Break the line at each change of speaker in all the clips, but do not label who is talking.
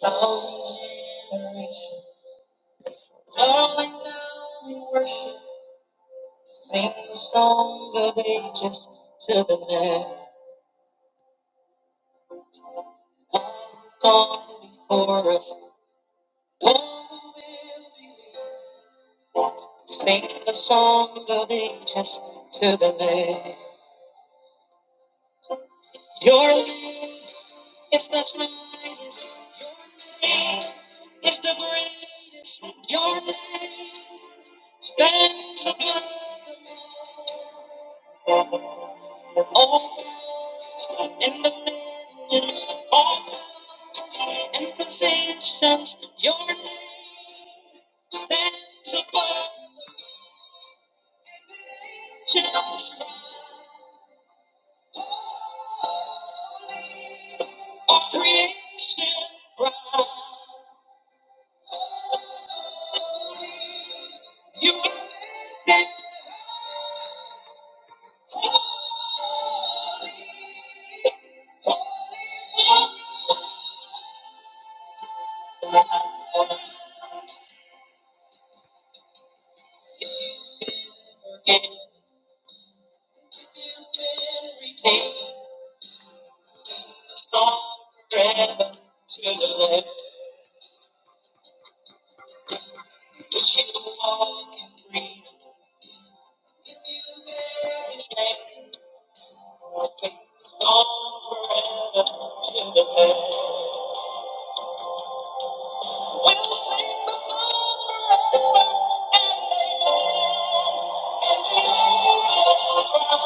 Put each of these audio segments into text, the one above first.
thousand generations, falling down in worship, sing the song of ages to the Lamb. who have gone before us, one who will believe. Sing the song of ages to the Lamb. Your name is the highest. Your name is the greatest. Your name stands above them all. Oh, stay in the millions, all times, and in positions. Your name stands above just all creation. Right? You are that in every day. Sing the song forever to the Lord. Cause you walk in freedom. If you bear his name. We'll sing the song forever to the land. We'll sing the song forever and amen. And the angels cry,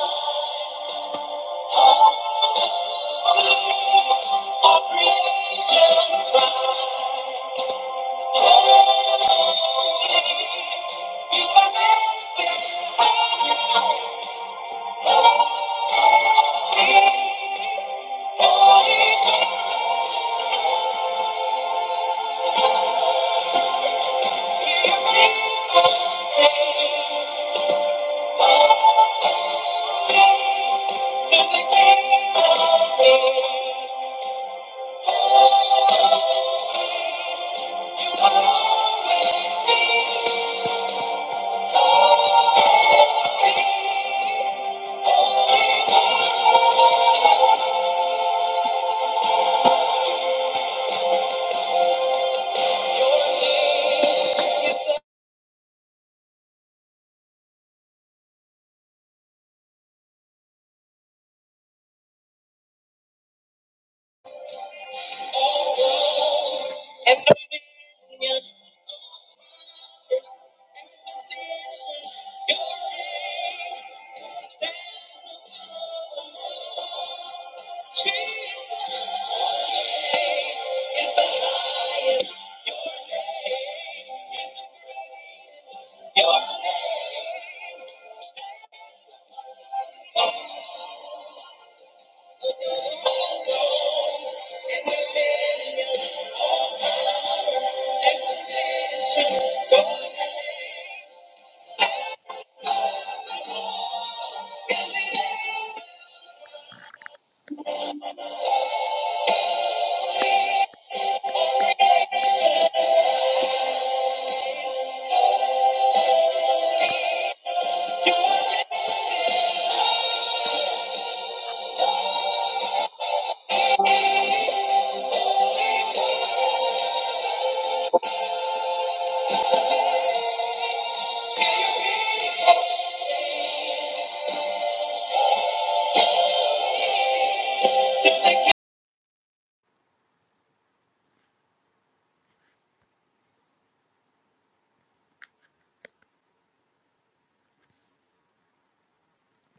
Holy, all creation cry, Holy, you are making high. holy. You make us sing, Holy, to the King of Kings.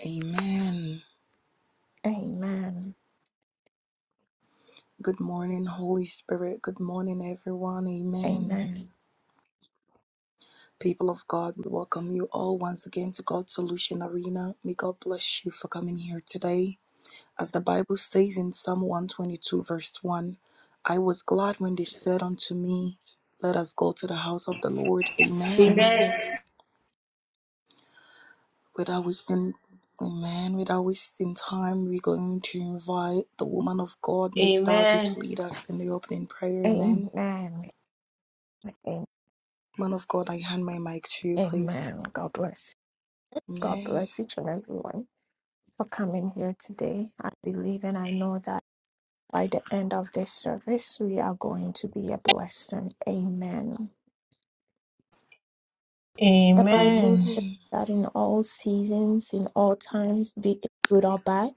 Amen.
Amen.
Good morning, Holy Spirit. Good morning, everyone. Amen.
Amen.
People of God, we welcome you all once again to God's Solution Arena. May God bless you for coming here today. As the Bible says in Psalm 122, verse 1, I was glad when they said unto me, Let us go to the house of the Lord. Amen.
Amen.
Amen.
Without wasting Amen. Without wasting time, we're going to invite the woman of God, Miss Darcy,
Amen.
to lead us in the opening prayer. Amen.
Amen. A-
Man of God, I hand my mic to you, please.
Amen. God bless. God
Amen.
bless each and everyone for coming here today. I believe and I know that by the end of this service, we are going to be a blessing. Amen. The Bible
Amen.
says
Amen.
that in all seasons, in all times, be it good or bad,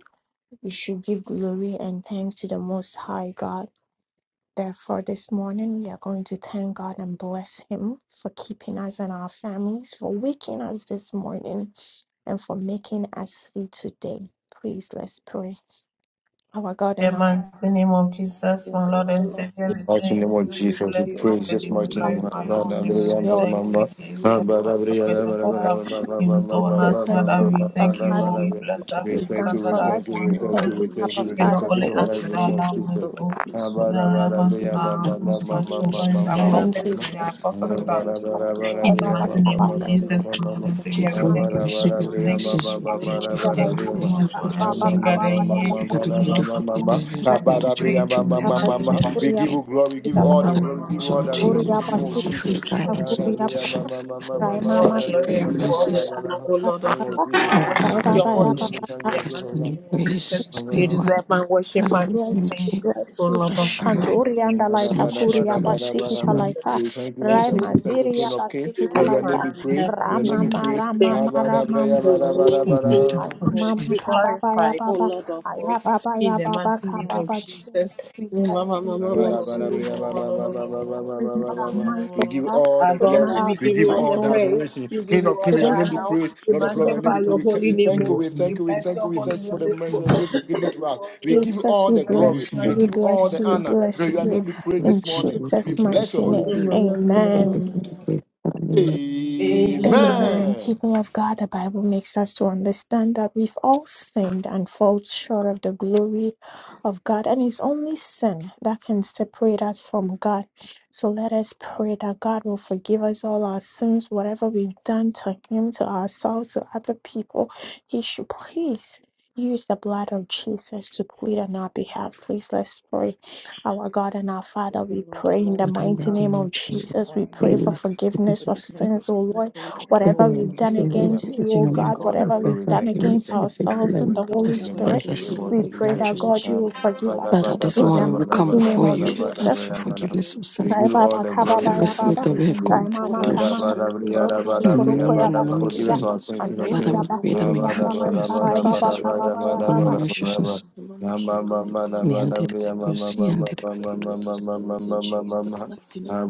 we should give glory and thanks to the Most High God Therefore, this morning we are going to thank God and bless Him for keeping us and our families, for waking us this morning, and for making us see today. Please let's pray. Our God
In
and
The
our
mighty name of Jesus, my
Yes,
Lord
Lord,
and
Lord,
Savior, we
Mighty
thank
name of
you.
we
We
will give
Jesus, we
bless
you
you
the
praise
and
this
we
mighty
glory
Father,
name. We
and
glorify
all
you.
the
Holy
names.
we
We
all
thank you, Jesus, for your greatest love used on
say
us,
thank
Father.
But
you,
we
We thank
thank
Father, for what
you. We
you for
bless that you
today.
You've
We
thank
done
you,
encountered
we
thank you
for
us
thank
us.
you, we
for
one of
thank
the
Thank
you,
you,
we
everything in
living.
thank you, we
We
thank
not
you,
Father,
Jesus'
bit
for
only
of
mighty
us,
life
what
in
You
but
the
name.
name
our
keep
of
loved
doing.
Jesus.
ones,
Lord,
oh,
we must
with
do the
our loved
mama
ones,
can
with our
Father,
husbands, with
must
our
thank you
do the
children,
mama
for
with our
coming.
Thank you,
prophets,
kindori,
with our apostles, with our
Yes, Lord, Lord,
In
we
the mighty
thank
name
you,
of
we thank
Jesus, our
you, we
Lord and
thank
thank
you
Savior, we
you.
for
thank you, we
grace
thank
and
you,
Glory,
thank you,
aim,
mercies.
thank
We
you.
Lord,
Thank you
Mama,
We
for
thank
your
you
Sunduri,
so
fire
Mama,
of
much for us
us.
Kandori,
being
aim,
gathered here.
Father.
Sunduri,
What a
The
aim.
Lord
beautiful
of
day that you
forces
have
for
given
your
us the
praise
We
in
opportunity
the
thank
to
hands
you.
of
Raita
Abba,
the
live
Lord.
once
we
Kuria
give
again.
you glory, We give you
Pitala
You
all the
Father,
glory, We give you all
so
the
to you,
adoration
we
in
Kuria
the name of
thank you
Pasita
for
Jesus.
your guidance and
Kuria
Hallelujah. ma,
protection.
Papa
ma, ma, ma, ma,
Rai
We
ma,
all
ma,
the
Mama
thank you for
glory
Hallelujah.
your
ma,
and you
ma,
all
ma, ma,
the
mercies.
ma,
honor,
ma.
O Lord
In the
of
name
hosts.
of
Papa
Jesus,
Thank
I
I'm
you
Rai
going
for
worship
to
your
your
thank
holy
Ya
you,
name
thank
grace.
you,
Papa
thank
in
Papa
you, thank
As
the mighty
you,
many
name of Jesus.
grace as they
You
thank you.
want.
deserve my worship,
we
Father,
my
we
praise,
bless you, we
and
thank you.
bless
O
you.
Lord of
Bless your
hosts.
name.
Kandori and
Ba, da,
Alaita
ba,
Salute
da,
you,
ba, da,
Kuria
ba, da,
supremacy,
Thank
ba,
this
da,
Basikita
you,
ba.
morning.
Laita
Jesus.
We thank you, we
Rai
Thank
And
thank
you,
you,
we
thank you,
Jesus.
will
King
Maziria
Thank
see you.
of Kings.
you,
Basikita
May
Lord
your name
Laita
be
Father in
in the-
praised,
in
heaven.
may your
the-
name
Rama
Thank
in
be
the-
you.
praised. Ha,
Thank
Rama
you.
ba,
Rama
da, ba,
Rama
ya,
May
ba, da,
your
ba,
name
da,
be
ba, da.
praised. May you
in
be
the-
Kababa Ya
glorified, O
Baba
Lord of
Aya
hosts,
Baba
in
Ya
the
Baba
mighty name of
Kababa Chi.
Jesus.
We bless you,
We
we bless you, we bless you. Father, is not our might, O
give
God,
all the
is not
Adonai,
glory.
our
we
We
give you
give
all
strength,
the
all
O
the
Lord.
praise.
adoration.
We give
King of
you all
It
kings,
the
your
is
name
honor.
by
be
your
now.
might,
praised.
We
Lord
it
of lords, your name
is
magnify
be
by
your
praised.
your
holy
We
name.
Thank
thank you.
you
O.
We
this morning.
We
thank you. We
bless
thank
your
you. We
holy
thank you for
name
Thank
the
you
this
mercy
mo-
you give
this
given
for
given to us. We
morning.
give you
Jesus,
all
we
the glory.
bless
In
you,
We
the
we
give
mighty
you
name
all
bless
of
you,
the
we
honor.
bless
May your
you.
name be praised
In
this morning. We
Jesus'
bless your
mighty
holy
name,
name.
amen.
the
Jesus.
great family.
Amen.
Amen.
Amen.
Amen.
People of God, the Bible makes us to understand that we've all sinned and fall short of the glory of God, and it's only sin that can separate us from God. So let us pray that God will forgive us all our sins, whatever we've done to Him, to ourselves, to other people. He should please. Use the blood of Jesus to plead on our behalf. Please let's pray. Our God and our Father,
Yes,
we
Lord,
pray in the
Lord,
What I'm
we
mighty
going to
are
name
do,
of
Jesus.
Jesus. We
praying
pray for
and
Please,
asking
you can
forgiveness of
forgiveness
substitute.
sins,
of
O Lord
sins, O
We
Lord
That
whatever
in
God.
your
we've done
mercy, and
Pray
against you,
that
open
O
up
you,
my
give
Lord
you
God,
all
God,
the
school.
whatever
will
Pray
we've
glory.
for us.
done
Thank you. We
against
You
thank
have
you,
been
King of
ourselves and
freedom.
the
Kings.
Holy
In
show
the
Justice,
our
Spirit,
mighty
sins
name
and
and
of
we pray
iniquities
Jesus.
that
in
God,
righteousness.
you will
Jesus'
forgive us.
mighty
Father,
name.
this
In the
Kandori,
morning we come
mighty
aim,
name
before
of
you
Sunduri,
and
Mama,
ask
Jesus.
for
Kandori,
forgiveness
aim,
of
Sunduri, aim,
We
sins,
give
Rai
you all
Baba
the
of
Kaba
glory in
every
Baya
Kandori,
Jesus'
sins
Baba.
that we
mighty
have
name.
Rai
committed.
Mama
Uriye
Kama Maka.
musunduri
Koro
mama
Suki
and
sunduri
Koro
known
mama
Koya
and
kando
known
Forgive
Basikita.
uriye
us
sin.
our sins, King of
Andori
musunduri
Father, we
Kings.
Yaba
emo
pray that
Hiri
may you
Yanda
forgive
Lai
us and
Sarai
cleanse us
Baba
nuru
from
Kaba
mama
Baya
all
sunduri
Baba.
ema
unrighteousness.
nuru mama kendo emo
We ended it, we
the
will see, ended it, we
forgiveness of sins in Jesus mighty
You
name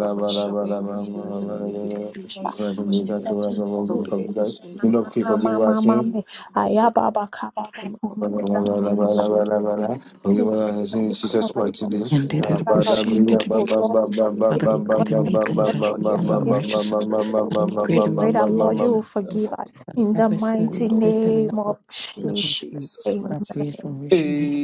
I wash away all sins and iniquities in Jesus mighty
Jesus,
name
Jesus,
Uriye
Jesus.
musunduri
know,
mama
keep
Mama Mama
forgive
kando
us
Mama
sin.
emo
Me.
kendo
Aya Baba Kaba Baba.
mama sunduri mama
Koro
kando
Forgive
Yanda Lai
uriye musunduri
us
emo
Jesus,
our sin in
mama
forgive us of
kando
Jesus'
uriye
mighty
us.
mama
name.
ended it,
sunduri
we will
mama
Father,
see,
kando
ended it, we
O
uriye
can.
Lord,
musunduri
if
Father, we
emo
pray
we
that may you
kando
cleanse us
mama
from all
kendo
sin
uriye
unrighteousness.
musunduri mama
Father, we pray
we
that may
kendo
pray
you
that
forgive
Lord, you
us
will
and cleanse us
forgive
In
us
from
in the
every
mighty
sin, little and
name
that
of
block us
Jesus.
from
Jesus'
our
Amen.
mighty
prayers from
name.
wishing.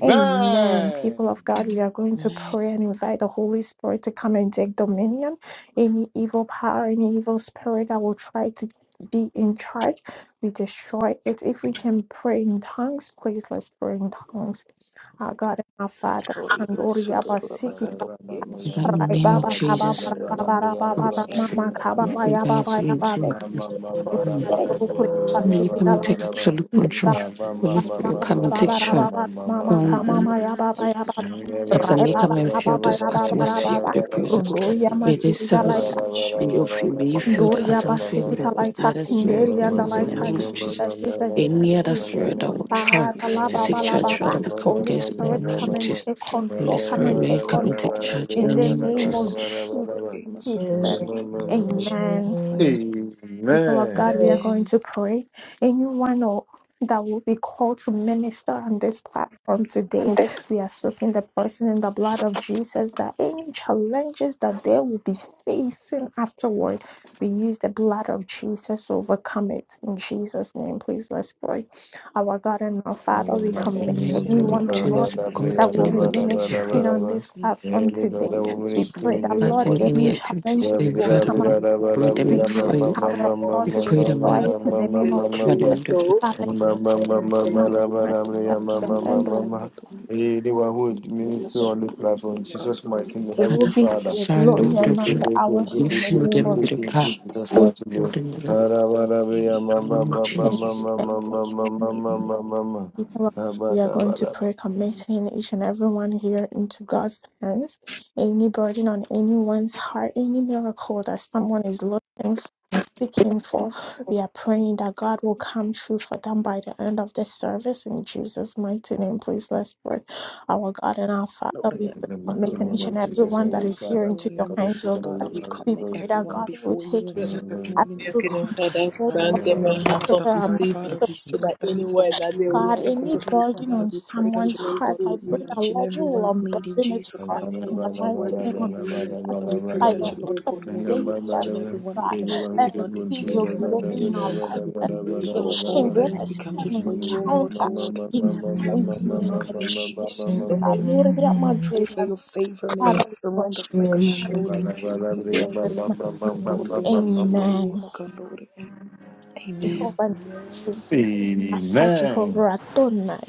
Amen. People
Amen.
of God, we are going to
Amen.
pray and invite the Holy Spirit to come and take dominion. Any evil power, any evil spirit that will try to be in charge, we destroy it. If we can pray in tongues, please let's pray in tongues. Our God and our Father.
Oh, yeah, Masunduru, Makando,
Thank
yeah,
Father, in the
Right,
Masunduru,
name
yeah,
of
Baba Kaba
Jesus,
Bara
Kinder,
Bara Baba
Makandori,
Bara
yeah,
Mama Kaba
we
Baya
guide
Baba
Makandori, Makandori,
you
yeah,
Ya Baba
into
Roku
So may you come
Pasida
and
Life
take absolute
Masunduru, yeah,
control.
Baba
Masunduru,
Holy
yeah, in
Spirit,
Baba
come and
Baba
take
Baba
charge.
Jesus'
Mama
Come
name,
Kama
and
Lord, yeah,
Maya Baba Baba
Masunduru,
ask that
Rai
may you
Makandori,
come
Baba
and
Kaba
fill
Baya
this
Baba
atmosphere with
Baba
your
your
presence.
Rundo Ya
glory,
May
your
this
Masida
honor,
Life
service
in
be of
Jesus'
you. May
mighty
you
name,
fill
Lord,
the
yeah,
atmosphere with your
Basita
Masunduru,
presence. Let
Life
us feel your
Makandori,
Kinderi
yeah,
and the
presence in
Light
the
Masunduru,
name of
yeah,
Jesus.
Jesus Jesus
Any other
Jesus
spirit
you.
Kinder,
that will try
Ah the
Masunduru,
la
to take
Baba
Amen.
yeah,
la
charge, Father,
Baba
we come
Holy
against it in the
Spirit
name
come
of
and
Jesus.
take
Holy
control
Making
come
Spirit,
and
may
under
you
take
come and take
control
under
charge in the
in
woman
the
name of
under
name of
Jesus.
Thomas
Jesus
under Amos
Jesus.
during Jesus
Amen
mighty
people of God,
name.
we are
Amen.
going
Amen.
to pray. Anyone or that will be called to minister on this platform today, we are soaking the person in the blood of Jesus that any challenges that they will be facing afterward, we use the blood of Jesus to overcome it. In Jesus' name, please let's pray. Our God and our
In
Father,
the
we
Under
mighty
commit
In the
name
Amos
of
under
name
Jesus,
anyone,
of
woman
oh
like
Lord,
Abba,
Jesus,
under
Dabri,
commit
that will be
Adaba,
anybody that
under
Daba,
woman under
will take
Daba,
ministering on
Daba.
this
Amos
platform
Name is
today.
the woman
We
is
under Amos
skin
pray
under
in
that,
Jesus'
not
Lord,
Amen.
in
mighty
any
any
name.
activity
We
challenges
speak
that
today.
Dabri,
will
Father,
everyone
come
Dabri,
up.
in
we
your
Adaba,
blood, O
commit them
We
Dabri,
Lord
use
Amma,
before
the
God.
you.
Amma,
power
Amma,
of
We
Amma,
pray
God
We
to
Amma,
that you
pray that
help
Amma,
us,
I
destroy
we
it in
Amma,
want
the
to be
name
Amma,
of
Amma,
unto
everyone.
cover
Amma.
them
your
Jesus.
with the
Under
blood.
soul.
Father, give
Anyone
I want to
them the
be
Amos
strength
under
that
woman
in the
under Amos under Amos under
end,
Amos under Amos
it
who would minister on
under
this
Amos.
platform, Jesus mighty name,
will
Heavenly
Father,
be to
Father,
your
surround them
glory
make
with the
your
and not
prayer,
blood.
to
Bless
make your prayer,
ours
You
make
everyone,
in
your
the
prayer,
fill
make
name
them
of
your
with
everyone
the
prayer,
in
power.
Jesus'
Jesus
Jesus.
Fill
mighty
them with
name.
the
name. Pray.
Harabarabria,
Amen.
ma, ma,
name of
ma, ma, ma,
Jesus.
ma,
Amen.
ma, ma, ma, ma, ma, ma, ma, ma.
people we are going to
Habarabaraba.
pray, committing each and everyone here into God's hands. Any burden on anyone's heart, any miracle that someone is looking for and seeking for, we are praying that God will come true for them by the end of this service in Jesus' mighty name. Please let's pray. Our God and our Father, we
In
pray,
the mighty
committing
name
each
of
and
Jesus,
everyone that
Heavenly
is here
Father,
into your
come and
hands,
sit
oh
on the
God.
Father,
wheel
we
and
We
commit
pray that
everyone
before
God will
before
take
you and
the
soak
you.
everyone
goodness of
in
your
your
absolute
kingdom,
blood.
Father,
control
Father,
grant
every
them a
Amen.
right
burden of
heart
the
over
of
our
heart,
minds.
receiving,
Father,
Father, we
so
surrender
that
it
anywhere
all to
that they
you, O
will
God,
Lord
receive
any
food
God.
will
burden
Father
Father,
on
we pray
you
that
someone's
you,
be
Lord God,
heart, I
grateful
will
in
pray
the
meet
that
each
mighty
and
Lord, you
name
will
everyone's need in
unburden it
Jesus'
for us
of
Everyone
mighty
in
Jesus.
name,
the
as your
mighty
word
name of
says.
Let us
Father, we pray
by
accept
the
your
that
end
you, Lord
grace
of
God,
and make
will
your
today's
improve
work
each
great
and
service,
everyone with
God.
your
Let
who
us
take
demand in
in
see
the
your
Jesus'
mighty
control,
mighty
glory
name.
in our
name
life,
Give
a
all of all
change. Let
things, we
us see
come
an
before you, O Lord
encounter
God.
in the mighty
Mercy on
name of
us in
Jesus.
Jesus'
of
mighty name.
Hallelujah,
We pray for
Mazirian.
your favor. May
Father,
Jesus.
it
we
surround
worship
us like a shield in Jesus'
you in this
mighty name.
mighty name.
Kandoriyema,
Amen.
sundoriyema, kandoriyema. Amen.
Jehovah Nissi. Rapha,
Amen.
Jehovah Adonai,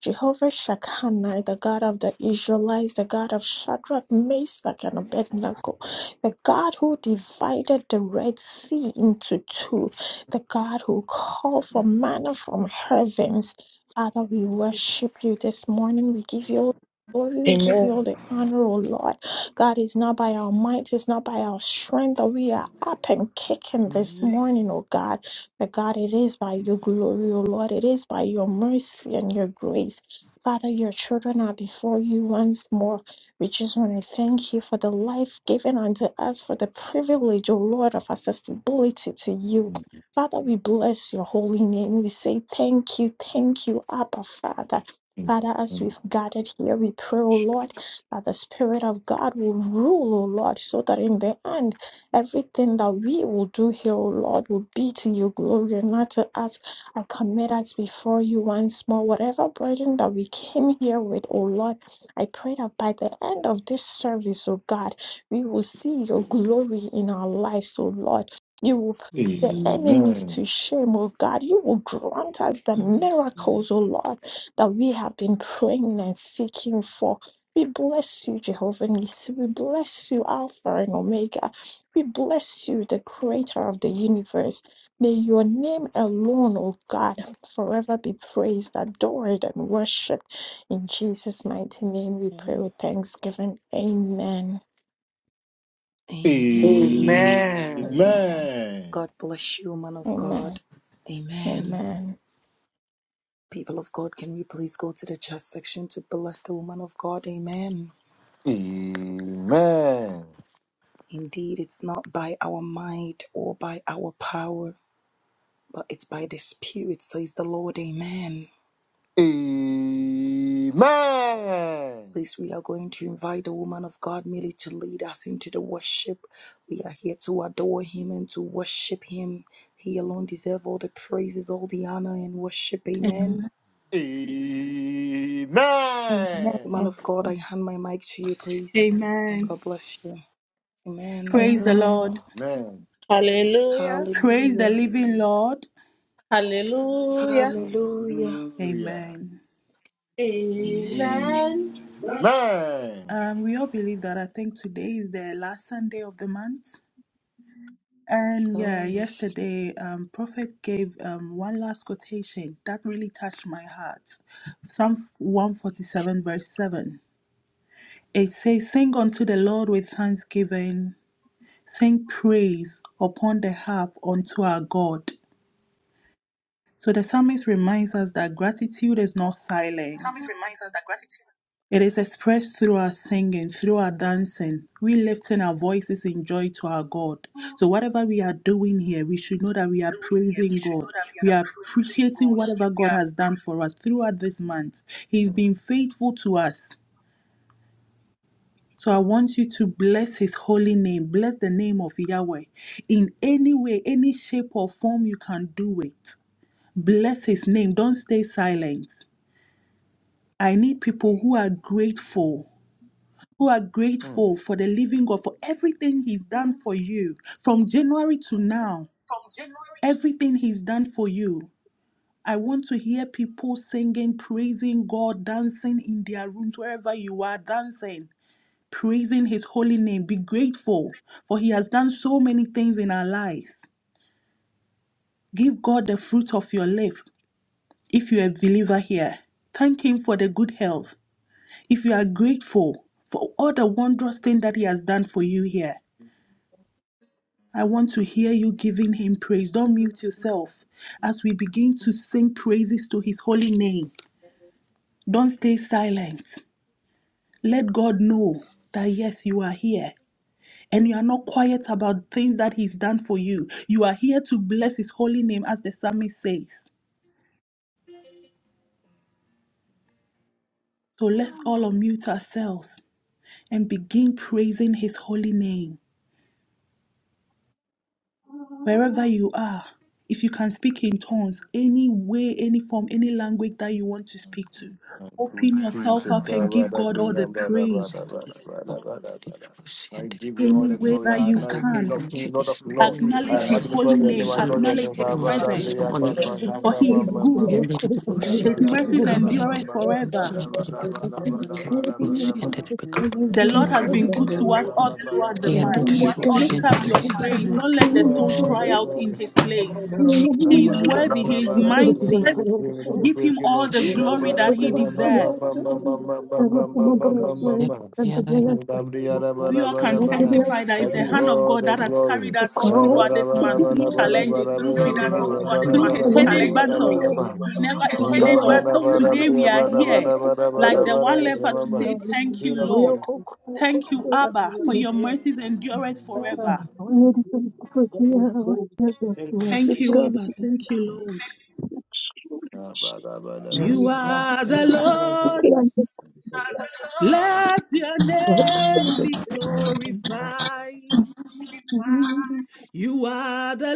Jehovah Shekinah, the God of the Israelites, the God of Shadrach, Meshach, and Abednego, the God who divided the Red Sea into two, the God who called for manna from heavens. Father, we worship you this morning. We give you all the glory. We give you all
Amen.
the honor, O Lord. God, it's not by our might, it's not by our strength that we are up and kicking this
Amen.
morning, O God. But God, it is by your glory, O Lord. It is by your mercy and your grace. Father, your children are before you once more. We just want to thank you for the life given unto us, for the privilege, O Lord, of accessibility to you. Father, we bless your holy name. We say thank you, thank you, Abba, Father. Father, as we've gathered here, we pray, O Lord, that the Spirit of God will rule, O Lord, so that in the end, Everything that we will do here, O Lord, will be to your glory and not to us. I commit us before you once more. Whatever burden that we came here with, O Lord, I pray that by the end of this service, O God, we will see your glory in our lives, O Lord. You will put the
Amen.
enemies
Amen.
to shame, O God. You will grant us the
Amen.
miracles, O Lord, that we have been praying and seeking for. We bless you, Jehovah Nissi. We bless you, Alpha and Omega. We bless you, the creator of the universe. May your name alone, O God, forever be praised, adored, and worshipped. In Jesus' mighty name, we pray
Amen.
with thanksgiving. Amen.
Amen.
Amen.
Amen.
Amen.
God bless you, man of
Amen.
God. Amen.
Amen.
People of God, can we please go to the chat section to bless the woman of God? Amen.
Amen.
Indeed, it's not by our might or by our power. but it's by the Spirit, says the Lord. Amen.
Amen.
Please, we are going to invite the woman of God merely to lead us into the worship. We are here to adore Him and to worship Him. He alone deserves all the praises, all the honor, and worship. Amen.
Amen.
Woman
Amen.
of God, I hand my mic to you, please.
Amen.
God bless you. Amen.
Praise the
Amen.
Lord.
Amen.
Hallelujah.
Praise the
Hallelujah.
living Lord.
Hallelujah.
Hallelujah.
Hallelujah.
Amen.
Amen.
Amen.
Amen.
Um, we all believe that I think today is the last Sunday of the month. And yeah,
Oh, yes.
yesterday, um, Prophet gave um, one last quotation that really touched my heart. Psalm 147, verse 7. It says, Sing unto the Lord with thanksgiving, sing praise upon the harp unto our God. So the psalmist reminds us that gratitude is not silent.
Psalmist reminds us that gratitude is
It is expressed through our singing, through our dancing. We lifting our voices in joy to our God. So
doing
whatever we are doing here, we should know that we are
here, we
praising
should know
God.
that we are
We are
praising
appreciating
God.
whatever God has done for us throughout this month. He's
Mm,
been faithful to us. So I want you to bless his holy name, bless the name of Yahweh in any way, any shape or form you can do it. Bless his name. Don't stay silent. I need people who are grateful who are
mm.
grateful for the
We
living
are
God for everything He's done for you from January to now.
from January to
Everything He's done for you. I want to hear people singing, praising God, dancing in their rooms, wherever you are, dancing, praising His holy name. Be grateful for He has done so many things in our lives. Give God the fruit of your lips if you're a believer here. Thank Him for the good health. If you are grateful for all the wondrous thing that He has done for you here. I want to hear you giving him praise. Don't mute yourself. As we begin to sing praises to his holy name, don't stay silent. Let God know that yes, you are here. And you are not quiet about things that he's done for you. You are here to bless his holy name, as the psalmist says. So let's all unmute ourselves and begin praising his holy name.
what
wherever you are, if you can speak in tongues, any way, any form, any language that you want to speak to, open yourself
Jesus,
up and give God all the praise.
I give you all
Any
the
way
glory.
that
I
you
know you
we
King
can,
of
thank
King,
you
Lord of
this
Lord.
morning. We
acknowledge
I
His
magnify
holy
exalt you.
your
We
name.
name,
I know
salute
your
you
acknowledge His
supremacy this
presence,
name.
morning.
Ukoo
for He is good.
Yandaribose,
His mercies
yandaribikabe,
endureth
yandaribose,
forever.
yandaribikabe, yandaribose, yandaribikabe, yandaribose, yandaribikabe,
The Lord has been good to us all throughout the month. Lift
worship
up your praise.
I
Don't
give
let
you
the stones
all
cry
the
yandaribose,
out
glory.
in His place.
yandaribose,
Let me
He is
pray,
worthy. He is
let
mighty.
me
Give
break
him
in,
all the
okay. I
yandaribose,
glory that he deserves.
yakuyana, yandaribose,
We all can testify that it's the
do
yandaribose,
hand of
all
God
the
that has carried
glory.
us all throughout this month,
yandaribose,
through challenges, through
doing us up
victories,
yandaribikabe,
through his hidden
challenging through a
battles we
King
never
through
even saw.
battle.
Today we are here, like the one leper, to say,
Glorify
Thank you,
of
Lord.
kings.
Thank you, Abba, for your mercies endureth forever.
Where did the potato is the
Thank you,
throat
Abba. Thank you, Lord. You are the Lord. Let your name be glorified. You are the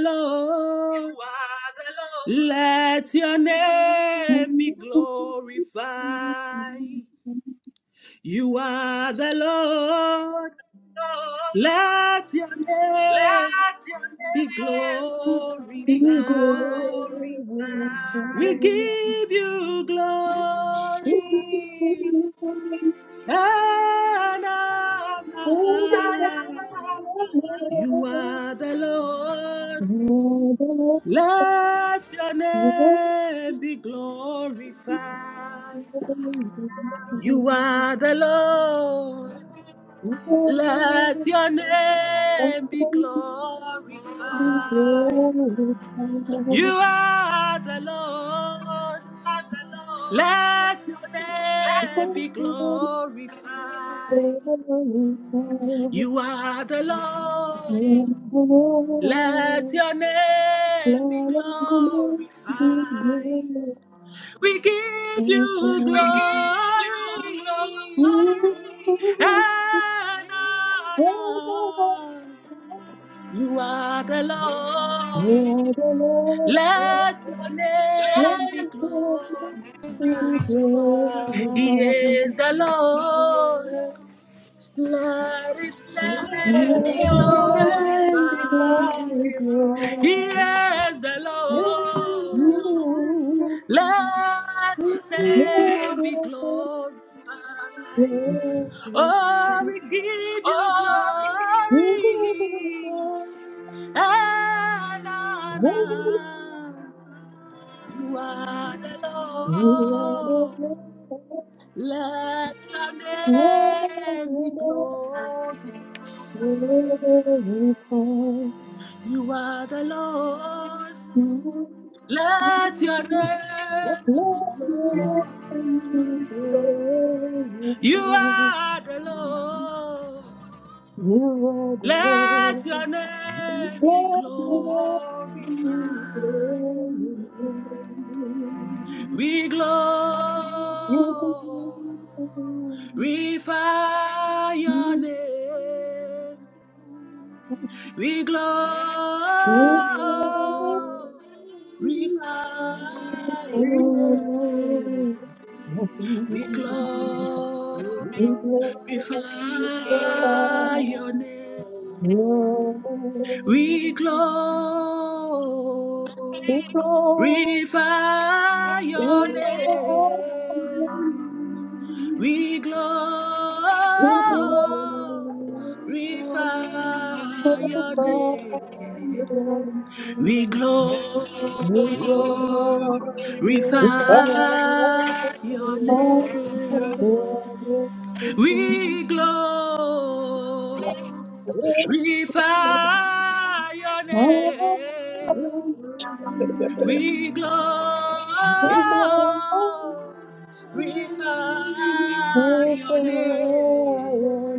You
Lord.
are the
Let your name be glorified. You are the Lord.
Lord,
Let your name
let your
be
name
glorified.
be glorified.
We give you glory and honor. You are the Lord. Let your name be glorified. You are the Lord.
Thank you.
Let your
Thank
name be glorified. You are the Lord. Let your name be glorified. You are the Lord. Let your name be glorified. We give you
We
glory
give you glory.
and honor. You are the Lord. Let your
Let
name be glorified.
We thank you,
He is the Lord. Let his name be glorified. He
you.
is the Lord.
You are
Let his
the
name be glorified. Oh, we give you
all
glory and honor. You are the Lord. Let your name
Lord.
be glorified. You are the Lord. Let your name be glorified. You are the Lord. Let your name be
Let your Thank
glorified.
you.
We glorify your name. We glorify
you
your name. We glorify your name. We glorify your name. We glorify
Thank
can
your name. We glorify
You glorify and praise you.
your
You
name.
glorify and you
We glorify your name. We
glorify
glorify
and you
your
glorify
name.
your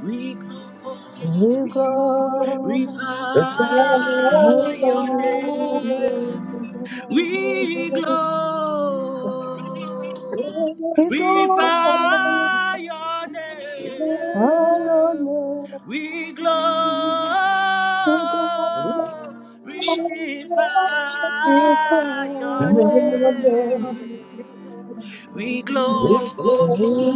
We glorify your name. We glorify your name.
name.
We glorify
You
your
glorify
name. We
Thank
glorify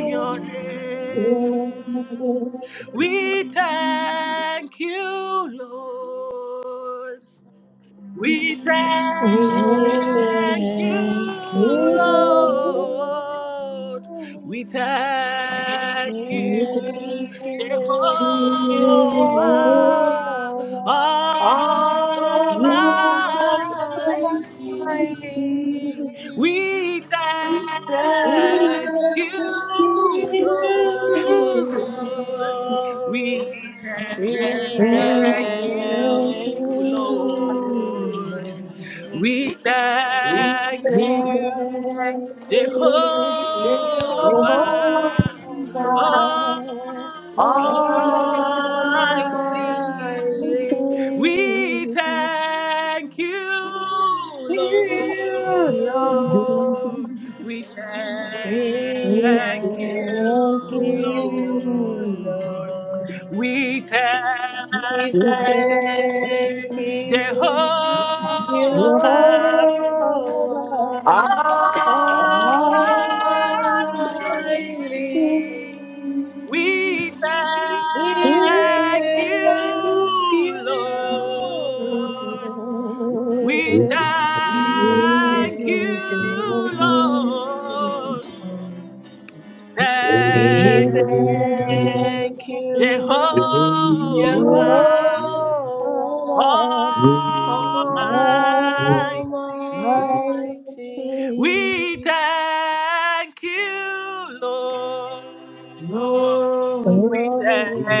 your name. We thank you, Lord. We thank
thank you,
you, Lord. We thank you, Jehovah
you
you.
Almighty.
are
Almighty,
almighty.
We
we say,
thank you, Lord.
Lord.
We
we
We
say,
thank you,
thank
you.
you,
Thank you.
Lord.
Lord.
We
we
We
thank
say,
We thank
you,
thank
Jehovah
you,
you,
Lord.
Jehovah. Oh, we
Jehovah
thank
Almighty,
Almighty.
Almighty,
We
you.
thank you,
you Lord.
Lord. We
We
We thank
thank
thank
you,
you,
Jehovah.
you,
Lord. We
Lord.
thank
We thank
you, Jehovah
you, Jehovah
Almighty.
Almighty.
Oh,
We
Almighty.
We
We
thank
bless
thank
you.
you,
you, Lord.
Lord.
We
Thank
We
you.
We
can
thank
thank
you,
you,
Lord.
Lord.
we can
We
Thank
You
tell
you,
go
thank
in
you,
you
Jehovah
Jehovah,
Jehovah.
Almighty.
Almighty.
Almighty.
We thank you, Lord.
no
We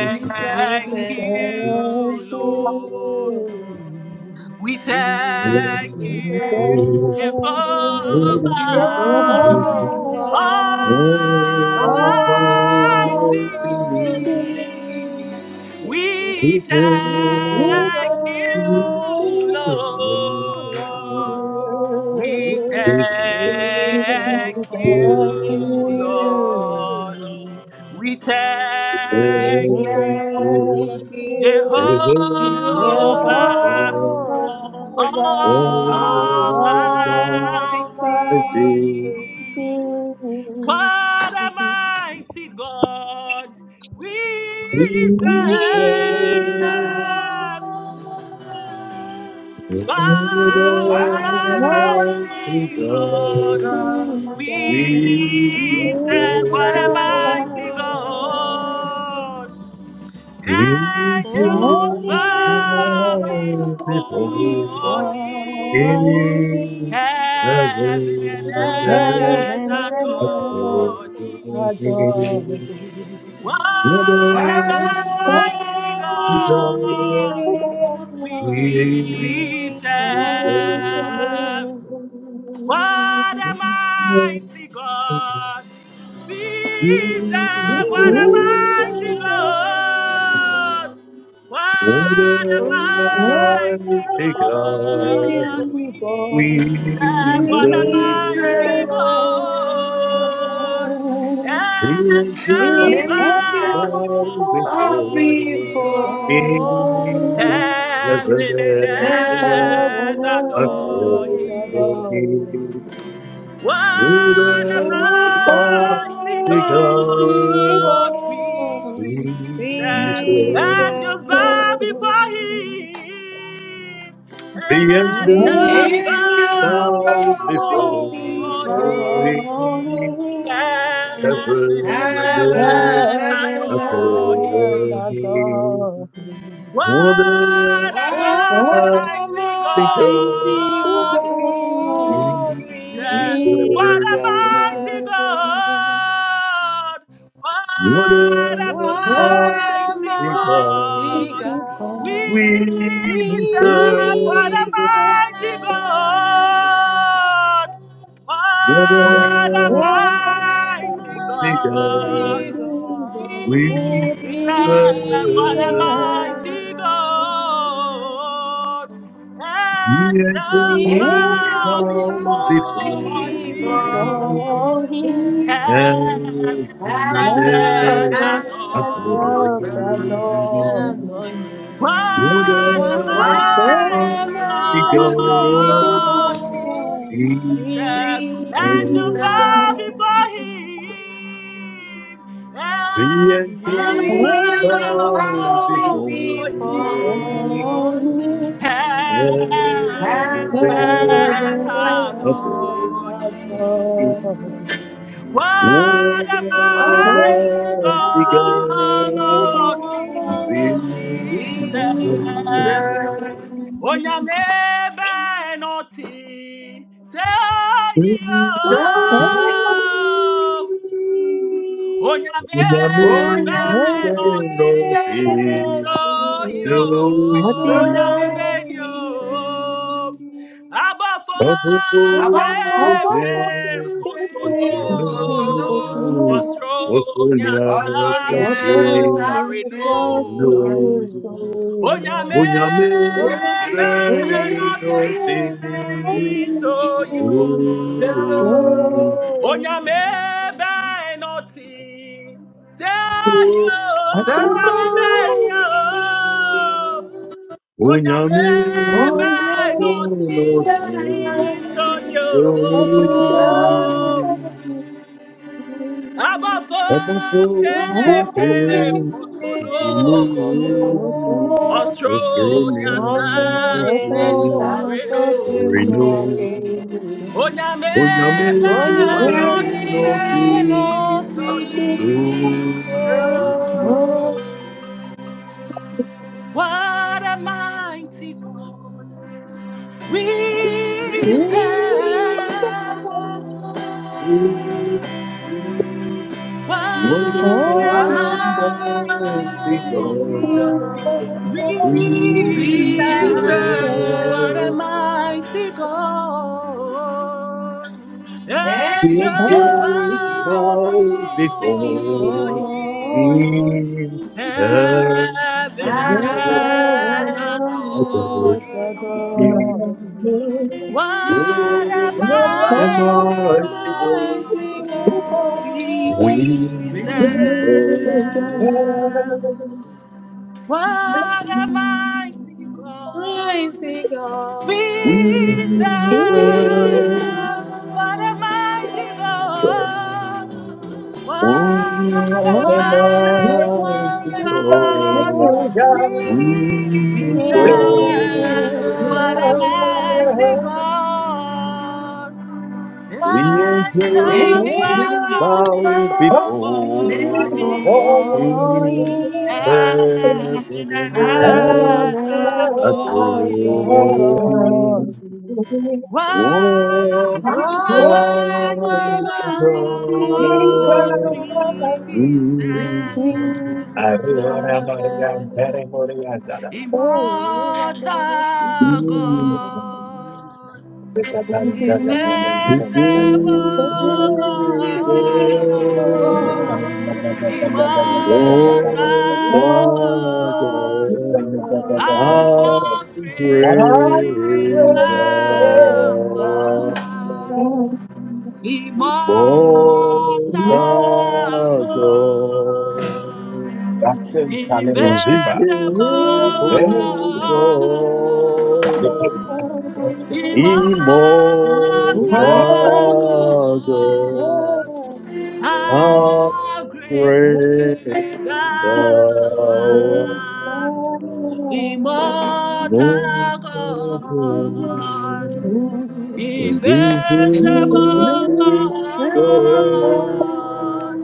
we can we can
We
we
you,
thank
thank
Lord.
you,
you.
Lord.
We thank
We
Thank
you,
thank
Jehovah
you,
you,
you are.
Jehovah
Jehovah. Almighty.
Almighty.
Almighty.
We
We
You
thank
can
thank
you,
you,
Lord.
Lord.
We
heal. You
We
thank
thank
you,
you,
Lord.
Lord.
We
we
We
thank
can
you,
thank
can
you,
heal.
Jehovah
you
Jehovah
Jehovah
Lord.
are.
Almighty,
Almighty,
Um,
Almighty.
what be
Almighty. What a mighty God we
who said,
We
serve.
thank
What
"Lord
What
a
Oh,
a
Almighty
mighty
mighty
God
God,
God
done
we
we
we
Thank
serve.
you.
What a
serve.
serve,
mighty God. Angels
into
Angels
bow
bow
bow before
before
before
him.
in
to
Heaven and
heaven
our
and
Heaven
earth
and
earth adore
earth
adore
God.
thee.
adore thee.
Him."
What
Mighty
a
What a
mighty
mighty
God,
Thank
God
you,
God
God.
we
we
we
serve.
Oh,
Almighty
serve. What a mighty God we serve. What a mighty God. What a mighty
call me for me,
God
God,
we serve.
we
What
Jesus,
a
did
mighty
serve.
God.
The
Angels
angels
you
bow
bow
go
I'll
before
be
before
forever.
him.
Him,
before?
Heaven and
And I
heaven
earth adore him.
अतोऽपि
What a mighty
मूलपासिका
see
God we
what
serve.
is
Angels bow before Him.
Being to
Angels
Angel
bow
smile
I'll
before
be
before
for
before
him,
Him.
him,
Heaven
heaven and
did
heaven
and
you
earth
go
heaven
and
and
earth
adore
before?
earth
earth.
adore
Him.
him.
adore him.
Almighty
What
more than
a
Why
Oh,
mighty
am
mighty
I
God
to
God
God,
to
we
God,
we
we
serve.
Jesus,
What a
serve.
and
mighty
serve.
God.
What
What a
a
What a
mighty
mighty God
we
mighty
God
sing. Oh, to God.
we
God
we
we
serve.
serve. What
we
a
sing.
serve.
Thank
mighty
you.
God.
What
What a
a
Oh,
What a
to
mighty
mighty
God.
mighty
God
the
God
we
Lord
Jesus,
we
serve.
what a
we
go.
mighty
serve.
God.
We
Angels
We
exalts
bow
Angels
will
now
bow
over
before
bow
before
before
you,
him.
before
before
him,
me,
Him,
heaven
Heaven
and
heaven
and
earth
earth
heaven
and
heaven
and
adore.
adore
earth
earth.
and
adore
him.
him.
Elohim.
What
Would
a
What a
What
Oh,
a
mighty
Almighty
mighty
mighty
God
mighty
for?
God we
God
be
God.
serve.
we
Angels
is
served?
bow
serve,
before
that?
him.
The
Angels
angels
angels
bow
Angels
Angels
bow
bow
bow
bow
before
before
before
Him,
before
him.
before
me,
you,
him.
Heaven
heaven
heaven
Love
and
and
and
earth
Heaven.
and earth
a
adore
adore
letter
Him.
earth.
to
him.
you.
What
Would
a
What?
Mercy,
Oh,
mighty
Almighty
people, you
God
God
don't
we
know.
glory,
be
We
I have
and
serve.
a
served? The
serve
glory.
Onyame benoti se yo.
you.
Onyame
Oh, yeah, me,
be no
angels
so yo
So ye
Onyame be ni o Abafo
of the Lord
Abafo
prepare
pepe
pepe
the
kotono
dream. I
kotono
throne
Osro
of
ni
ọsọ
Sonia's
ni
know that
a
asase
tomorrow
faith.
sorry
sáṣe
No,
no
will
Thank you.
sọrí.
Onyame
come.
Why,
Bunyamin,
Oh,
be
Oh,
Bain,
no
no,
so yo Onyame be noti. Se yo nyame be nyo. Onyame be
Unyamin,
noti. So yo.
Oh, what
Abba
a
fom pem pem potono. Ostronia sa se sorry no.
sorry.
Onyame benoti
Onyamiga no tiso
soyi.
before
What a mighty God we
Risa
serve. What a
Wada
mighty
mighty
mighty
God
God
God?
maisigo
we
we
We
serve.
Risa
What
serve
a
serve.
mighty God.
The
angels
Angels
angels
Every
bow
bow
bow
door
before
before
before
him.
before
you.
me.
him.
me,
Heaven
heaven and
love
Heaven
every
earth
and
adore
adore
another
earth
him.
door.
God.
thee.
What a
What am
What
Oh,
mighty
you
I
a
to
got
do?
me
mighty
God
God
we
We
is
to
Angels bow
there.
say,
serve. What a mighty God
Mighty
we
We
God is
please
there.
serve,
serve. What a
we serve
mighty
don't
the
God What a
What
What
go.
am
a
I
mighty
to
Oh,
mighty
God
do?
God
we
We
And
before
Jesus,
serve. What a
serve.
the
mighty God. Angels
The
him.
the
angels
angel
bow
bow
highest.
fall
before
before
That's
before
him.
him,
you,
heaven
Heaven
and
and
every
Heaven
earth
and
earth adore
earth
angel.
him.
adore him.
What a
adore
What a
mighty
him.
God
Almighty
mighty
God,
we
God,
And
reason
serve.
yeah,
Immortal
and
is
God, invincible
the
the But where do we
God,
go?
immortal
Lord
Oh,
God,
God,
my God.
how
how great
great
thou
thou art.
art. Immortal
Lord
Jesus.
God,
God,
the
invincible
Kalinowski
Thank
Yeah.
invisible God,
God, immortal
immortal God,
God,
how
how
great
great thou
thou
art,
art. Lord,
immortal God. Invincible
this
we'll
is
never
the
let you go
God,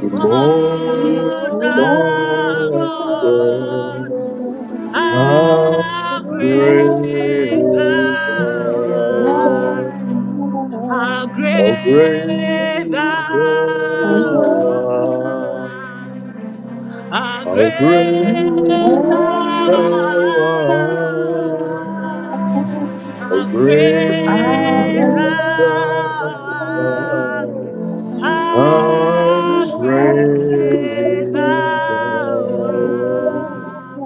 immortal
Oh,
God,
God.
Agro,
again.
How
how great
great
thou
thou
art,
art,
how
how
great
great
thou
thou art,
art, how
how
great
great
thou
thou art.
art.
Oh,
How
great
I
great thou
will.
you.
thou
art,
art, how
how
be
great
great
thou
thou art,
art,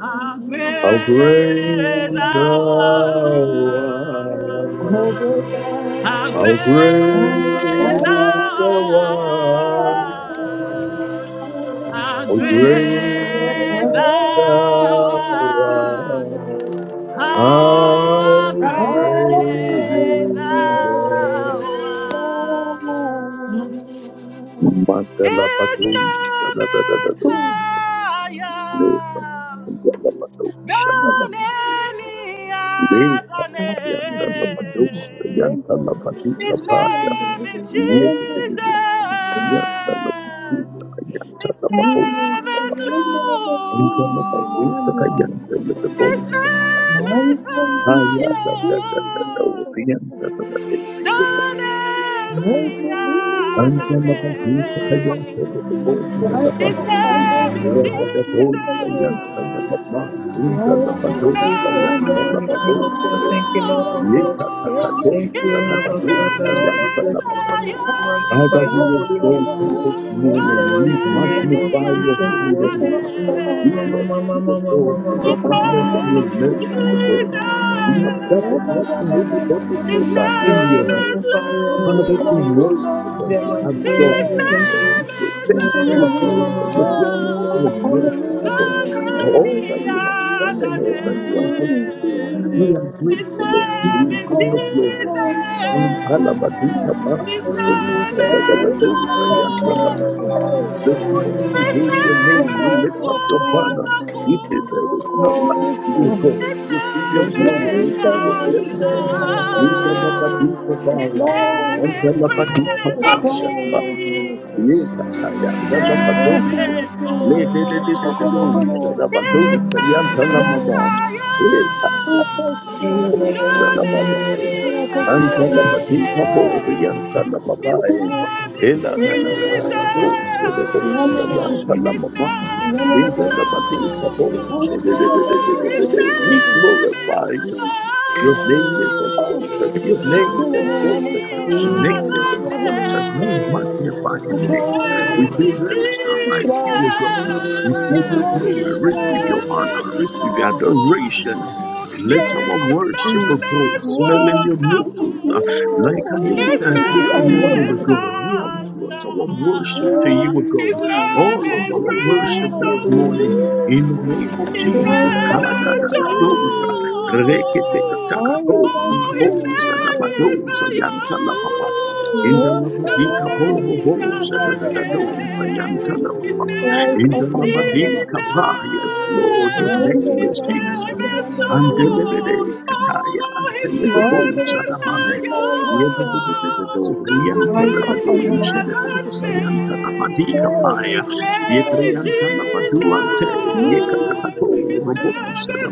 how
how
great
great
thou
thou
art,
art,
how
how
great thou
great thou art,
art. How
how
great
great
thou
thou
art,
art,
how
how
great
great
agro,
thou art.
thou
Thank
art. His
Mandala Bado, da
name
da da da
is
do, Leva,
higher
Mandala Bado,
than
Shataba,
you.
any
Leva,
other
Ayantala Bado,
name.
Ayantala
His
Badika Baya,
name is
Yesu, Ayantala Bado,
Jesus. His
Ayantala Bado, Ayantala Bado,
name is
Ayantala
Lord. His
Bado,
name is
Ayantala da da da da da,
higher
Orientala da
than
da,
any other
Ayantala Bado, Ayantala
name.
Bado,
His
Father,
name is
we
Jesus.
exalt
His
Jesus,
name
once you
is
came up, just thank you, Lord, of hosts.
Lord.
Thank you,
His
Abba
name
Father. We
is
bless your holy name,
higher
magnify your
Lord
holy name
God
you
Almighty,
this
in
when
the
the
morning.
than
We
mighty
city
name
has
any
of
magnify
been
your holy
Jesus.
other
Lord.
name.
struck down,
We bless you, O
name.
God, for your
O
His
glory,
goodness and
let
your
me
name is
mercy.
hand the
O God.
alabaster.
We have
Lord
gathered not
God
in
Jesus.
Almighty, my
anybody's
glory
name,
His
but
and my
in
Lord, we
your
name
name.
glory.
is
magnify your
O
Father,
holy
to
name,
glory, O
Lord,
worship
glory, O
in
and
the
to
Lord.
mighty
glory,
name
adore
of
His
you.
hey.
Jesus.
To
name
say
is
Yes,
thank you, O God,
hallelujah,
for your goodness and
hallelujah,
your
higher
mercies,
hallelujah,
O God.
than
hallelujah,
For all
any
that you
hallelujah.
have done and
other
all that you are yet
Glory,
to do,
glory,
name.
we are
His
grateful unto
name
you,
O glory,
is
Lord.
King of glory.
glory, O
And
glory, to
Kalabadika
you.
Jesus.
Park,
His
the soul,
Jesus.
name is
Hallelujah,
Lord.
hey.
this morning we
His
hail your
name
Thank
name, we
is
you.
lift up your banner. We say there is none like
wonderful.
you, O God.
His
Receive your
name
glory,
is
receive your praise.
Counselor. His
Indalapatipapaya,
name is Prince of
Andalapatipaposa,
Peace
Yekataya,
name
Andalapadosa,
is God.
Ledededededosa,
His name is
Dabadosa, Yantalamama,
higher
Ekaposa,
than
Dabadaya,
any other
Andalapatipabo,
name. His
Yantalapapaya,
name is
Ela da da da da da dosa,
Jesus. His name is Lord.
Debosa, in the name of the
Oh, his
We
name is
glorify you. Your
higher
name is exalted. Your name is
than
exalted.
any
Your name is
other
Jesus.
exalted. We
name.
magnify you. We
Уклоуся,
say there is none like you,
Исрау,
O God. Receive your glory,
Исрау,
receive
Исрау,
your honor,
Исрау,
receive your
Исрау,
adoration. Let
Исрау.
our worship of God smell in
Нет,
your
ты
nostrils
иди,
uh,
Анна,
like an
ты
incense
кипри,
this
Анна.
morning, O God. We have brought our worship to
Нет,
you, O God.
His
Сая,
All
name
Сая,
of
is
our
Симби,
worship
Prince
Анна,
this
of
morning
Анна.
Peace.
in the name of
His name
Сая,
Jesus.
Сая, Анна,
is
Thank
Бекандурми.
Kadadadadosa,
John.
Моя
reketekatakato,
Oh, his
Россия,
mabosa,
name
Анна.
is
dabadosa,
higher
yantalababa. In the
Нет,
than
Indalabadika
Садо,
boro
Пасти,
any
Кипри,
bosa da
other
da da
Анна, Анна.
dosa yanta
name. His
Сая,
name
in the
is
Капанда,
Labadin
Анна.
Jesus.
Kapa, yes, Lord, your name
His
Анна,
name
is
Пасти,
Jesus.
Кипри,
is
Анна,
And
Анна.
Lord.
delivery Kataya and
Oh, his
deliverable
name
Мазаре,
is
Sadamai.
Пекин,
you.
Анна,
We
Анна.
higher than
Ay,
any
kafamdan ama.
other name.
Hey,
His name is
hey,
Jesus. His
Jesus.
name is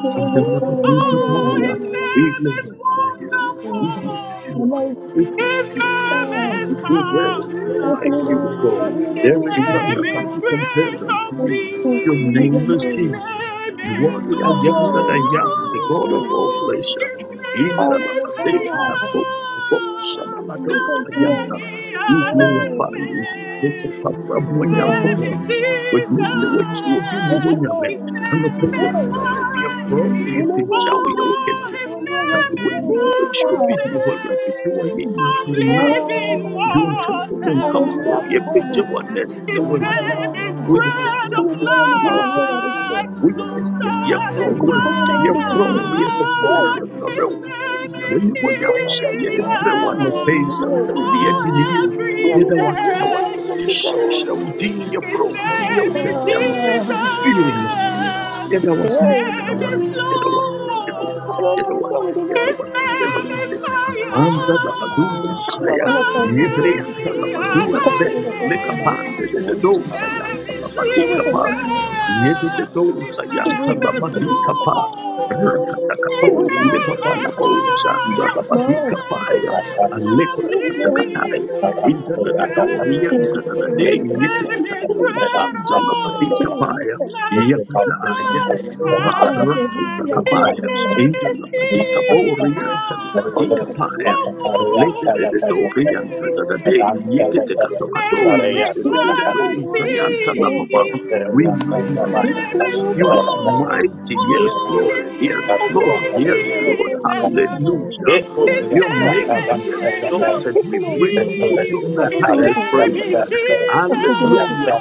Benim aklıma
Oh, his name is
glorify you. We bless you, O God.
wonderful.
We
Yamaysın.
bless
His
you, O
name
Ah,
is
God. Who there is none like you, O
Efendim,
God.
Counselor. His
There
efendim,
is none
name
that
is
can be
efendim.
compared
Prince
unto
of
you.
Eski
Your
kumu
Peace.
name is
His
zamanla.
Jesus.
name
You are
is
the I am that I
Patron.
am, the God of all
God.
flesh.
His
In
name
the
is
Labadeka
Akraba.
higher than
Akasya.
any
We
other
Hey,
glorify you. It's a
name. His
patron.
name is
Pasabunyankupon. With me, which will be
Jesus.
Nibunyame,
His
Patron.
and the
name
pain
is
Hey,
sorrow, we are wrong, we
mighty.
yine
have been
böyle
Jawi, your
bir
Oh, his
patron
That's
name
olacak.
when
is
Mm.
you which will
Ah,
be the
something
you are in,
of
the nas,
ah.
living
dwontonto mu
water.
ni
nkamfo yɛpagya
yavamo
w'anansa
His
wo awurade mu.
name is
tubona
woyɛ
bread
kɛseɛ
of
m
ubibiyele
woyɛ
nifawa nyela
kɛseɛ ama.
riste
life to
woyɛ kɛseɛ yɛkorɔ wo awurade
ngikukhona ukuthi
satisfy.
yɛkorɔ
wethele
wo yɛkɔtɔ wo
hey
yɛsɔrɛ
His
wo
name is
w'ani hɔ ne ahohyɛ yɛde brɛ wo
healer
uyakasiyo
anɔpa yi sane sɛ
mnezi
wode
for
yɛdi ne yie
every
yɛda
nyamisa
wase da wase
khona sisawo
yɛhyerɛhyerɛ wo
nation.
din
His
yɛkorɔ wo din yɛ wo
name is
kɛseɛ anɔpa yi
Jesus.
woyɛ onyame yɛda
His
wase yɛda
hey
name is
wase yɛda wase yɛda wase
alona
yɛda
Lord.
wase
msawulina
yɛda
His
wase yɛda
name is
wase
higher
Anta la badusa taya.
Şuralara payı,
than
Yebre anta la
any other
baduante.
tasarı yapasına
Lekapande
name.
uçuşu
de de
His
oyma.
dosa
name
yanta
is
la
Dibur
badika
sene
paya.
emin,
Yede
Jesus.
de
His
dosa yanta
dibur
name
la
is
sene diye
badika
kapata.
pa.
Lord. His
Dibur
Rakatakato le
sene
name
baba la
is
bosa anda la badika
man,
paya.
fountain
Aleko to
dibur sene
katakatai. Inda
of
la da do
diye
yanta
living
la
water.
da
kutuğuna
de
His
yemelisi.
name
yepete
is
kato
bread
sanda la badika
all
paya.
life will
Yakada, Yakaba,
anabeba
Rasu
satisfy. His
Takabaya,
yakomadi nawe
name
Angel
is
Labadika Borian,
healer
Labadika
oyakasiya
Paya,
of
and
all
Later the
the
Dorian, the day,
nations. His
Yakatakato,
name is
ndamubabana
the Sayanta
wase
mighty.
Lamama. We
His
magnify you.
name
ndipfira
is
You are
wabona
Lord.
mighty, yes,
Oh,
Lord,
his
yes, Lord,
name is
yes,
wasokuona
Lord,
paye basa
Jesus.
Thank
hallelujah.
oyakasiya
His
Your
kwa
name
name
is
be
Prince of
exalted. We
ikona
bring you,
Peace.
God, the
His
asedi
highest
wuzo
name
praise.
is Jesus,
asedi wuzo
Hallelujah,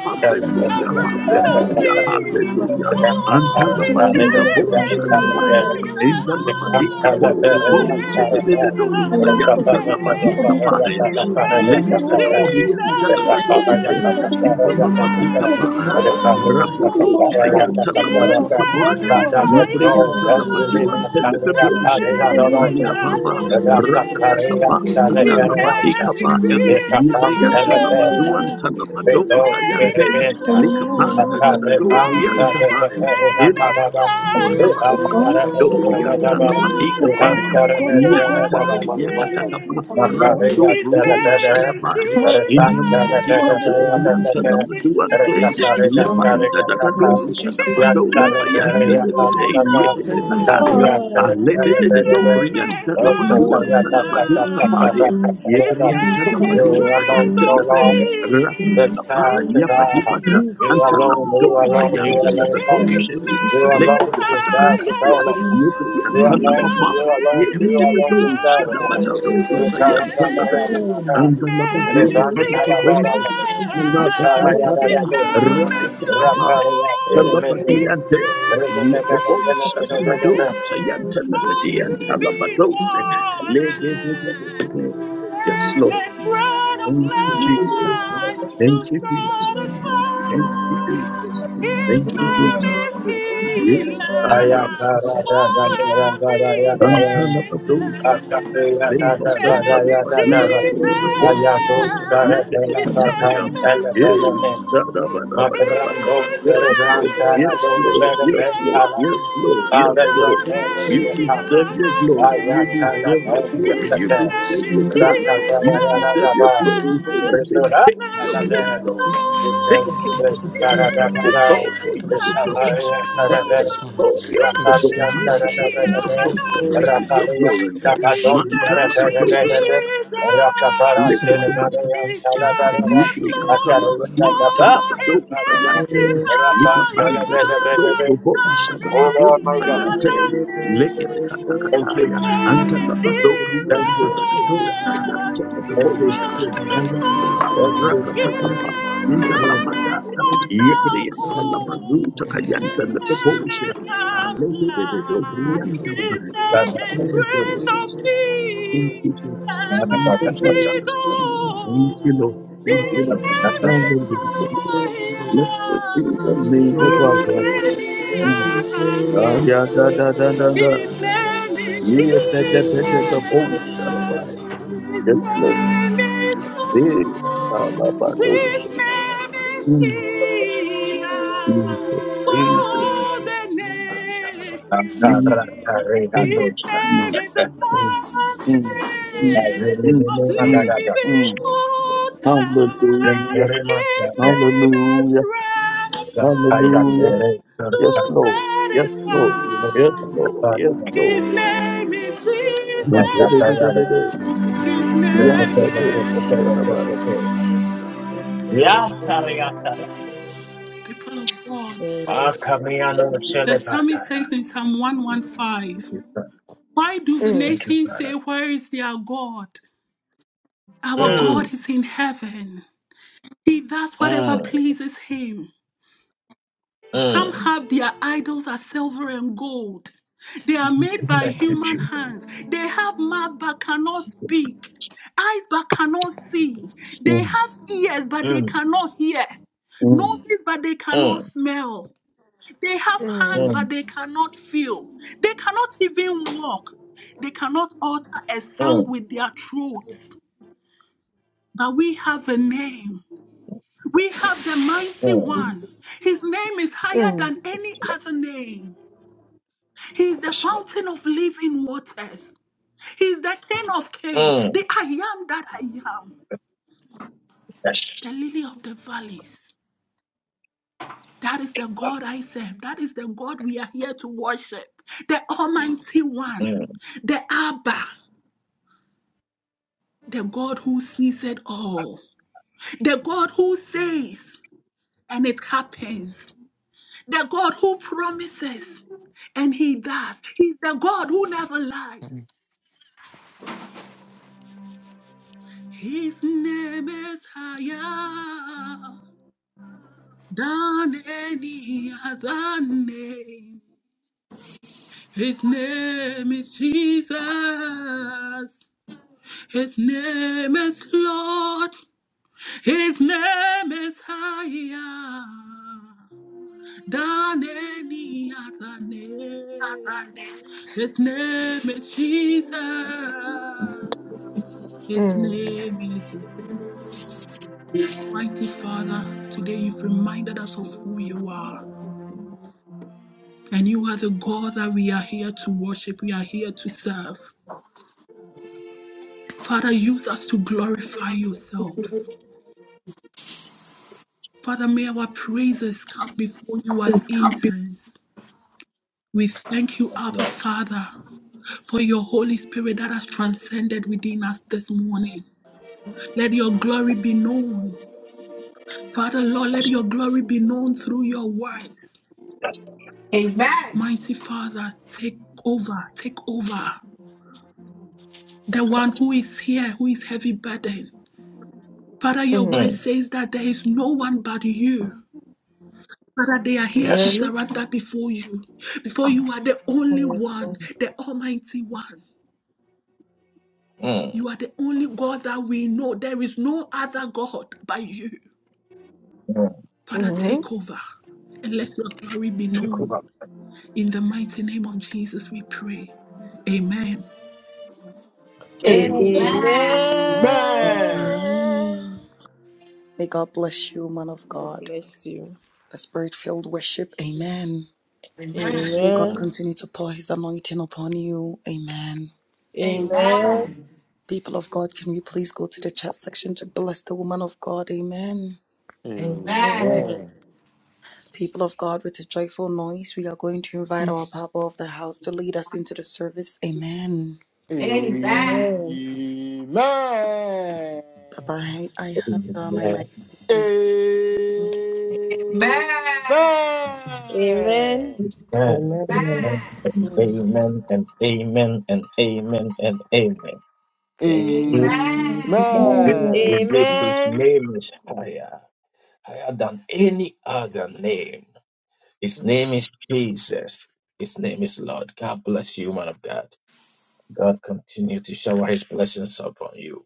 the
hallelujah,
Prince
hey
of
hallelujah,
Peace.
hallelujah. Anta la
Oh, his
ndiyani
badika
mudada
name is
kusiso
bosa da
ndiso
quae,
ndiyana
enta la badika
higher
bore
ndiyana
than
bose de de
any
de dosa,
obisa
anta la
Thank
badika
name.
obisa wo
pae,
His
alle
name
obisa
de
is
de
Jesus.
dori, anta la
obisa
de dose,
obisa
enta
His
la
name
badika
is
pae,
obisa
araba
so
dosa,
Lord.
anta la
His
no
badika
name
no
pae,
is
yedre
higher
anta la
no
badu ante le de
than
bose,
any
you.
obisa
ayababa,
other name.
rakatakaba,
Rakatareanta
anta
His
la
leperanta,
name
badika
is
pa.
ekatanta lepenta,
Libriantalabaduan
Jesus.
Amen.
His
edo
talabadosa
name
yante
is
perebenta,
likapanda
Lord.
akarebanta
gadadorian
And His
dabai
name
tila
is
leperenakadaba,
higher
Doria
ehandaremeleyakadaba,
from
Talabatika Paya.
any
Yadata,
ehandaremeleyakadaba,
other
Yakataka,
name.
Rabdo,
His
makareyanta
Robo,
lepede,
name is
Sadabai,
eresanta
you.
Intalabatika, Boria,
Jesus.
Thank
lepedebeyakateke,
His
Talabaduante,
name is
Lepanda,
erekatareyakarekatata,
Dadado,
Lord. His
Sadabado,
name
Sayanta,
is
the day,
yakarepereyakadaba, you
Yakataya,
alone,
Wonderful. His
Alede,
name
Dorian,
is
Talabaduan,
Counselor.
Talabadu, Kapaya,
His
Yebrian,
name is
Talabadu,
Prince
Sayanta,
of
no
the
Lord,
day,
the
Peace.
Rapatapa,
path
His
to God.
name
Yapadipata,
is
You alone,
Antalabado,
you alone, you
God.
Sayanta, the
alone, Lord.
His
Boships,
You
name is
alone
I.
deserve to
Lekataka.
go, Lord.
Yes,
You alone, you
Lord.
alone, you alone deserve it, Lord. You
you.
carabara,
His
it
Amen. Amen. Amen. Amen. Amen.
it is
name is Jesus.
untalabara. You carayada,
His
that is.
name is
Rapari, I feel it,
Lord.
it is.
His name
Remember,
is
remember, remember, remember.
fountain of
Amen.
living water name is bread of
Thank you, Jesus.
life to
Thank you, Jesus. Thank you,
satisfy.
Jesus.
His
Thank you,
name
Jesus.
is healer
Ritual,
for
Yeah.
every
Rantalabadosa,
nation. His
Leva
name is
Sandalabaduyan, Telebabdosa,
Jesus. His
Niketikataya,
name is
Yea,
Lord.
Dadabadabadabadaba,
His
Yes,
name
Lord,
is
yes, Lord, yes,
higher
Lord, yes, Lord, yes, Lord.
than
You
any
deserve your
other
glory, you deserve
name.
your glory,
His
you
name
deserve your
is
glory,
Jesus.
you deserve your glory. So we say,
His
take your
yandaribose,
name
yandaribose,
glory,
is
Lord. Take
I
it,
Lord.
didn't.
Lord.
His
Lord,
name
I
It's
bless you.
all for
is
There
you,
is no
God.
Jesus
Father,
Christ,
higher
this
than
one.
so
Oh
your
There
Lord,
is
any
support,
none
your,
like you.
your,
There is
your
none
other
glory,
that
see
compared
name.
your
to you.
His
We
glories.
bless you and we
Manta
name
exalt
is
you.
Labadosha,
Jesus.
This morning, we
His
bless you. We
name is
bless you. We
Miriam
bless
Lord.
you.
Talabado and
Oh,
Talabado
his name is
Sayante,
And we
Nikapanda
contend
the
with it.
Do
higher
Robo
And we
than
Sadabado
any
my God.
other
Sayante, Lekete
name. His
Thank you,
Katakataya,
Jesus.
name is
Antalabado
Jesus.
Thank
Rianta
you,
the Do
Jesus.
Sayante the
Thank
His
contend with
you,
it.
name
Contend
Bosha,
with
Jesus.
it.
is
Ayamaba
Thank
And
Lord.
you,
we
Jesus.
contend
Rakatakapa,
with it.
His
Linda
Mm.
name is
Labadaya,
We
Yepriam
stand with
wonderful.
it. We
Talabazu
contend with it.
Takayanta
We
His
the
stand
name
Bosha,
is
Lekete the Do
Counselor.
Rianta
His
Bai,
name is
Holy
Prince of
Ghost. Thank
Peace.
you,
The
Jesus. Thank you,
mighty
Jesus. Thank you,
God.
Lord. Thank you,
His
Lord.
name is
Hallelujah.
higher
Blessed be the name of our
than
God.
any
Mm. Ah,
other
yeah, da, da,
name.
da, da, da.
His name is
Yeah, da, da,
Jesus.
da, da, da, boom, shalabai.
His
Yes, Lord.
name is
Hey, ah, ba,
Lord.
ba, do,
His
shay.
name is
Mm.
healer
Jesus,
for
Jesus.
all the
Mm,
nations.
mm,
His name
mm,
is the
mm, mm,
I
mm,
fountain
really mean
mm,
of
mm,
that.
living
mm.
water.
Hallelujah.
His name is
Hallelujah.
bread of
Hallelujah.
life to
Yes, Lord. Yes, Lord.
satisfy.
Yes, Lord. Yes,
Yes,
Lord.
His name is
Mm,
Jesus. His name is Lord. People of God,
Akamiano
the psalmist
Celebataya.
says in Psalm 115,
Thank you, Father.
Why do the
Thank you,
nations say,
Father.
Where is their God? Our
Oh yeah.
Mm,
God is in heaven. He does whatever
mm,
pleases him. Some
mm.
have their idols as silver and gold. They are made by
Thank you,
human
Jesus.
hands. They have mouths but cannot
Thank you, Jesus.
speak, eyes but cannot
Thank
see.
you, Jesus.
They have ears but they
Mm,
cannot hear,
mm, mm.
noses but they cannot
mm,
smell. They have hands
Mm.
but
mm,
they cannot feel. They cannot even walk. They cannot utter a sound
mm,
with their throats. But we have a name. We have the mighty
mm.
one. His name is higher
Mm.
than any other name. He is the
Yes, Lord.
fountain of living waters. He is the king of kings,
Mm,
the I am that I am,
yes.
the lily of the valleys. That is
Thank
the
you, Father.
God I serve. That is the God we are here to worship. The Almighty One,
Mm,
the Abba, the God who sees it all, the God who says and it happens, the God who promises And he does. He's the God who never
with
lies.
it.
His name is higher than any other name. His name is Jesus. His name is Lord. His name is higher than any other name. His name is Jesus. His
Mm.
name is Lord. Mighty Father, today you've reminded us of who you are. And you are the God that we are here to worship, we are here to serve. Father, use us to glorify yourself. Father, may our praises come before you as
This can't be-
incense. We thank you,
yes,
Abba
Lord.
Father, for your Holy Spirit that has transcended within us this morning. Let your glory be known. Father, Lord, let
Yes,
your
Lord.
glory be known through your words.
Yes,
Mighty Father, take over, take over. the
Yes,
one who is here, who is heavy burden. Father, your
Mm.
word
Lord. Mm,
says that there is no one but you. Father, they are here to
Amen.
yes.
surrender before you. Before you are the only one, the Almighty One. You are the only God that we know. There is no other God but you.
Amen.
Father,
Mm-hmm.
take over and let your glory be known.
Amen.
In the mighty name of Jesus, we pray. Amen.
Amen.
Amen.
Amen.
May God bless you, man of
God
God.
bless you.
the spirit filled worship. Amen.
Amen.
May God
Amen.
Amen.
continue to pour his anointing upon you. Amen.
Amen.
Amen.
People of God, can we please go to the chat section to bless the woman of God? Amen.
Amen.
Amen.
Amen.
People of God, with a joyful noise, we are going to invite our Papa of the house to lead us into the service. Amen.
Amen.
Amen.
Amen.
Papa, I, I have uh, my mic.
Amen.
Amen.
And
Amen.
amen.
Amen.
And amen. And amen. And amen. Indeed,
Amen.
indeed,
Amen.
indeed, his
Amen.
name is higher, higher than any other name. His name is Jesus. His name is Lord. God bless you, man of God. God continue to shower his blessings upon you.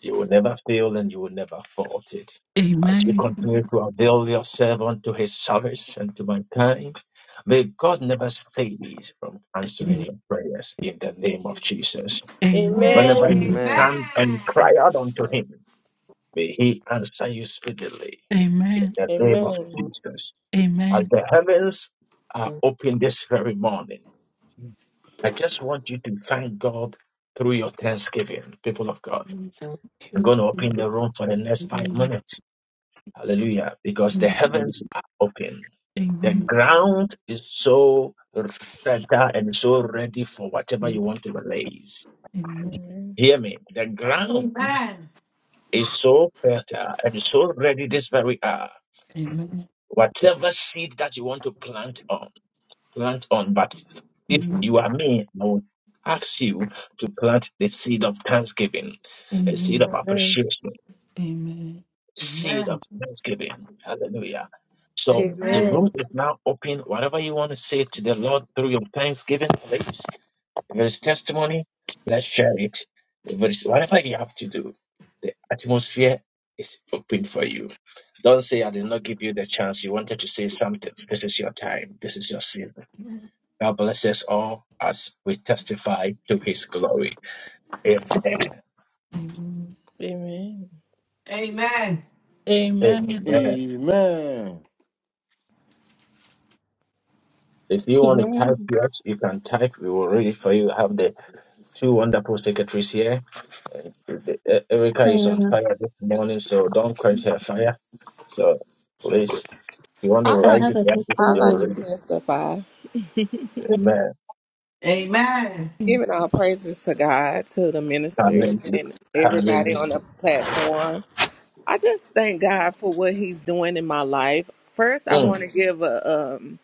You will never fail and you will never fault it.
A-
As you continue to avail yourself unto his service and to mankind, may God never cease from answering your prayers in the name of Jesus.
Amen.
Whenever
Amen.
you
Amen.
stand and
Amen.
cry out unto him, may he answer you speedily
A-
in the name of
Amen. Amen.
Jesus. As the heavens are open this very morning, I just want you to thank God through your thanksgiving, people of God. I'm going to open the room for the next five minutes. Hallelujah. Because the heavens are open. The
Amen.
ground is so fertile and so ready for whatever you want to release.
Amen.
Hear me. The ground
Amen.
is so fertile and so ready this very hour.
Amen.
Whatever seed that you want to plant on, plant on. But if
Amen.
you are me, I would ask you to plant the seed of thanksgiving, a seed
Amen.
of appreciation seed
Amen.
of thanksgiving. Hallelujah. So the
Amen.
room
Amen.
is now open. Whatever you want to say to the Lord through your thanksgiving, please. If there is testimony, let's share it. If there is whatever you have to do, the atmosphere is open for you. Don't say I did not give you the chance. You wanted to say something. This is your time. This is your season. God bless us all as we testify to his glory. Amen.
Amen.
Amen. Amen.
Amen.
Amen.
If you want to type yes, you can type. We will read it for you. I have the two wonderful secretaries here. Uh, E- Erica is on
Uh,
fire this morning, so don't quench her fire. So please, if you want to
I
I
like
write
have
it
a
down,
I
you will
like to
read
testimony.
it.
testify,
Amen.
Amen.
giving all praises to God, to the ministers
Hallelujah.
and everybody on
Hallelujah.
the platform. I just thank God for what He's doing in my life. First, I
Mm,
want to give a. Um,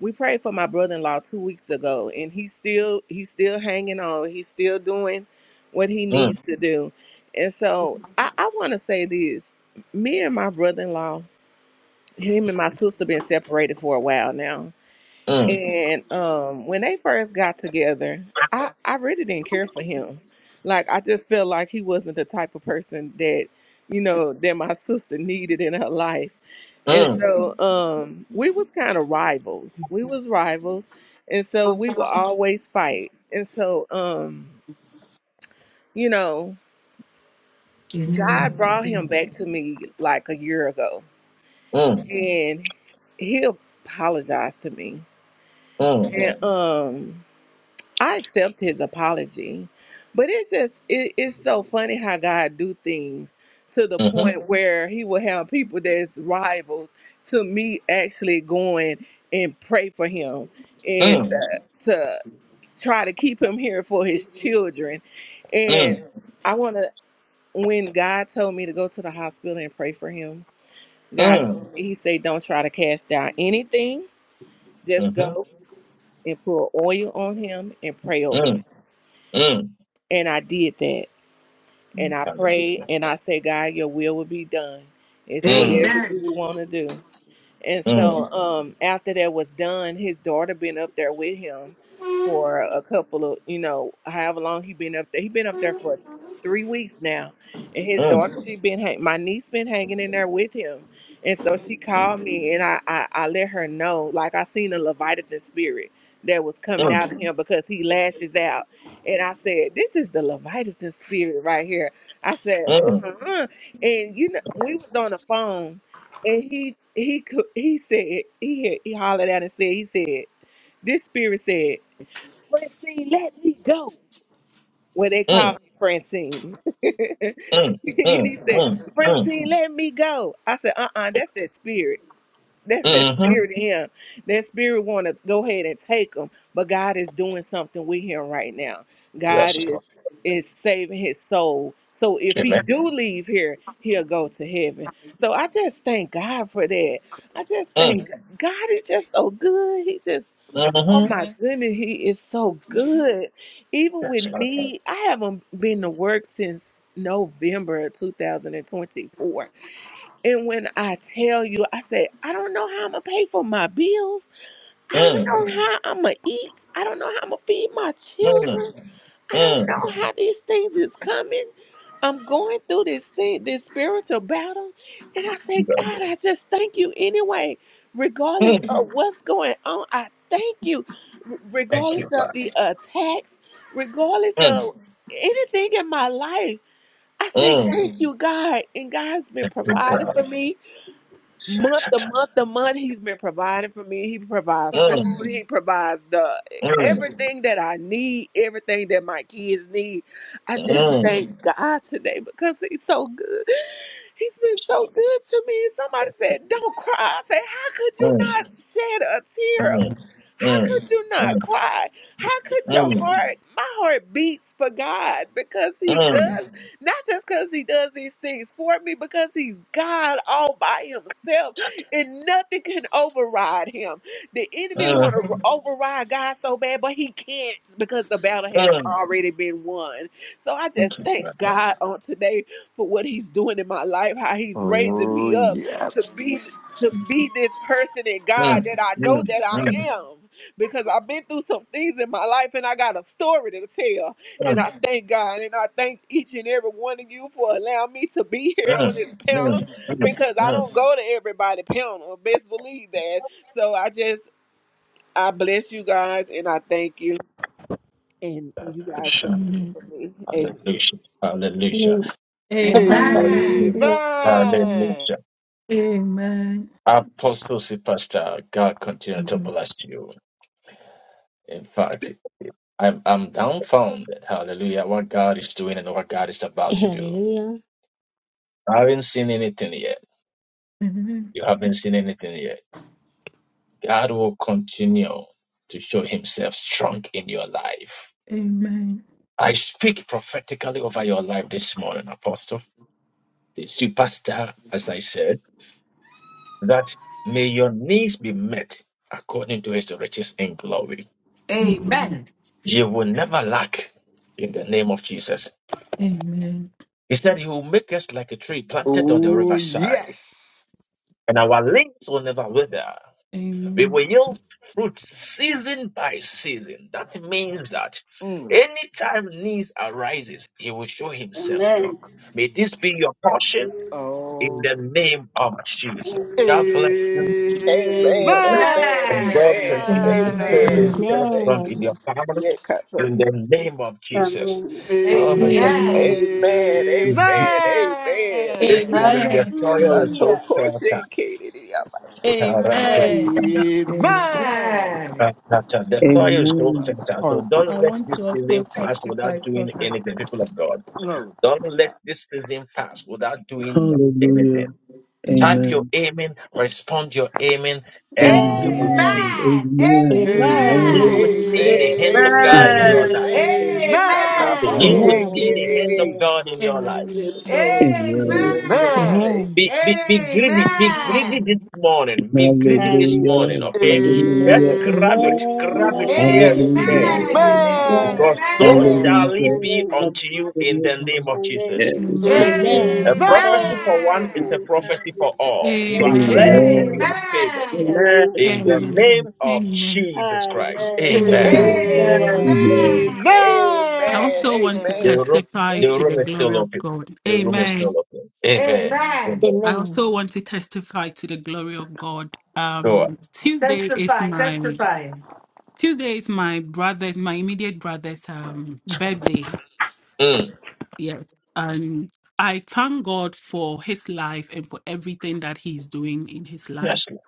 we prayed for my brother-in-law two weeks ago, and he's still he's still hanging on. He's still doing what he
mm,
needs to do, and so I, I want to say this: me and my brother-in-law, him and my sister, been separated for a while now
mm,
And um, when they first got together, I, I really didn't care for him. Like I just felt like he wasn't the type of person that, you know, that my sister needed in her life. And
mm,
so um we was kind of rivals. We was rivals. And so we would always fight. And so um, you know, God
Amen.
brought him back to me like a year ago.
mm,
And he apologized to me.
mm, mm
And um I accept his apology, but it's just it, it's so funny how God do things to the point Mhm. where He will have people that's rivals to me actually going and pray for him and
mm,
to Mhm. to try to keep him here for his children.
mm,
And
mm,
Mhm. I want to when God told me to go to the hospital and pray for him, God told me He said, "Don't try to cast down anything. Just
hmm
go." And pour oil on him and pray over
mm,
him
mm.
And I did that. And I prayed
Hallelujah.
and I said, God, your will will be done. It's
Mm,
whatever
Amen.
you want to do. And
mm,
so um after that was done, his daughter been up there with him for a couple of, you know, however long he been up there. He been up there for three weeks now. And his
mm,
daughter, she been hang- my niece been hanging in there with him. And so she called me and I, I, I let her know, like I seen a Leviathan spirit that was coming
mm,
out of him because he lashes out. And I said, This is the Leviathan spirit right here. I said,
mm,
uh-uh. And you know, we was on the phone and he he co- he said he had, he hollered out and said he said this spirit said Francine, let me go. When they
mm,
called me Francine, and
mm, mm,
he said
mm. mm,
Francine, let me go. I said, uh, uh that's that spirit. That's that
Mm-hmm.
spirit in him. That spirit want to go ahead and take him, but God is doing something with him right now. God
Yes,
is
Lord.
is saving his soul. So if he
Amen.
do leave here, he'll go to heaven. So I just thank God for that. I just
Mm.
thank God is just so good. He just oh
Mm-hmm.
my goodness, he is so good. Even
Yes,
with
Lord.
me, I haven't been to work since November of 2024 and when I tell you, I said, I don't know how I'm gonna pay for my bills. I don't
Mm.
know how I'm gonna eat. I don't know how I'm gonna feed my
Mm.
children. I don't
Mm.
know how these things is coming. I'm going through this thing, this spiritual battle. And I say,
Yeah.
God, I just thank you anyway. Regardless
Mm.
of what's going on, I thank you. R-
Thank
Regardless
you, Father.
of the attacks, regardless
Mm.
of anything in my life, I say,
Mm.
thank you, God. And God's been
Thank you,
providing
God.
for me month to
Sha-ta-ta.
month to month he's been providing for me he provides food
Mm.
he provides the
Mm.
everything that i need everything that my kids need i just
Mm.
thank god today because he's so good he's been so good to me somebody said don't cry i said how could you
Mm.
not shed a tear
Mm.
how
Mm.
could you not
Mm.
cry? How could
Mm.
your heart, my heart beats for God because He
Mm.
does, not just because He does these things for me, because He's God all by Himself
Ta- ta.
and nothing can override Him. The enemy want to
Mhm.
override God so bad, but he can't because the battle has
Mm.
already been won. So I
Thank
just
you,
thank
Father.
God on today for what He's doing in my life, how He's raising
Oh
me up to
yes.
be to
Mm.
be this person in God
Mm.
that I know
Mm.
that I
Mm.
am because I've been through some things in my life and I got a story to tell. And I thank God and I thank each and every one of you for allowing me to be here on
Mm.
this panel
Mm. Mm.
because I
Mm.
don't go to everybody panel. Best believe that. So I just I bless you guys and I thank you. And you
Good
guys keep
shot.
praying
Amen.
for me. Amen.
Hallelujah. Hallelujah.
Amen.
Amen.
Papa
Amen.
must always
Amen.
Hallelujah.
know.
Amen.
Hallelujah.
Amen.
Apostle Pastor, God continue to
Amen.
bless you. In fact, I'm I'm dumbfounded. Hallelujah. What God is doing and what God is about to do.
Hallelujah.
I haven't seen anything yet.
Amen.
You haven't seen anything yet. God will continue to show himself strong in your life.
Amen.
I speak prophetically over your life this morning, Apostle. The superstar, as I said, that may your needs be met according to his riches in glory.
Amen. Amen. Amen.
Amen.
Amen.
You will never lack in the name of Jesus.
Amen.
He said, He will make us like a tree planted on the
Oh
riverside,
yes.
and our leaves will never wither. We
Amen.
will yield fruit season by season. That means that
Mm.
anytime needs arises, He will show Himself strong.
Amen.
May this be your portion in
Oh.
the name of Jesus. God bless you,
Amen.
Amen.
Amen.
and God
Amen.
continue to
Amen.
show
Amen.
Amen.
Amen.
Himself
Thank
strong
Amen.
in your family
you. Yeah,
in the name of Jesus.
Amen.
Oh my
Amen.
God.
Amen.
Amen. Amen. Amen.
This
Yeah.
morning, the
Amen.
Yeah,
soil
I
is
Amen.
so
Hallelujah.
told Coach
fertile.
Shaq, Katie, I about to say,
The
Amen.
Amen.
Amen.
Amen.
Amen.
soil is so
Amen.
Brother.
fertile. So don't
I
let
want
this
to
season
also
pass without
testify,
doing
prophet.
anything, people of God.
No.
Don't let
Yeah.
this season pass without doing
Hallelujah.
anything. Type
Amen.
your
Amen.
amen, respond your amen, and you will
Amen.
Amen.
Amen.
see.
Amen.
Amen.
Amen.
You
Amen.
will see
Amen.
the
Amen.
Amen.
It's
hand of God
Amen.
in
Amen.
your
Amen.
life.
Amen. Yeah, I
so
told my
good.
You will
It's
shit,
Amen.
so
see the hand
good.
of
Katie.
God in your life.
Amen.
Yes,
Amen.
Lord.
Amen.
Yes,
Amen.
Amen.
Lord.
Amen.
Be, be, be greedy. Be greedy this morning. Be greedy this
Amen.
Hallelujah.
morning, okay?
Amen.
Just
Hallelujah.
Amen.
grab it.
Bless
Amen.
Grab it
you.
Amen.
Amen.
here and
Amen.
there.
Bless you,
Hallelujah.
Amen.
Lord.
Amen.
Amen.
Amen.
Yeah.
Because so
Amen.
Amen.
shall
Hallelujah.
it be
Amen.
Thank
unto
you
you
for
in
your
the name
name.
of Jesus.
Yeah.
Amen.
A
Amen.
Amen.
Amen.
Amen.
Amen.
prophecy
and
for one is
Amen.
a prophecy for all. You are
Amen.
blessed and you
Amen.
are
Amen.
favored.
Amen.
Amen.
In the
Amen.
Amen.
name of Jesus Christ.
Amen.
Amen.
Amen.
Amen.
Amen.
Amen.
Amen.
Amen.
Amen. Amen.
Amen.
Amen.
I
Amen.
also want to
The room,
testify
the
Amen.
to the
room is still
glory of
open.
God.
The room is still
Amen.
open. Amen.
Amen.
Amen.
I
Amen.
also want to testify to the glory of God.
Go on.
Um, Tuesday is
Testify,
my
testify.
Tuesday is my brother, my immediate brother's um birthday.
Mm.
Yes, and I thank God for his life and for everything that he's doing in his life.
Yes, Lord.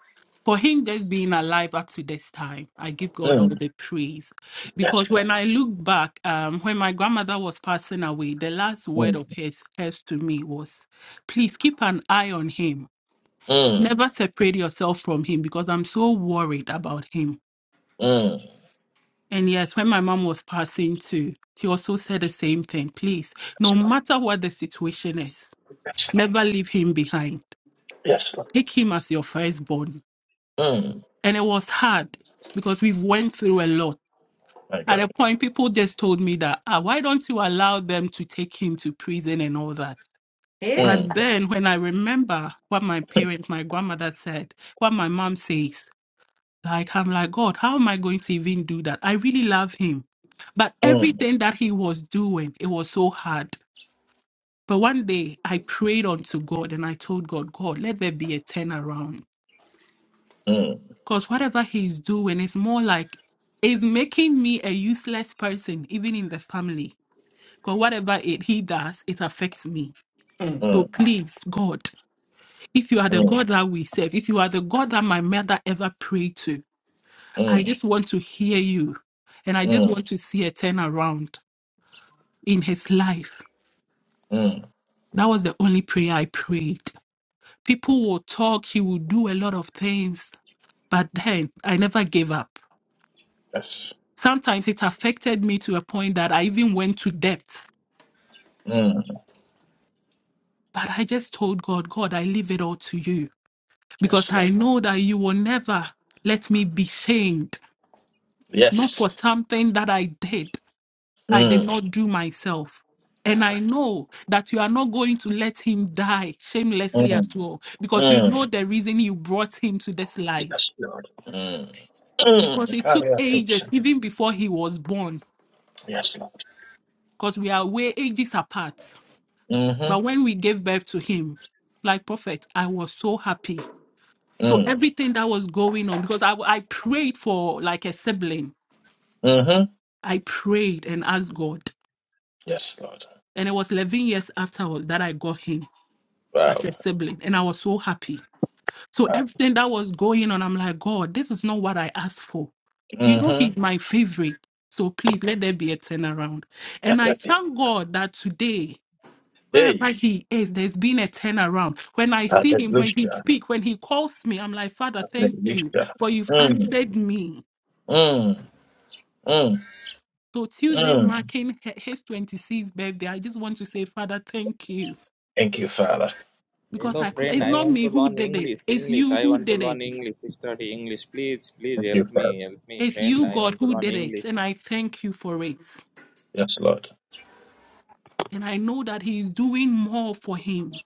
for him just being alive up to this time i give god all
Mm.
the praise
Yes,
because when i look back um, when my grandmother was passing away the last word
Lord.
of hers, hers to me was please keep an eye on him
Mm. Mm.
never separate yourself from him because i'm so worried about him
Mm.
and yes when my mom was passing too she also said the same thing please
Yes,
no
Lord.
matter what the situation is
Yes, Lord.
never leave him behind
Yes, Lord.
take him as your firstborn
Mm,
and it was hard because we've went through a lot
my
At a
God.
point, people just told me that, ah, why don't you allow them to take him to prison and all that?
Eh?
Mm,
But then when I remember what my parents, my grandmother said, what my mom says, like, I'm like, God, how am I going to even do that? I really love him. But
mm,
everything that he was doing, it was so hard. But one day I prayed unto God and I told God, God, let there be a turnaround.
mm,
Because whatever he's doing is more like, is making me a useless person, even in the family. Because whatever it, he does, it affects me.
Mm.
So
mm,
please, God, if you are the
mm,
God that we serve, if you are the God that my mother ever prayed to, I
mm,
just want to hear you. And I just
mm,
want to see a turnaround in his life.
mm.
That was the only prayer I prayed. People will talk, he will do a lot of things, but then I never gave up.
Yes.
Sometimes it affected me to a point that I even went to depths.
Mm.
But I just told God, God, I leave it all to you.
Yes,
because
Lord.
I know that you will never let me be shamed, not
Yes.
for something that I did, I did
Mm.
not do myself. And I
Correct.
know that you are not going to let him die shamelessly as
Mm.
well, because you
Mm.
know the reason you brought him to this life.
Yes, Lord. Mm.
Because
Mm.
it took
Carry out to
ages,
seven.
even before he was born,
Yes, Lord.
because we are way ages apart. But
Mm-hmm.
when we gave birth to him, like prophet, I was so happy. So
Mm.
everything that was going on, because I, I prayed for like a sibling
Mm-hmm.
I prayed and asked God.
Yes, Lord.
And it was 11 years afterwards that I got him
Wow.
as a sibling. And I was so happy. So
Wow.
everything that was going on, I'm like, God, this is not what I asked for. You know,
Mm-hmm.
he's my favorite. So please let there be a turnaround. And
That's
I
it.
thank God that today, wherever
Hey.
he is, there's been a turnaround. When I see him, when he
Hallelujah.
speaks, when he calls me, I'm like, Father, thank you
Hallelujah.
for you've
Mm.
answered me.
Mm. Mm.
So Tuesday
Mm.
marking his 26th birthday, I just want to say, Father, thank you
Thank you, Father.
because
Hello
I cre-
friend,
it's
I
Thank
not
want
me
to
who
learn
did it.
English.
It's
English.
you
I
who
want to
did
learn
it.
English. Study English. Please, please
you,
help me.
Father.
Help me,
It's
friend.
you,
I
God,
want to
who
learn
did it.
English.
And I thank you for it.
Yes, Lord.
And I know that He is doing more for him.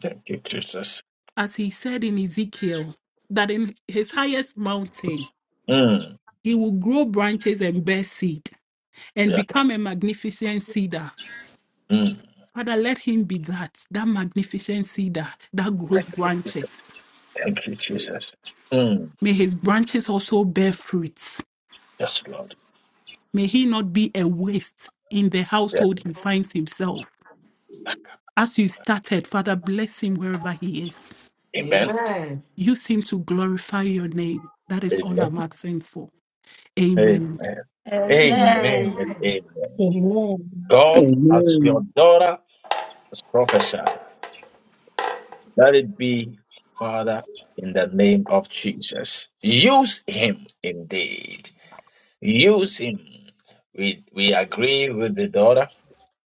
Thank you, Jesus.
As he said in Ezekiel, that in his highest mountain,
Mm.
he will grow branches and bear seed and
Yeah.
become a magnificent cedar.
Mm.
Father, let him be that, that magnificent cedar that
Thank
grows
you, Jesus.
branches.
Thank you, Jesus. Mm.
May his branches also bear fruits.
Yes, Lord.
May he not be a waste in the
Yeah.
household he finds himself. As you started, Father, bless him wherever he is.
Amen.
Amen.
Use him to glorify your name. That is all
Amen.
I'm asking for.
Amen.
Amen.
Amen.
Amen.
Amen and
Amen.
amen.
Amen.
God, as your daughter has prophesied, let it be, Father, in the name of Jesus. Use him indeed. Use him. We we agree with the daughter,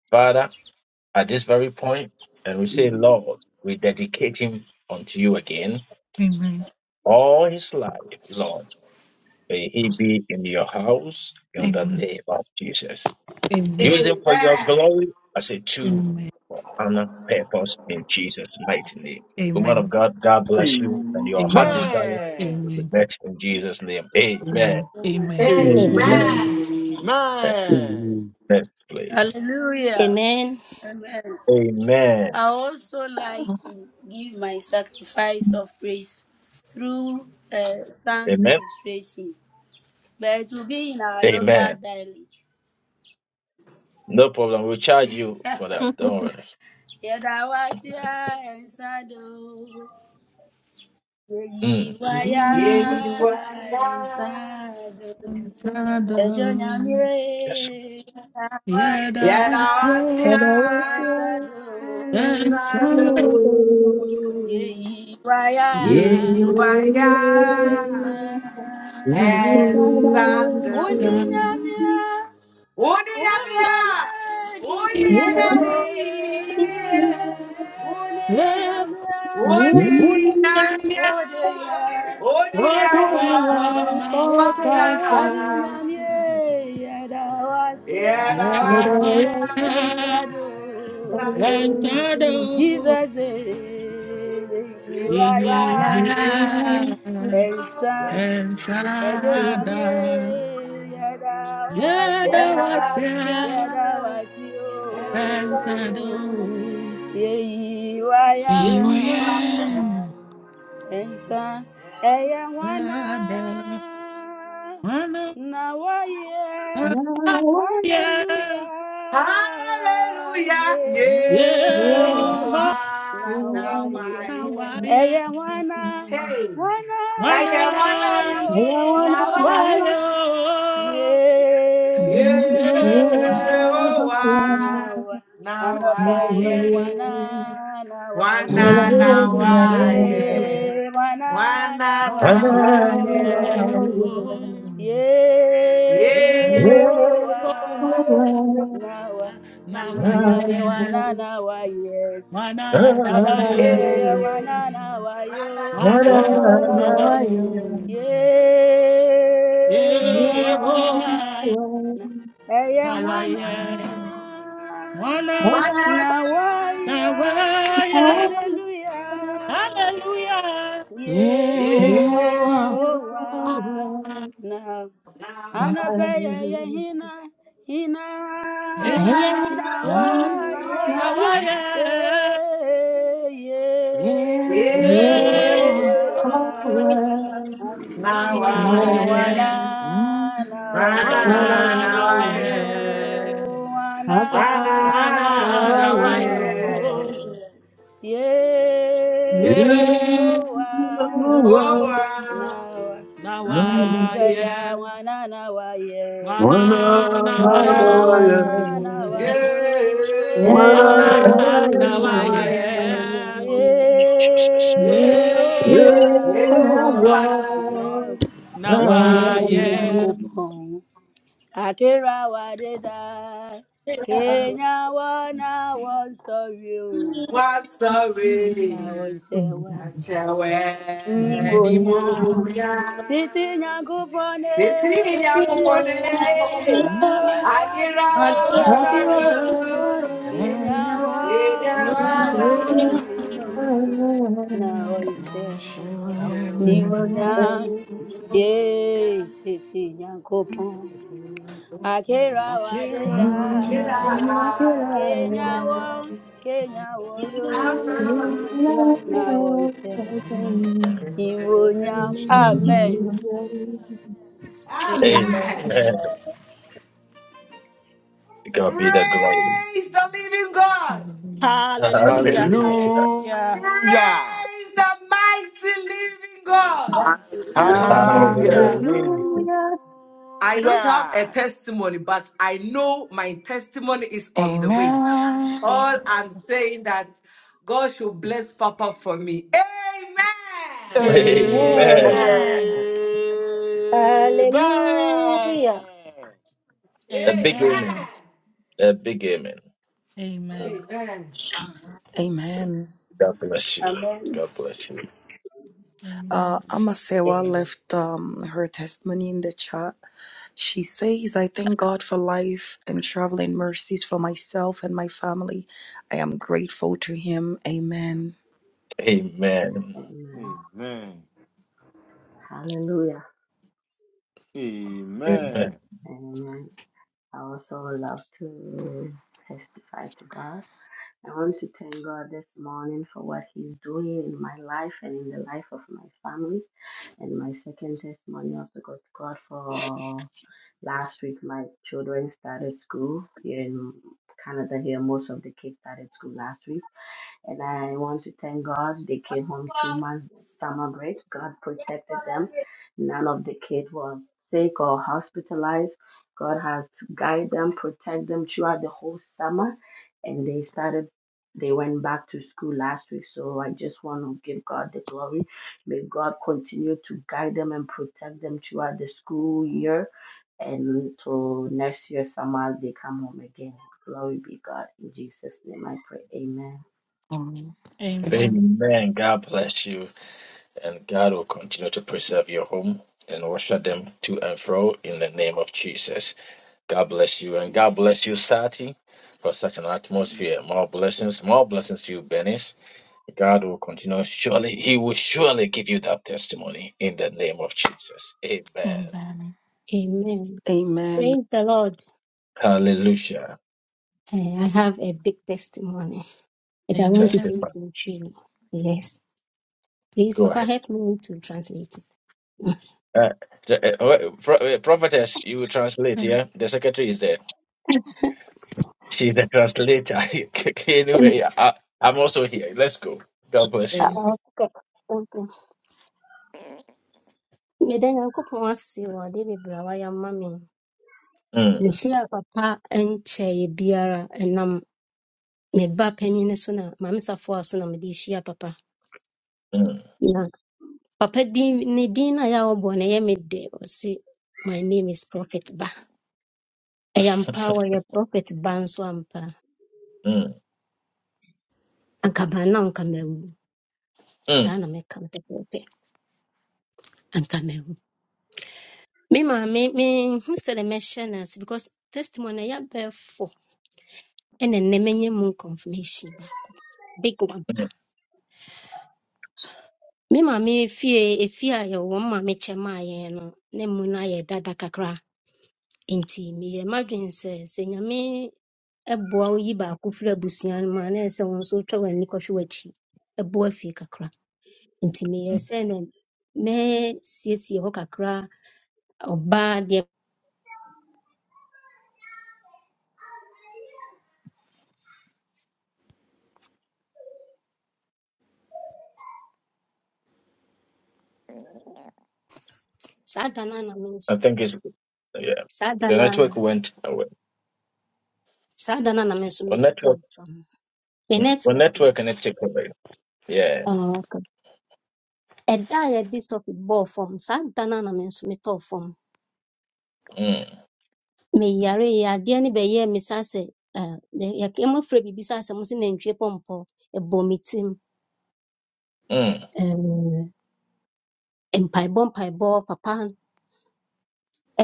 Father. At this very point, and we say, Lord, we dedicate him unto you again.
Amen.
All his life, Lord, may he be in your house in the
Amen.
name of Jesus.
Amen.
Use him for your
Amen.
glory as a tool
Amen.
for honor, purpose in Jesus' mighty name. Woman
Amen.
of God, God bless you, and your heart
Amen.
desire
Amen.
will be
Amen.
met in Jesus' name. Amen.
Amen.
Amen.
Amen.
Amen. Amen.
Amen.
Amen.
Amen.
Amen.
Next, please.
Hallelujah.
Amen.
Amen.
Amen.
I also like to give my sacrifice of praise through uh, song
Amen.
ministration, but it will be in our local
Amen.
dialect.
No problem. We'll charge you for that. Don't worry.
Yedawasia ensado,
Mm.
yeyiwaya
Yeah,
You are
you are. God.
ensado,
And
ejo
sometimes-
Shadow,
Yes,
nyamire.
yeah, that
Yet
was
Yedawasia
I was
your
And I will
young
ensado,
and
always
and
Thank
shadow.
tell
strong.
them
yeyiwaya
You are
Yeyiwaya
you are
ensado.
the
and
shadow.
Saddam.
God.
Onyinyamia
Oniyamia,
You are
oniyamedi,
Ibrahim,
the light. You are the light.
oniyamia,
yeah,
Who do
Odeya
you
kana
call
oniyakobada.
odeya
back Although
Yedawasia
I feel
yedata
like
and
I'm
Saddam.
feeling
yantado
Jesus, eh, you
Yeyiwaya
yiyiwaya
are, eh,
and
Elsa. Ejo
ensada
Saddam.
nyamie yada wasia
yedawatya
Gracias,
yada wasio
en
ensado
serio,
yeyi waya
Here I
yiyiwaya
ensa eye wana
ensada mana
na waye
now
ya
hallelujah
Hallelujah.
ye
I
yehona
am.
owa
Yeah,
na
now
waye
I hear.
waya
eye wana
Hey,
wana
mana
I
na
wanna
wayo
now I am.
waya Yeah,
Yehowa
Yehowa
nawa
na
anope
waye,
yeah.
wana nawa
Thank
ye
wana na
you,
Ana, na,
waye,
Mm,
ye wana
wana
wa,
nawa
na
na na,
waye.
wa,
yo
yo.
Yehowa
Yeah,
Yehowa
nawa
na
na, wa,
titi
Thank
nyami
waye,
you.
yeah.
wana nawa ye
Ana, na, wa,
adofwe
Yeah.
yo.
wana
eh,
nawa
wana na
Ana, na, wa,
yo
waye,
yo.
yewa
Yeah, oh, ah,
na eye
na,
na
wa,
mwana
waye.
yeah. Ana,
wana
na
na,
na
wa,
waya
yeah.
waye.
hallelujah.
Hallelujah.
yewa
You
Yeah.
are
Oh, ah,
na
Now
na,
I
anapeye ye
am.
hina hina
na,
And I
na
Long
know I
na,
am.
Mm,
lion
waya
wa,
ye
yeah.
ye
Yeah.
Yeah.
Yeah,
live
wow.
Yehowa
forever.
Now I
Anti
Nawaye,
am.
Mm,
wanana
Wana,
wayo,
wana
now I
nawaye,
am.
oh
Thank
Wana,
wanana
wana
now
wayo,
I
nawayo,
am.
ye
ye
o
Oh,
wana
wow.
wa,
Now I
anipea
nawaye,
am.
wanana waye,
wana
wanana
Yeah,
nawayo,
wayo,
I know.
wana
Now I
nawaye,
am.
ye
Jesus.
o
ye
Yeah,
wana,
I.
iti
nawaye.
nyankopon. Akira wadida, Kenya wana wansori
Was
na
sorry.
Mm.
osewa
I tell
nimonya.
anymore.
Titi nyankufone,
Fifteen years ago,
Akira
mm.
I did was sorry.
wadido,
And
Kenya
now I
Yeah,
want
I
wana
so-
know.
wansori na
no, she
osewa
I
wouldn't
tell
even
nimonya.
you.
Ye,
anymore.
Titi nyankufone.
I'm
Akira
I would give
Amen.
Hallelujah. Amen.
wadeda Kenya won Kenya won o na won sewe
Mm,
iwonya amen
Amen.
Amen.
God be the glory.
Praise the living God.
mm.
Hallelujah.
Hallelujah.
Mhm.
Hallelujah.
Hallelujah.
Praise the mighty living God.
Hallelujah.
Hallelujah.
Hallelujah.
I don't have a
Hallelujah.
testimony, but I know my testimony is on the way.
Amen.
All I'm saying that God should bless Papa for me. Amen.
Amen.
Amen.
Amen.
Hallelujah.
A big amen.
Amen.
Amen.
A big amen. Mm.
Amen.
Amen.
Amen.
God bless you.
amen
God bless you.
Amen.
Uh, Amasewa
Amen.
left um, her testimony in the chat. She says, I thank God for life and traveling mercies for myself and my family. I am grateful to Him. Amen.
Amen.
Amen.
Amen.
Hallelujah.
Amen.
Amen.
Amen. I also love to testify to God. I want to thank God this morning for what He's doing in my life and in the life of my family. And my second testimony also got God for last week. My children started school here in Canada. Here, most of the kids started school last week. And I want to thank God. They came home two
amen
months summer break. God protected them. None of the kid was sick or hospitalized. God has guided them, protect them throughout the whole summer. And they started, they went back to school last week. So I just want to give God the glory. May God continue to guide them and protect them throughout the school year. And till next year, summer, they come home again. Glory be God. In Jesus' name I pray. Amen.
Amen.
Amen. Amen.
Amen. God bless you. And God will continue to preserve your home and usher them to and fro in the name of Jesus. God bless you. And God bless you, Sati, for such an atmosphere. More blessings. More blessings to you, Benis. God will continue. Surely, He will surely give you that testimony in the name of Jesus. Amen.
Amen.
Amen.
Amen.
Praise the Lord.
Hallelujah.
Eh, I have a big testimony that I want to say it
Testify.
Amen.
in three. Yes. Please,
Go
Papa,
ahead.
help me to translate it.
Uh, t- uh, uh, pro- uh, prophetess, you will translate, yeah? The secretary is there. She's the translator. anyway, I, I'm also here. Let's go. God bless
Amen.
you.
Ah, okay. Meda Nyankopɔn ase wɔ ade bebree a wayɛ ama me.
Mm,
Mehyia papa nkyɛe biara ɛnam me ba panin no so na maame Safoa so na mede hyia papa.
mm.
Na papa din ne din no a yɛa wɔbɔ no ɛyɛ me dɛ ɔse my name is prophet ba. Ɛyɛ
mm,
ampa ara wɔyɛ prophet ba nso ampa. ara.
mm,
Anka ba na anka mawu.
mm,
Saa na mɛka no pɛpɛɛpɛ. Anka mawu. Me maame menhu sɛdeɛ mɛhyɛ no ase because testimony a ɛyɛ abɛɛfo ɛna nnɛ manya mu confirmation baako. Big one.
mm.
Me maame fie efi a yɛwɔ mu maame kyɛm a yɛn no na mu no ayɛ dada kakra nti meyɛ m'adwene sɛ sɛ nyame ɛboa wo yi baako firi abusua no mu a na ɛsɛ wo nso wotwa w'ani kɔhwɛ w'akyi ɛboa fie kakra nti meyɛɛ sɛ no mɛsiesie hɔ kakra ɔbaa deɛ saa da no a na me nso
I think it's good. yeah.
saa da
The
no a na
network went away.
saa da no a na me nso
Well,
metɔɔ
network,
fam me
mm, well,
network no
network and it took away. Yeah.
ah, okay. ɛda a yɛde sɔfe bɔɔ fam saa da no a na me nso metɔɔ fam
Mm,
meyare yɛ adeɛ no bɛyɛɛ me sa sɛ eh, yɛ- yɛ- yɛmafrɛ biribi sa sɛ asɛm sɛ nantwie pɔmpɔ ɛbɔ me tirim
mm,
Eh, mpaebɔ mpaebɔ papa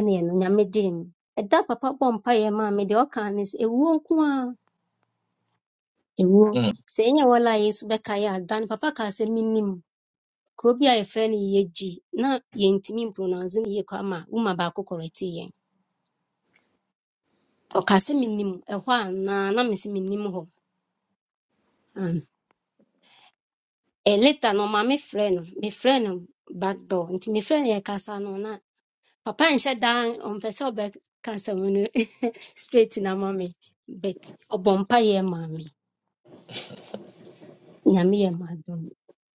ne ɛno nyame gyee me ɛda papa bɔ mpaeɛ maa me deɛ ɔka ne sɛ ɛwuo nko a ɛwuo
mm,
sɛ ɛnyɛ wɔla a yesu bɛka yɛ ada no papa kaa sɛ menim kuro bi a yɛfrɛ no yɛgyi na yɛntumi mpronounce no yie kɔ ama woma baako kɔrɛtee yɛn ɔka sɛ menim ɛhɔ a na na mese menim hɔ E later no maame frɛ no mefrɛ no back door nti me friend no yɛkasa no na papa nhyɛ dan ɔmpɛ sɛ ɔbɛka asɛm no straight na ma me but ɔbɔ mpayɛ maa me nyame yɛ m'adom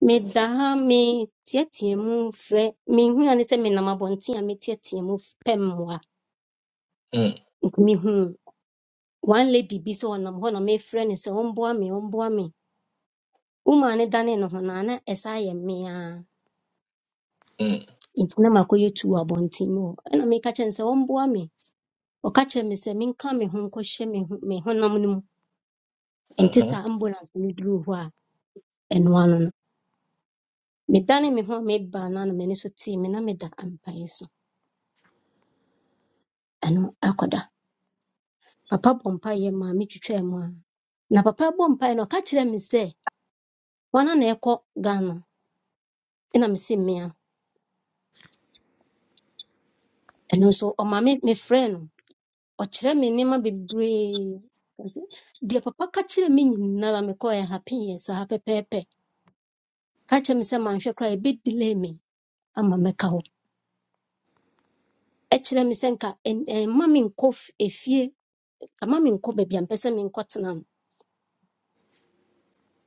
meda ha meteatea mu frɛ mehua ne sɛ menam abɔnten a meteatea mu pɛ mmoa
mm,
nti mehuu one lady bi sɛ ɔnam hɔ na mefrɛ no sɛ ɔmboa me ɔmboa me womaa ne dane ne ho naa na ɛsa yɛ me a
mm,
nti na makɔyɛ tu wɔ abɔnten mu hɔ ɛna meka kyerɛ no sɛ ɔmboa me ɔka kyerɛɛ me sɛ menka me ho nkɔhyɛ me ho- me honam no mu ɛnte
mm,
ambulance no duruu hɔ a ɛnoa no no medane me ho a mebaa no a na m'ani so tee me na meda ampaeɛ so ɛno akɔda papa bɔ mpaeɛ maa metwitwaa mu a na papa bɔ mpaeɛ no ɔka kyerɛɛ me sɛ wɔna na ɛkɔ ghana ɛna mese mmea ɛno nso ɔma me mefrɛ no ɔkyerɛ me nneɛma bebree deɛ papa ka kyerɛɛ me nyinara mekɔɔ yɛ happy yɛ saa pɛpɛɛpɛ ka kyerɛ me sɛ manhwɛ koraa ɛbɛdelay me ama mɛka hɔ ɛkyerɛ me sɛ nka ɛn- ɛn- mma me nkɔ f- efie nka mma me nkɔ baabi a mpɛ sɛ me no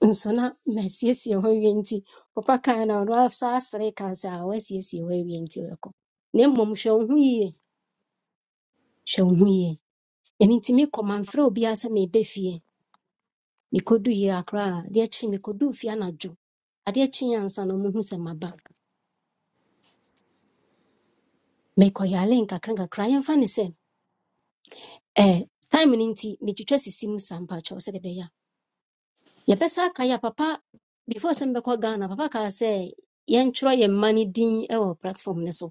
nso na masiesie hɔ awie nti papa kan na ɔno asa asere ka sɛ a wasiesie hɔ awie nti wɔkɔ na mmom hwɛ wo ho yie hwɛ wo ho yie ɛno nti mekɔ mamfrɛ obiaa sɛ meebɛ fie mekɔdu yie akora a adeɛ kye mekɔduu fie anadwo adeɛ kye ansa na ɔmohu sɛ maba mekɔyare nkakrankakra yɛmfa ne sɛ eh, time no nti metwitwa sisi mu sa mpakyɛw sɛde bɛyɛ a yɛbɛsa aka yɛ papa before sɛ mbɛkɔ ghana papa kaa say yɛntwerɛ yɛn mma no din e wo platform no so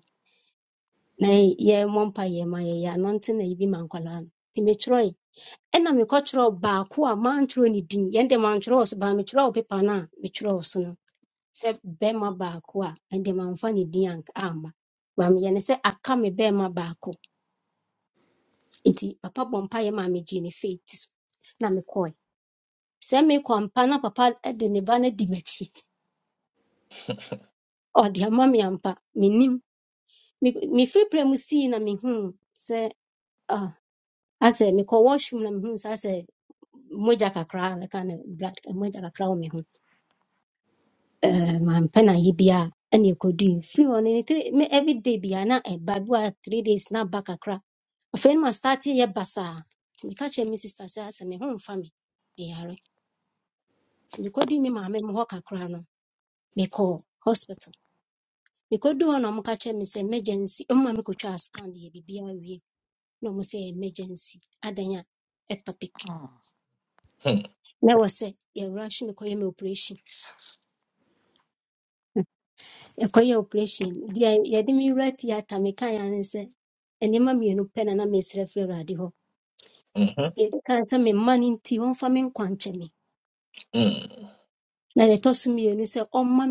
na yɛmmɔ mpa yɛn ma yɛyɛ anante na yɛbi ma nkwalaa no nti metwerɛe ɛna mekɔkyerɛw baako a mantwerɛ ne din yɛnde mantwerɛw so baa metwerɛw pepa no a metwerɛw so no sɛ bɛrima baako a ɛnde mamfa ne din anka amma baa meyɛ ne sɛ aka me bɛrima baako nti papa bɔ mpa yɛ ma megyee ne faith so na mekɔe sɛ mekɔ ampa na papa e de ne ba no di m'akyi ɔde ama me ampa menim Me- mefiri pra mu sii na mehuu sɛ ah, asɛ mekɔ washroom na mehuu sɛ asɛ mogya kakra a bɛka no blood eh, mogya kakra wɔ me ho Eh, mampɛ no ayɛ bia ɛne ɛkɔdui firi hɔ no ne three- me everyday bia na ɛba bi a three days na ba kakra afei no mastarte yɛ basaa nti meka kyerɛ me sister sɛ asɛ me ho mfa me meyare nti mekɔdui me maame mu hɔ kakra no mekɔɔ hospital Mekɔduu hɔ na wɔka kyerɛɛ emergency, wɔma me kɔtwaa scan de uye. biribiara wie emergency Adanya a ectopic.
Oh,
mm,
Na wase sɛ yɛrush me kɔyɛ me operation.
Jesus.
Yɛkɔyɛɛ operation no, deɛ yɛde me wura theatre mekaeɛ ara ne sɛ nneɛma mmienu na na meresrɛ afiri Awurade hɔ.
mm,
me mma no nti ɔmfa me nkwa me.
mm,
Na deɛ ɛtɔ so se. sɛ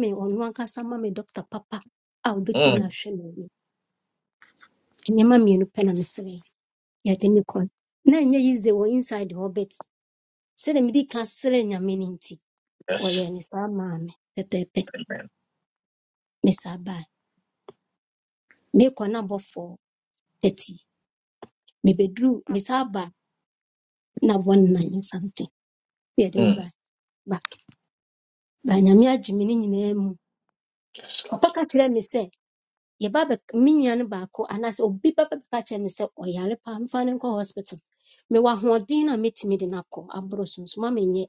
me ɔno sama me doctor papa a obetumi
mm.
ahwɛ m'ani. Nneɛma mmienu pɛ na
Yes.
meserɛe. Yɛde me kɔe. Na ɛnyɛ easy wo inside hɔ but sɛdeɛ mede ka srɛ nyame no nti
Yes.
ɔyɛɛ ne saa maa me pɛpɛɛpɛ
Amen.
mesaa baa mekɔ no abɔfo 30 mebɛduru mesaa baa na bɔ9 something ne yɛde me
Mm.
baa back baa nyame agye me no nyinaa mu
Yes,
papa
Lord.
ka kyerɛ me sɛ yɛba bɛk me nua no baako anaasɛ obi bɛba bɛka kyerɛ me sɛ ɔyare paa mfa no nkɔ hospital mewɔ ahoɔden no a mɛtumi de no akɔ aborɔ so nso ma menyɛ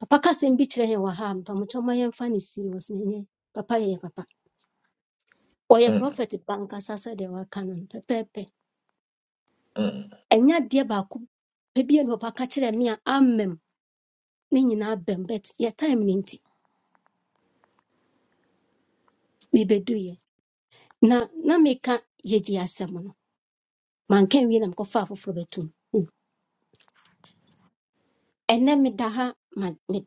papa ka sɛm bi kyerɛ yɛn wɔ ha a mpamokyɛ ma yɛmfa no serious na ɛnyɛ papa yɛyɛ papa Oya
Mm,
prophet banka sasa sɛ deɛ waka no no pɛpɛɛpɛ
mm,
ɛnyɛ adeɛ baako pɛ bi a na ɔbɛka kyerɛ me a amɛm ne nyinaa bɛm but yɛ time no nti mebɛduyɛ na na meka yɛdi asɛm no manka wie na mekɔfa afoforɔ bɛtom ɛnɛ meda ha ma me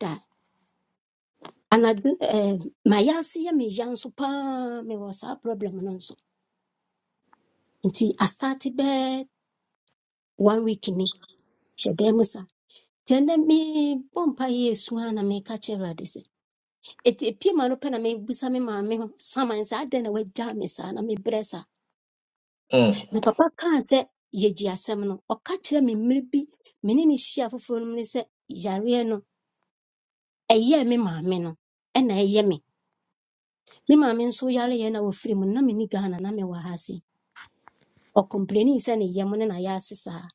anadwo Anadu eh ase yɛ meya nso paa mewɔ saa problem no nso nti astate bɛɛ one week ni hyɛ dan sa nti ɛnɛ mebɔ mpa yɛ esu a meka kyerɛ Eti e pie ma no pɛ na me maame ho saman sɛ adɛn na wagyaa me saa na mebrɛ saa.
mm,
Na papa kaa sɛ yɛgye asɛm no, ɔka kyerɛɛ me mmerɛ bi me ne no hyia foforɔ no mu ne sɛ yareɛ no ɛyɛɛ me maame no E na ɛyɛ me. Me maame nso yareɛ na wafiri mu no, na me ni Ghana na mewɔ ha o Ɔkompleni sɛ ne yam no na yɛase saa.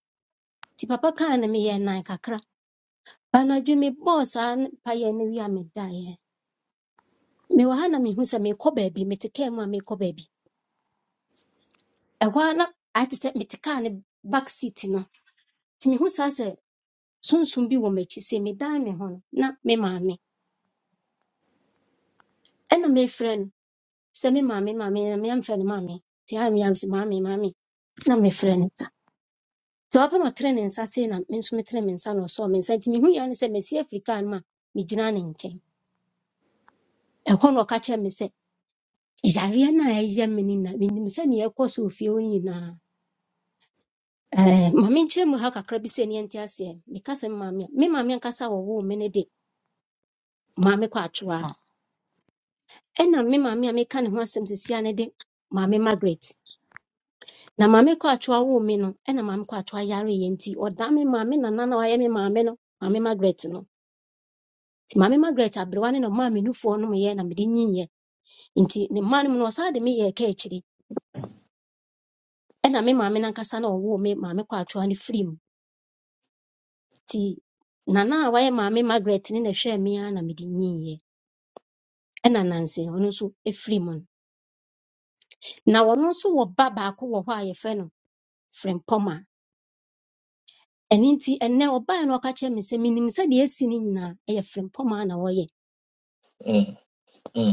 Nti papa kaa na me meyɛɛ nan kakra. Anadwo mebɔɔ saa n- payɛ no wie a me Mewɔ ha na mehu me merekɔ baabi, mete kaa mu a merekɔ baabi. Ɛhɔ ara na ayɛ te sɛ mete kaa ne back seat no nti mehu saa sɛ sunsum bi wɔ m'akyi sɛ medan me ho no na me maame ɛna mefrɛ no sɛ me maame maame na meamfrɛ no maame nti ara meyam sɛ maame maame na mefrɛ no sa. nti ɔpɛ ma ɔtrɛɛ ne nsa sei na me nso metrɛɛ me nsa na ɔsɔɔ me nsa nti mehu yɛ ne sɛ masi afiri kaa no mu a megyina ne nkyɛn ɛhɔ na ɔka kyerɛɛ me sɛ yareɛ no a ɛyɛ me no na menim sɛ neɛ ɛkɔ so ofie hɔ nyinaa ɛɛ ma menkyerɛ mu ha kakra bi sɛ neɛnte aseɛ meka sɛ me maame a me maame ankasa a wɔwoo me no de maame kɔ atwewa
Oh,
ɛna me maame a meka ne ho asɛm sesia ne de maame margaret na maame kɔ atwewa woo me no ɛna maame kɔ atwewa yareeɛ nti ɔda me maame nana na wayɛ me maame no maame margaret no nti maame margaret aberewa ne na ɔmaa me nufoɔ no meyɛ na mede nyinyɛ nti ne mma no mu no ɔsaa de meyɛ ɛka akyiri ɛna me maame nankasa na ɔwoo me maame kɔ atwewa no firi mu nti nana a wayɛ maame margaret ne na ɛhwɛɛ me ara na mede nyinyɛ ɛna nanse ɔno nso ɛfiri mu no na ɔno nso wɔ ba baako wɔ hɔ a yɛfrɛ no frɛmpɔma Ɛno nti ɛnnɛ ɔbaa no a ɔka kyerɛɛ me sɛ minim sɛ deɛ asi ne nyinaa ɛyɛ frɛmpɔmaa na wɔyɛ
mm, mm,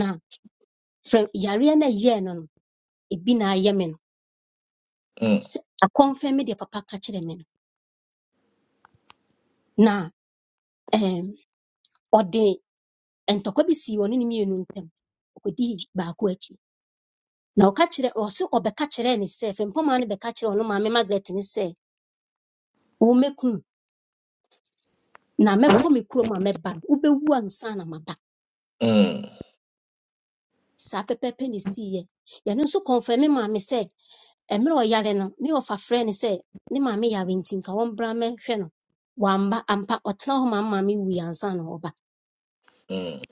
na frɛ yareɛ no ɛyɛɛ no no ebi na ayɛ me no
Mm,
sɛ akɔmfɛm me deɛ papa ka kyerɛɛ me no na ɛɛm ɔde ntɔkwa bi sii ɔne ne mmienu ntam ɔkɔdii baako akyi na ɔka kyerɛ ɔso ɔbɛka kyerɛɛ ne sɛ frɛmpɔmaa no bɛka kyerɛɛ ɔno maame Margaret ne sɛ wo mɛku me na mɛkɔ me kurom a mɛba no wobɛwu ansa na maba
mm,
saa pɛpɛɛpɛ na esiiɛ yɛno nso kɔmfɛm me maame sɛ mmerɛ a no Me ɔfafrɛ no sɛ ne maame yare nti nka ɔmbra mmɛhwɛ no wamba ampa ɔtena ho ma ne maame wui ansa na ɔba
mm.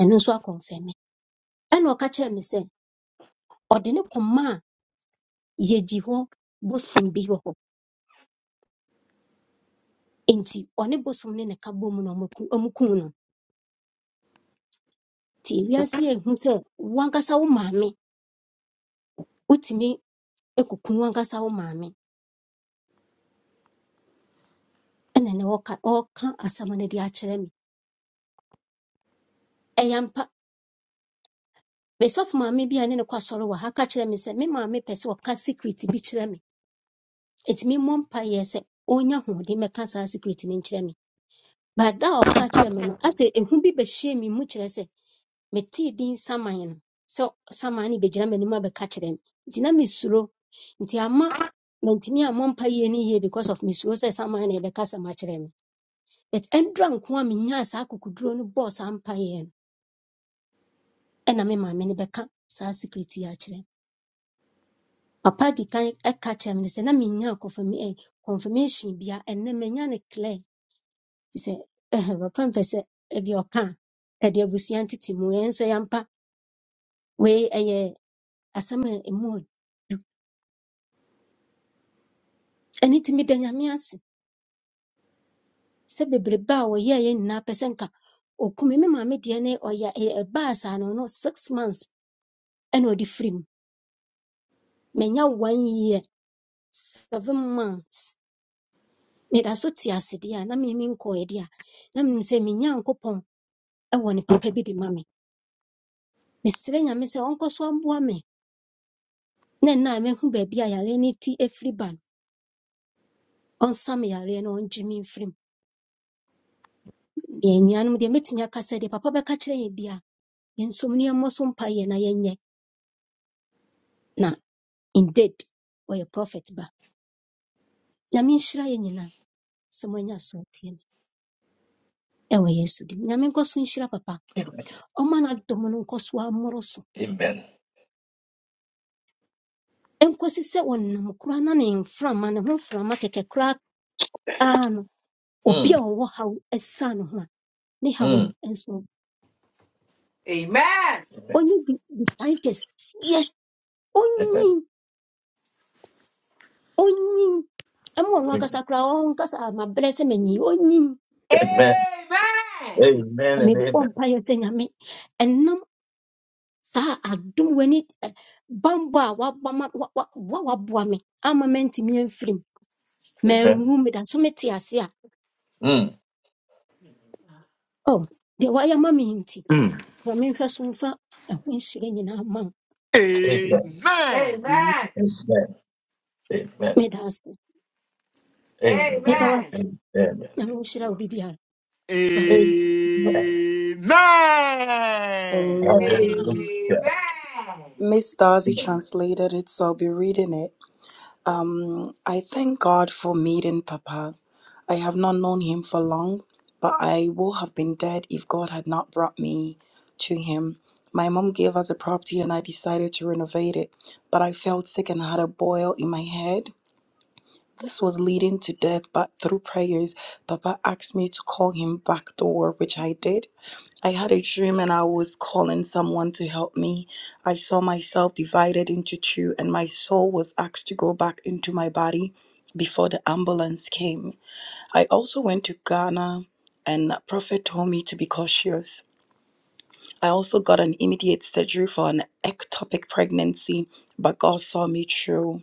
ɛno nso akɔmfɛm me ɛna ɔka kyerɛɛ me sɛ ɔde ne kɔma a yɛgyi hɔ bosom bi wɔ hɔ enti ɔne bosom ne ne ka bom no na ɛka bɔ mu na ɔmaku- ɔmukum no nti ewiase yi ehu sɛ wankasa wo maame wotumi ekukum wankasa wo maame ɛna ne ɔka ɔka asɛm no de akyerɛ me ɛyɛ mesɔfo maame bi a ne ne kɔ asɔre wɔ ha ka kyerɛ me sɛ me maame pɛ sɛ ɔka secret bi kyerɛ me ɛtumi mmɔ mpaeɛ sɛ ɔnya ahoɔden mmɛka saa secret no nkyerɛ me but da a ɔka kyerɛ me no asɛ ehu bi bɛhyɛɛ me mu kyerɛ sɛ metee din saman no sɛ saman no bɛgyina m'anim abɛka kyerɛ me nti na mesuro nti ama mantumi ammɔ mpaeɛ no yie because of mesuro sɛ saman no ɛbɛka sɛm akyerɛ me but ɛndura nko a menyaa saa akokoduro no bɔɔ saa mpaeɛ no ɛna me maame no bɛka saa secret yi akyerɛ me papa di kan ɛka kyerɛ me no sɛ na menya confirm- eh, confirmation bia ɛnɛ manya no clear sɛ said, wɔpɛ mpɛ sɛ ebi ɔka a ɛde abusua ntete mu yɛn nso yɛmpa wei ɛyɛ asɛm a ɛmu ɔd ɛno nti meda nyame ase sɛ bebrebe a wɔyɛɛ yɛn nyinaa pɛ sɛ nka okumi me maame deɛ ne ɔyɛ ɛyɛ- no no six months ɛna ɔde firi mu manya one year seven months meda so te a na mene menkɔɛ deɛ a na menim sɛ me nyankopɔn ɛwɔ ne papa bi de ma me mesrɛ nyame sɛ ɔnkɔ so mboa me na nna a mahu baabi a yare no ti afiri ba no On some na ɔngye me mfirim deɛ nnuanom deɛ mɛtumi aka sɛ deɛ papa bɛka kyerɛ yɛ bia yɛnsom nneɛma so mpaeɛ na yɛnyɛ na indeed ɔyɛ prophet ba nyame nhyira yɛ nyinaa sɛ moanya asoɔpie no ɛwɔ yesu dim nyame nkɔ so nhyira papa ɔma no adom no nkɔ so ammoro so
Amen.
ɛnkɔsi sɛ ɔnam koraa na ne mframa ne ho mframa kɛkɛ koraa aa no obi
Mm,
a ɔwɔ haw ɛsa ne ho a ne haw no
mm.
ɛnso
Amen.
Amen.
onyin ɛma ɔno
Amen.
akasa koraa ɔnkasa mabrɛ sɛ manyi onyin
Amen.
Amen.
Na
Amen and
mebɔ
amen.
mpaeɛ sɛ nyame ɛnam saa adom w'ani bambɔ a waba ma- wa- wa- wa- waboa me ama mantimi amfirim
Amen.
manwu meda so mete ase a
Mm.
oh, deɛ wayɛ ma me yi nti
Mm.
ma menhwɛ so mfa ɛho nhyira nyinaa ma wo
Amen.
Amen. Amen.
Amen. Amen.
meda ase meda
Amen.
Amen.
wase
Amen.
na menhyira wo
Amen.
bibiara baba
Amen.
Amen.
Amen.
Amen.
Hallelujah.
Miss Darcy translated it, so I'll be reading it. Um, I thank God for meeting Papa. I have not known him for long, but I would have been dead if God had not brought me to him. My mom gave us a property and I decided to renovate it, but I felt sick and had a boil in my head. This was leading to death, but through prayers, Papa asked me to call him back door, which I did. I had a dream and I was calling someone to help me. I saw myself divided into two, and my soul was asked to go back into my body before the ambulance came. I also went to Ghana, and Prophet told me to be cautious. I also got an immediate surgery for an ectopic pregnancy, but God saw me through.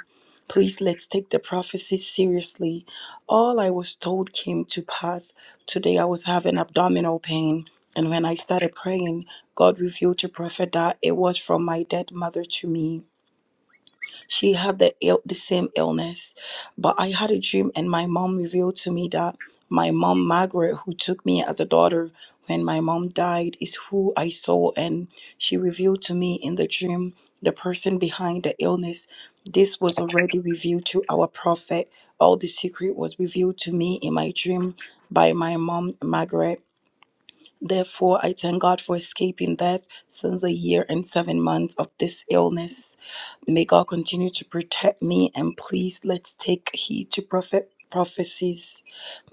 Please let's take the prophecy seriously. All I was told came to pass. Today I was having abdominal pain, and when I started praying, God revealed to Prophet that it was from my dead mother to me. She had the ill, the same illness, but I had a dream, and my mom revealed to me that my mom Margaret, who took me as a daughter when my mom died, is who I saw, and she revealed to me in the dream the person behind the illness. This was already revealed to our prophet. All the secret was revealed to me in my dream by my mom Margaret. Therefore, I thank God for escaping death since a year and seven months of this illness. May God continue to protect me and please let's take heed to prophet prophecies.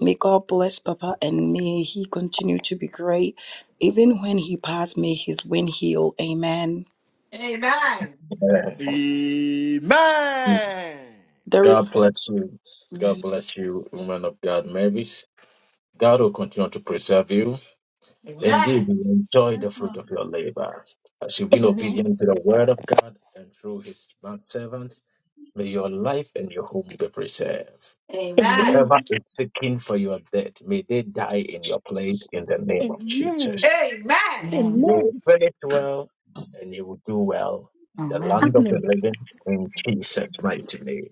May God bless Papa and may he continue to be great. Even when he passed, may his wind heal. Amen.
Amen. Amen. Amen.
Amen.
Amen.
There is.
God bless you. God bless you, woman of God, Mary. God will continue to preserve you.
Amen.
Indeed, you enjoy the fruit of your labor as you've been
amen
obedient to the word of God and through his manservant. May your life and your home be preserved.
Amen. Amen. Amen.
amen
Whoever is seeking for your death, may they die in your place in the name of
amen
Jesus.
Amen.
You
amen
will finish well and you will do well in the land
Amen.
of the
amen
living in Jesus' mighty name.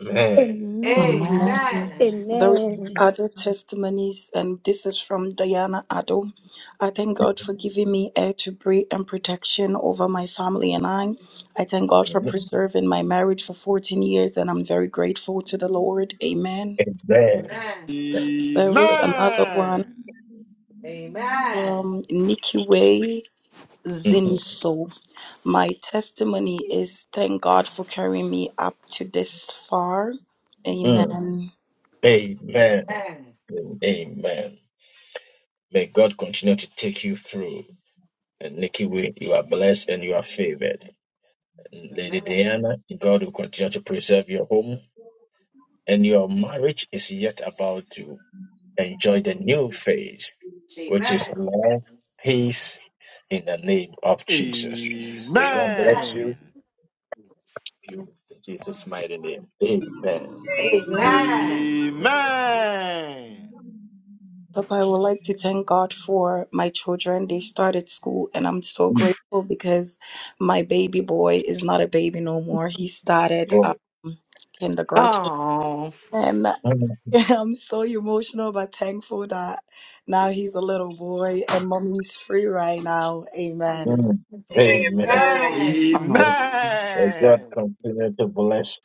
Amen.
amen
Amen.
Amen.
Amen.
Those
amen
other testimonies, and this is from Diana Addo. I thank God for giving me air to breathe and protection over my family and I. I thank God for preserving my marriage for 14 years, and I'm very grateful to the Lord. Amen.
Amen.
There is
Amen.
another
Amen.
one from Nikiwe Ziniso. My testimony is thank God for carrying me up to this far.
Mhm.
Amen.
Amen. Amen. May God continue to take you through and make you way. You are blessed and you are favored. Lady Diana, God will continue to preserve your home, and your marriage is yet about to enjoy the new phase, which is love, peace, in the
Amen.
name of
Amen. Amen.
Jesus. May God bless
Amen. Amen.
you. You in Jesus'
Amen.
mighty name. Amen.
Amen.
Amen.
Amen.
Papa, I would like to thank God for my children. They started school, and I'm so
Mm,
grateful because my baby boy is not a baby no more. He started
Lord.
um, kindergarten,
Oh.
and
Mm,
I'm so emotional but thankful that now he's a little boy and mommy's free right now. Amen.
mm. Amen.
Amen.
Amen.
May God continue to bless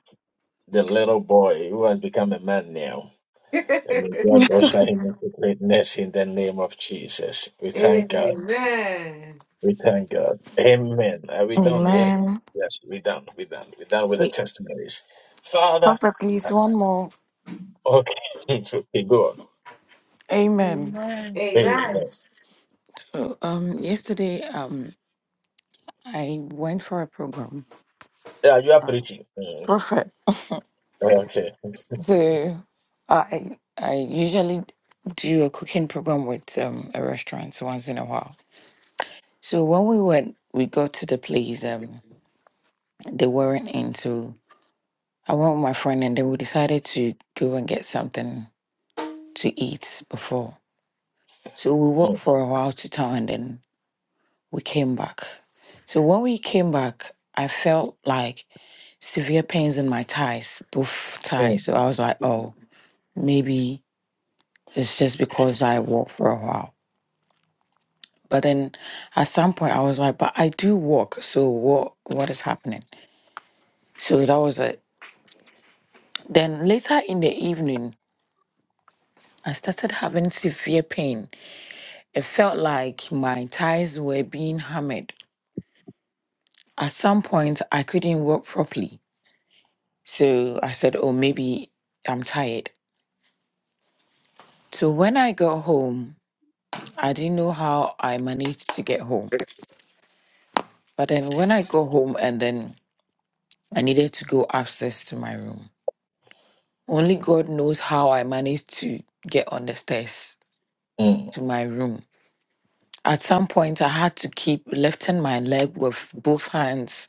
the little boy who has become a man now. And may God usher him into greatness in the name of Jesus. We thank God.
Amen.
We thank God. Amen. Are we done? Yes.
Amen.
Yes, we done. We done. We done with the
Hey,
testimonies. Father.
Prophet, please,
I-
one more.
Okay. okay, go on.
Amen.
Amen.
Amen.
Amen.
Uh, Um, yesterday, um, I went for a program.
Yeah, you are
Um,
preaching. Mm,
Prophet,
mm, Okay.
so I I usually do a cooking program with um a restaurant once in a while. So when we went, we got to the place. Um, they weren't in, so I went with my friend, and then we decided to go and get something to eat before. So we walked
Mm,
for a while to town, and then we came back. So when we came back, I felt like severe pains in my thighs, both
mm,
thighs. So I was like, oh, maybe it's just because I walked for a while. But then at some point I was like, but I do walk. So what what is happening? So that was it. Then later in the evening, I started having severe pain. It felt like my thighs were being hammered. At some point I couldn't walk properly. So I said, oh, maybe I'm tired. So when I got home, I didn't know how I managed to get home. But then when I got home and then I needed to go upstairs to my room, only God knows how I managed to get on the stairs
mm,
to my room. At some point, I had to keep lifting my leg with both hands.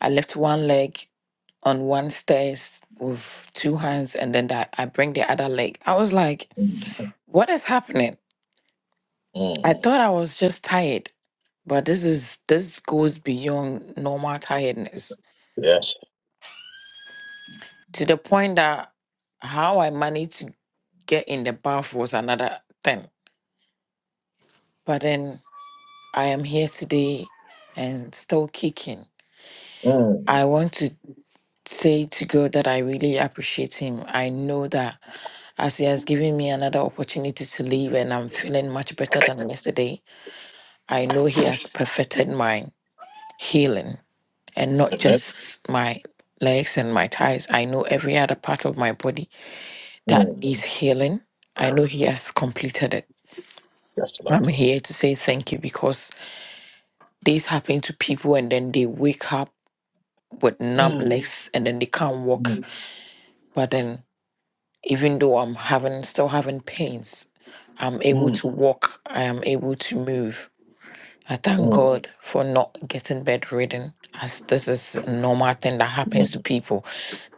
I lift one leg on one stairs with two hands, and then that I bring the other leg. I was like,
mm,
"What is happening?" I
mm.
thought I was just tired, but this is this goes beyond normal tiredness
Yes.
to the point that how I managed to get in the bath was another thing. But then I am here today and still kicking.
Mm.
I want to say to God that I really appreciate him. I know that as he has given me another opportunity to live and I'm feeling much better than yesterday, I know he has perfected my healing. and not
Amen.
just my legs and my thighs. I know every other part of my body that
Mm.
needs healing. I know He has completed it.
Yes,
I'm
Lord.
here to say thank you because this happened to people and then they wake up with numb
Mm,
legs and then they can't
mm,
walk. But then, even though I'm having still having pains, I'm able
mm,
to walk. I am able to move. I thank
mm,
God for not getting bedridden, as this is a normal thing that happens
mm.
to people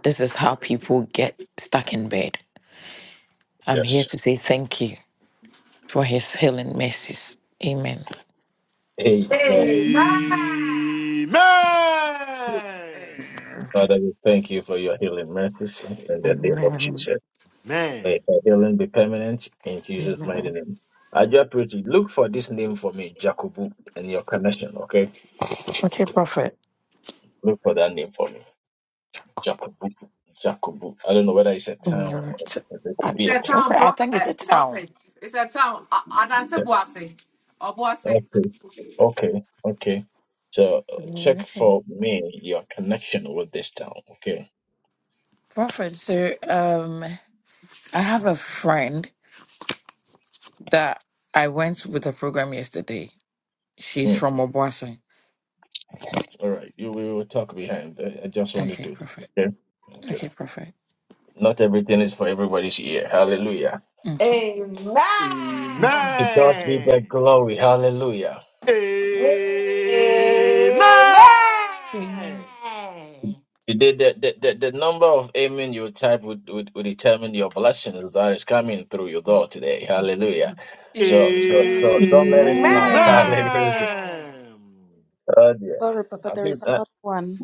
This is how people get stuck in bed. I'm here
Yes.
to say thank you for his healing mercies. Amen.
Amen.
Amen.
Amen.
Father, we thank you for your healing mercies in the name of
Amen.
Jesus.
Amen.
May her healing be permanent in Jesus' mighty
Amen.
name. I pretty, look for this name for me, Jacobu, and your connection, okay?
Okay, Prophet.
Look for that name for me, Jacobu. Jacobu. I don't know whether it's a town or
Alright.
it
I-
could
It's
be a
a
town.
town
Prophet, I
prophet.
think it's
eh,
a town.
prophet. It's a town. I don't say boise. Or boise.
Okay, okay, okay. So uh, check
Okay.
for me your connection with this town, okay?
Prophet, so um, I have a friend that I went with the program yesterday. She's
Mm.
from Obuasi.
All right, you, we will talk behind. I, I just want to
Okay,
do
Prophet.
this, okay?
Okay,
Okay.
Prophet.
Not everything is for everybody's ear. Hallelujah.
Okay.
Amen.
Okay.
To God be the glory. Hallelujah.
Amen.
Amen.
Amen.
Amen.
The, the, the, the the number of amen you type would, would, would determine your blessings that is coming through your door today. Hallelujah. So so so
Amen.
don't let it
Amen.
slide.
Amen.
Hallelujah. Oh dear.
Sorry, Papa,
I
there
think
is
uh,
another one.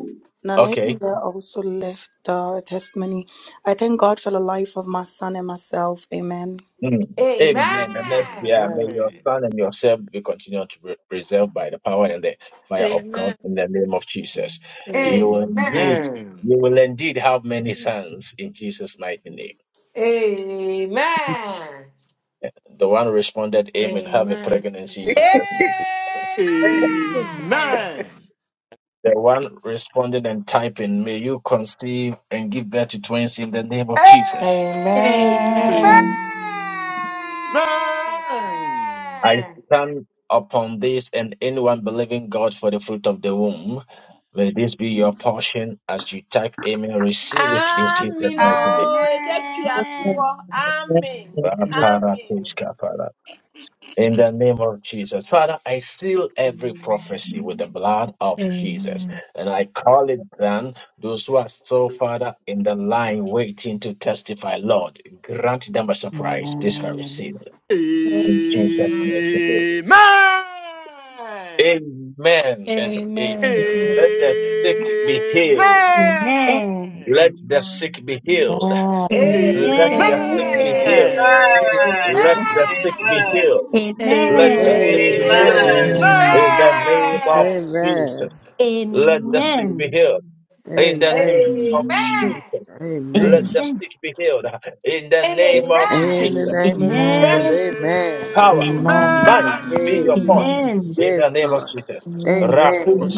Amen.
okay.
Naneka also left uh, a testimony. I thank God for the life of my son and myself. Amen.
Mm.
Amen.
Amen. And next
Amen.
year, may your
Amen.
son and yourself be continued to be preserved by the power and the
Amen.
fire of God
Amen.
in the name of Jesus. You
Amen.
will
Amen.
indeed,
Amen.
you will indeed have many sons in Jesus' mighty name.
Amen.
The one responded, Amen. Have a pregnancy in Jesus' name.
Amen. Amen.
Amen.
The one responded and typing, may you conceive and give birth to twins in the name
Amen. Amen. Amen. Amen. Amen. Amen.
of Jesus.
Amen.
Amen.
I stand upon this and anyone believing God for the fruit of the womb. May this be your portion as you type Amen. Receive it in Jesus'
Amen.
mighty name.
oh, ɛgya pia toɔ. Amen. Amen.
In the name of Jesus. Father, I seal every prophecy with the blood of
Amen.
Jesus. And I call it down. Those who are still, Father, in the line waiting to testify, Lord, grant them a surprise this very season. In Jesus' mighty name.
Amen.
Amen Amen and
Amen.
amen. Let the sick be healed.
Amen.
Let the sick be healed.
Amen.
Let the
Amen.
sick be
Amen.
healed.
Amen.
Amen.
Let
Amen.
the sick be
Amen.
healed. Let the
Amen.
Amen.
sick be healed.
Amen.
Amen.
Amen. Amen.
Amen.
In the name of
Amen.
Jesus.
Amen.
Let
Thank
the sick be
Amen.
healed. In the name
Amen.
of
you.
Jesus. Let
Amen.
the sick be healed. In the name of
In the
Jesus.
name of
Hey!
Jesus,
Amen.
Amen.
amen.
power,
Amen.
Amen.
might be
Hey,
your
Amen.
portion
Amen. Amen.
in the
yes,
name of
Lord.
Jesus.
Amen.
Raku
Amen.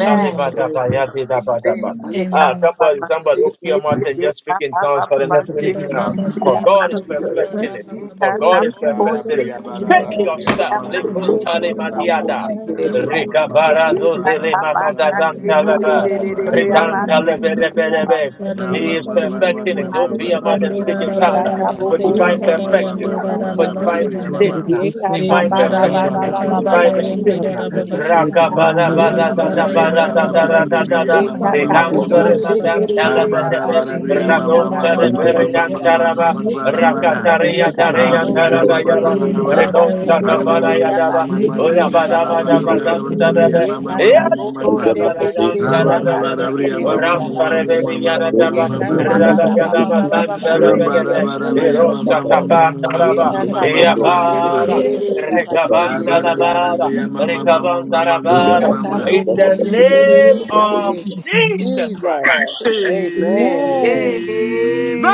Amen. Yeah, ka,
Ah,
Amen!
ba, ba,
somebody,
ba,
somebody,
shi,
open your
ki,
mouth
ki,
and
ki,
just speak
ka,
in
ba, ba,
tongues for
ba,
the
ba,
next minute
shi,
Ida
ki,
now.
di,
baba
di,
se
di,
For
ya, ba,
God
linda
is
shi.
perfecting
baba
it.
baba
Yeah,
For
baba
ka,
se
ta,
God is
bo, ko,
perfecting
shi,
it.
Barabriya,
ki, di, di,
linda
Speak
di,
baba
di, di,
barabarabriya,
di,
ma-
ya,
yourself.
ma-
ba,
ma-
shi,
Liku
ma-
ki,
ma-
di, di,
ma-
ya,
ma- ma-
ba,
ma- ma- ma-
se
ko,
talimadiada.
shi, ki, di,
da
di, ya.
ma-
Rika
ma- ma- ma-
Yeah,
barazo
ka,
zele
ta, ba,
se
ka,
jambiri
barabarabriya,
shi, ki, di,
mamadazantalaba.
di,
para
di,
you
di,
are the
di,
barabarabriya,
ya,
God
ba,
in
shi, ki, di, di, ya, ba,
Ritantalebe
us you are
shi.
the
ma-
he
ma-
Lord
is
ma-
who
ma-
is
In the
perfecting it.
Lord
He'll
mighty
be
name
a
of
mother and
Rande
Amen.
da
speaking
da
Jesus,
counter
baba da
for
Yekatabo
Thank
se
divine
you.
handa da
perfection,
Shekiri
yande da da
for
baba
divine
Abaseki.
se handa da
ma.
visitation, uh, divine
inda
Yekataba
da
Baba
perfection,
Baba
uh,
yanda
Baba
handa
divine
da
Baba
yende
Mm.
Father,
visitation.
da da
thank
baba
you for
se
Shekiri
your
handa
divine
Ara-
healing.
inda
Abasekiri
Father,
da
thank you
yanda da
for the
Abakoshi.
baba se
divine
handa
Rakabarabadadadabaradadaradadada.
ma- ma-
handa
He
da
comes
yande
ma.
very
da
Ekatabo
healing.
Thank
da
madam
baba se
Ah,
Shekiri
handa
talabadabe.
barabarabriya,
Abasekiri
ma- ma- ma- ma-
Radonchare
ma-
berian
inda
Abasekiri
Oh,
taraba.
ma-
Abakoshi.
I
barabara.
Yanda da
Rakataria
da
Ah,
kam
daria
da
Yekatabo
da
taradayaba.
musi
Shekiri
yanda da
baraba.
kam da
Renonta
da
Ah, ma- ma-
Abasekiri
ma- ma-
tabarayadaba.
ma- ma- ma-
yanda
Abasekiri
da
ma-
Abaseki.
Ulabadabadabadam
barabarabriya,
tarabe.
ma- ma- ma- ma-
Yekatabo
ma-
Yes,
ma- ma.
kabarayam
Shekiri
you.
Amen.
talabadabe.
Amen.
Amen.
Abasekiri
Ram
Abaseki.
Parebebi
Ye
Yadaba,
kata ba
Rada
ba ba ba
Yadaba,
ba ba
da kam da da
ba ba
Santa
sekere
Rebebe,
re ya boko
Erosa
seke.
Tapata
Ye
Raba,
kata boko
Yabara,
sekere re re ya ba sekere
Rekabanda
re ya.
Labara,
Amen.
Rekabanda
I
Ye
Rabara,
kata
in
boko
the
sekere
name
re ba
of
se.
Jesus Christ,
Jesus. Amen.
Amen.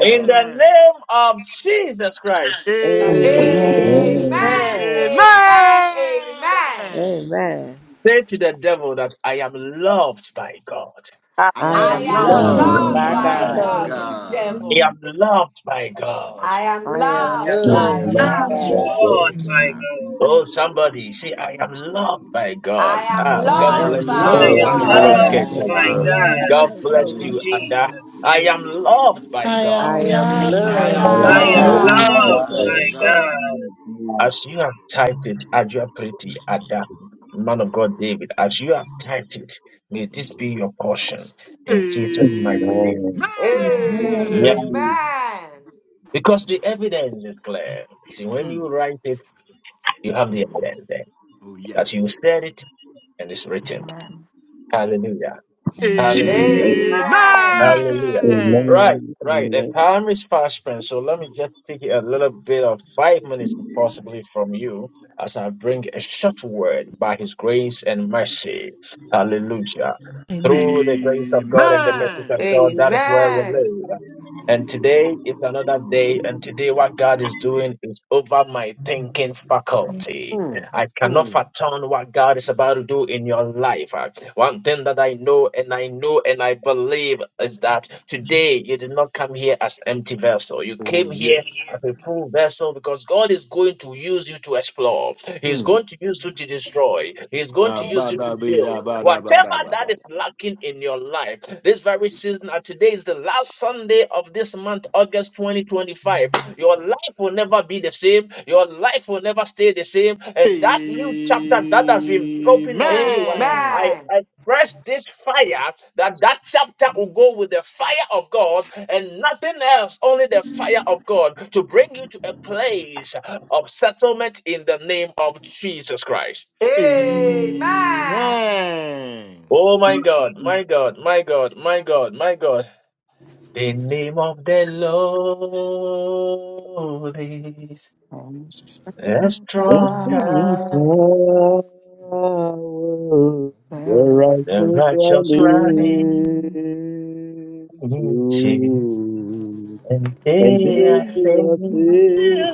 in the name of Jesus Christ,
amen
musi.
Amen.
Amen.
Amen. Amen. Amen.
Amen.
say to the devil that I am loved by God.
I
I
I
am
am
I
am
am
loved
loved
Amen.
loved
loved
by
by
by
by
God.
God,
God
you
God.
I
devil.
am loved by God.
I am
I
I
am
loved
am
I
Yes.
by
am
loved
not
loved
by
God.
by
like
God.
God
Lord,
that.
my
Yeah.
God.
Oh, somebody, see, I am loved by God.
I am
Ah,
I
I
I
God
am
am
am
loved
bless
I'm
I
you.
I
by
am
loved
loved
loved
loved
Father
am
by
by
by
not
God.
God,
by
God.
loved
God
care
God.
like
I
by
am
that.
God.
my
loved
God.
God
by God
bless
I'm
God.
you,
loved by
Ada.
God.
Jesus'
I am
name.
loved by
am
I
God.
I
am
live
loved
I
like
I
by
I
am
loved
I
am
By
We
by
am
am
not
God.
loved
am
God.
God.
by
loved
loved
like
loved
love
God
by
by
by
that.
God.
God.
God.
and love.
As you have typed it, Adua Pretty, Ada, man of God, David, as you have typed it, may this be your portion in Jesus' mighty name.
Amen.
Amen.
Yes,
Amen.
Amen.
Mm,
because the evidence is clear. See, when
Mm.
you write it, you have the evidence there
Oh,
that you
yes.
said it and it's written. Hallelujah.
Amen.
Hallelujah.
Amen.
Amen.
Amen.
Hallelujah.
Amen.
Right,
Amen.
right. The
Amen.
time is fast spent, so let me just take a little bit of five minutes, possibly from you, as I bring a short word by His grace and mercy. Hallelujah.
Amen.
Through the grace of God and the mercy
Amen.
of God, that is where we
Amen.
live. And today is another day, and today what God is doing is over my thinking
Amen.
faculty.
Mm.
I cannot
Mm.
fathom what God is about to do in your life. Uh, One thing that I know and I know and I believe is that today you did not come here as empty vessel. You
Oh,
came
yes.
here as a full vessel because God is going to use you to explore. He is
Mm.
going to use you to destroy. He is going
Ah,
to use
ba,
you to
da, ba,
build.
da, ba, da, ba,
Whatever
da, ba,
that
da,
is
ba.
lacking in your life, this very season, and today is the last Sunday of this month, August 2025. Your life will never be the same. Your life will never stay the same. And that new chapter that has been opened unto you, I
Amen.
Amen.
I express this fire that that chapter will go with the fire of God and nothing else, only the fire of God to bring you to a place of settlement in the name of Jesus Christ.
Amen.
Oh my God,
mm,
my God, my God, my God, my God. The name of the Lord is a strong
Resting
tower.
tower, the
The
righteous
righteous
rally
running into
to,
and
and
they
they
are
are
saved.
saved.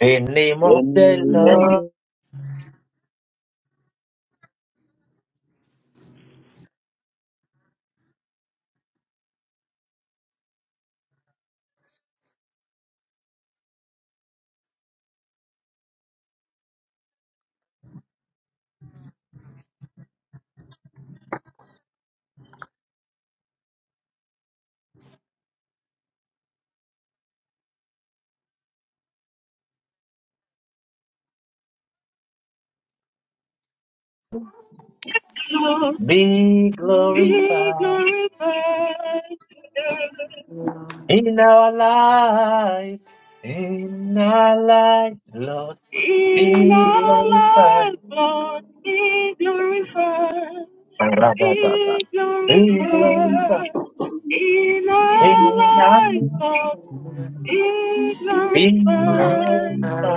The name of the
name of
Lord
the
Lord,
be
be
glorified
glorified
Amen.
in our life. In our life, Lord,
in
be
our
glorified.
lives, Lord, be glorified, be
Be glorified.
glorified in
be
our
glorified.
lives, Lord, be glorified,
you.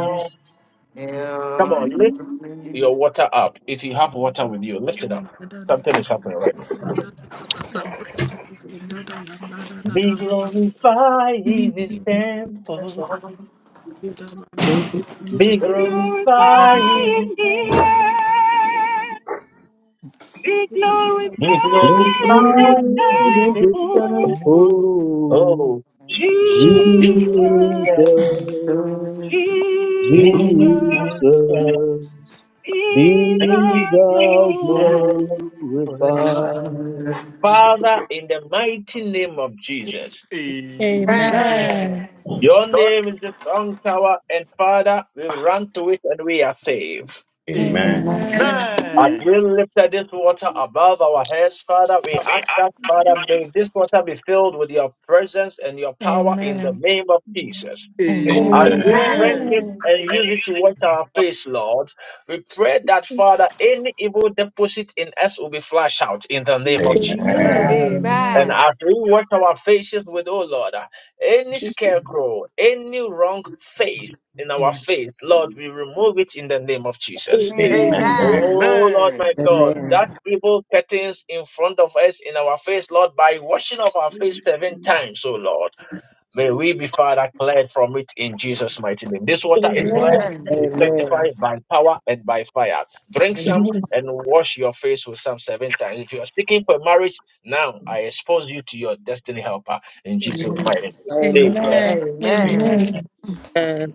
Come on, lift your water up. If you have water with you, lift it up. Something is happening right now. Be glorified in his temple. Be glorified
glorify
in his
in the
temple.
air, be
Be
glorified in the
glorified
Ancient
in
in
his
this
temple.
temple,
temple,
Oh, she
Amen.
is there.
Jesus.
Amen. Amen. Amen. Amen.
Jesus.
He
Jesus,
is
Jesus,
there.
be
Be
be thou
the
glorified.
Amen. Amen.
glorified.
glory.
Amen.
Father, in the mighty name of Jesus,
Amen.
your name is the strong tower, and Father, we run to it and we are saved.
Amen.
Lord,
Amen.
Amen.
As
Amen.
we lifted this water above our heads, Father, we
we
ask that, Father, may
ask
this water be filled with your presence and your power in the
Amen.
name of Jesus.
I
As we
Amen.
Amen.
drink it
Amen.
Amen.
and use it to wash our face, Lord, we pray that, Father, any evil deposit in us will be flushed out in the name of
Amen.
Jesus.
Amen.
Amen.
Amen.
mm.
Amen.
And
Amen.
as we wash our faces with, oh Lord, uh, any
Jesus.
scarecrow, any wrong face in our face,
Jesus.
Lord, we remove it in the name of Jesus.
amen
Amen.
Amen.
Amen.
Amen.
Oh
Amen.
Lord, my
Amen.
God, that evil curtains in front of us in our face, Lord, by washing of our face seven
Jesus.
times, oh Lord. May we be, Father, cleared from it in Jesus' mighty name. This water is
Amen.
blessed
Amen.
and is sanctified by power and by fire. Drink some
Amen.
and wash your face with some seven times. If you are seeking for marriage, now I expose you to your destiny helper in Jesus'
Amen.
mighty name.
Amen.
Amen.
Amen. Amen.
Amen.
Amen.
Amen.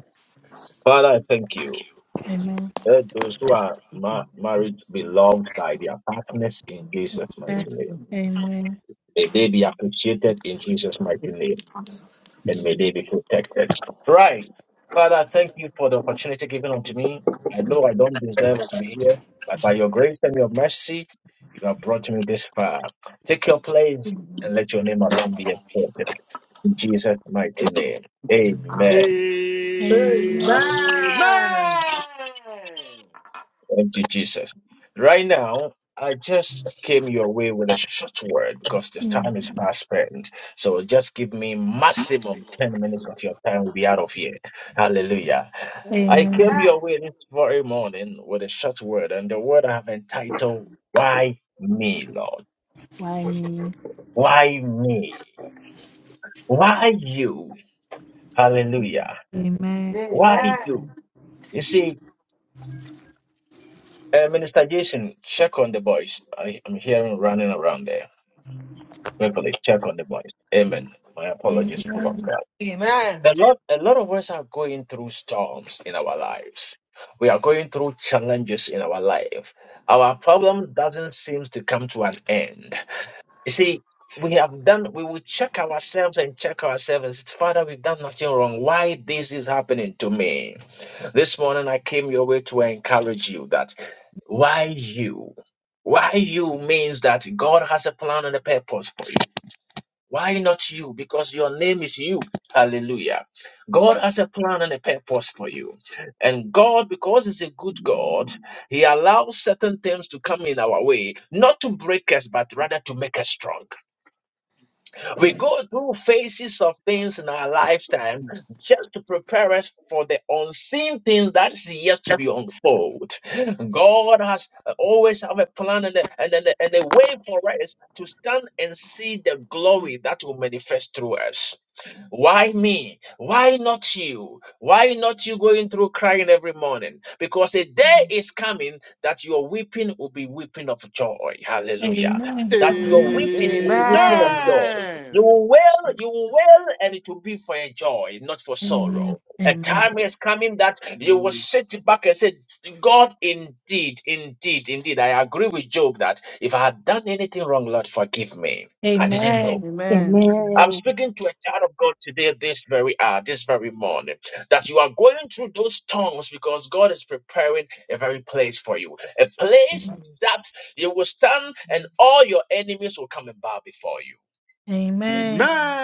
Father, I thank you.
Amen.
Let those who are ma- married be loved by their partners in Jesus'
Amen.
mighty name.
Amen.
May they be appreciated in Jesus' mighty name. that may they be protected. Right. Father, thank you for the opportunity given unto me. I know I don't deserve to be here, but by your grace and your mercy, you have brought me this far. Take your place and let your name alone be exalted. In Jesus' mighty name.
Amen.
Amen.
Amen.
Thank you, Jesus. Right now, I just came your way with a short word because the
Amen.
time is fast spent. So just give me maximum 10 minutes of your time. We'll be out of here. Hallelujah. I came
Amen.
your way this very morning with a short word, and the word I have entitled, Why Me, Lord?
Why me?
Why me? Why you? Hallelujah.
Amen.
Why you? You see, uh, Minister Jason, check on the boys. I, I'm hearing running around there. Quickly check on the boys. Amen. My apologies, people of
Amen.
God. A lot, a lot of us are going through storms in our lives. We are going through challenges in our life. Our problem doesn't seem to come to an end. You see, we have done, we will check ourselves and check ourselves. and say, Father, we've done nothing wrong. Why this is happening to me? This morning I came your way to encourage you that why you? Why you means that God has a plan and a purpose for you. Why not you? Because your name is you. Hallelujah. God has a plan and a purpose for you. And God, because He's a good God, He allows certain things to come in our way, not to break us, but rather to make us strong. We go through phases of things in our lifetime just to prepare us for the unseen things that is yet to be unfold. God has always have a plan and a, and, a, and a way for us to stand and see the glory that will manifest through us. Why me? Why not you? Why not you going through crying every morning? Because a day is coming that your weeping will be weeping of joy. Hallelujah.
Amen.
That your
Amen.
weeping will
Amen.
be weeping of joy. You will wail, you
Yes.
will wail, and it will be for a joy, not for
Amen.
sorrow. A
Amen.
time is
Yes.
coming that you will sit back and say, God, indeed, indeed, indeed. I agree with Job that if I had done anything wrong, Lord, forgive me. I didn't know.
Amen.
Amen.
I'm
Amen.
speaking to a child of God today, this very hour, this very morning, that you are going through those tongues because God is preparing a very place for you, a place
Amen.
that you will stand and all your enemies will come and bow before you.
Amen.
amen,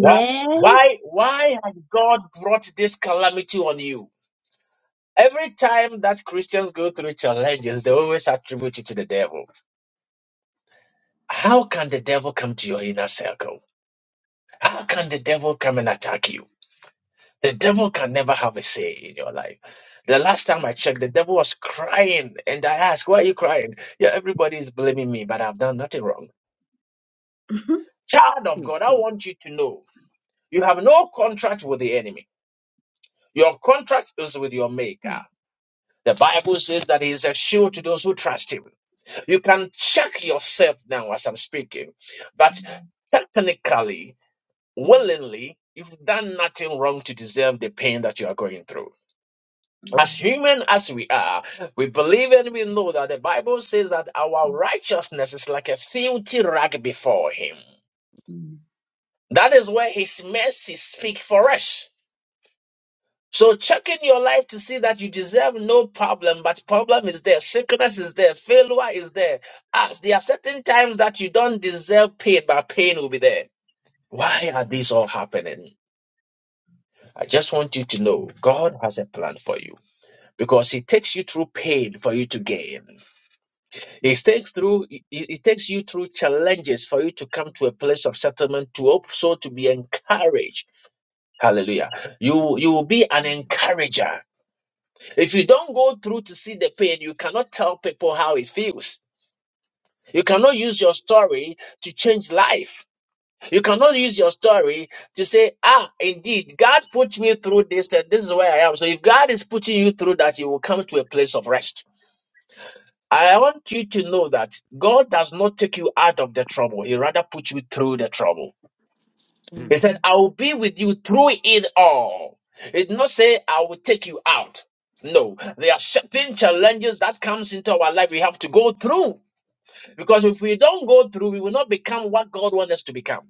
That- Why, why has God brought this calamity on you? Every time that Christians go through challenges, they always attribute it to the devil. How can the devil come to your inner circle? How can the devil come and attack you? The devil can never have a say in your life. The last time I checked, the devil was crying. And I asked, Why are you crying? Yeah, everybody is blaming me, but I've done nothing wrong. Child of God, I want you to know you have no contract with the enemy. Your contract is with your maker. The Bible says that he is a shield to those who trust him. You can check yourself now as I'm speaking that technically, willingly, you've done nothing wrong to deserve the pain that you are going through. as human as we are, we believe and we know that the Bible says that our righteousness is like a filthy rag before Him. That is where His mercy speak for us. So check in your life to see that you deserve no problem, but problem is there, sickness is there, failure is there. As there are certain times that you don't deserve pain, but pain will be there. Why are these all happening? I just want you to know God has a plan for you because He takes you through pain for you to gain. It takes through it, it takes you through challenges for you to come to a place of settlement to also to be encouraged. Hallelujah. You you will be an encourager. If you don't go through to see the pain, you cannot tell people how it feels. You cannot use your story to change life. You cannot use your story to say, ah, indeed, God put me through this and this is where I am. So if God is putting you through that, you will come to a place of rest. I want you to know that God does not take you out of the trouble. He rather puts you through the trouble. He
Amen.
said, I will be with you through it all. He did not say, I will take you out. No, there are certain challenges that comes into our life we have to go through. Because if we don't go through, we will not become what God wants us to become.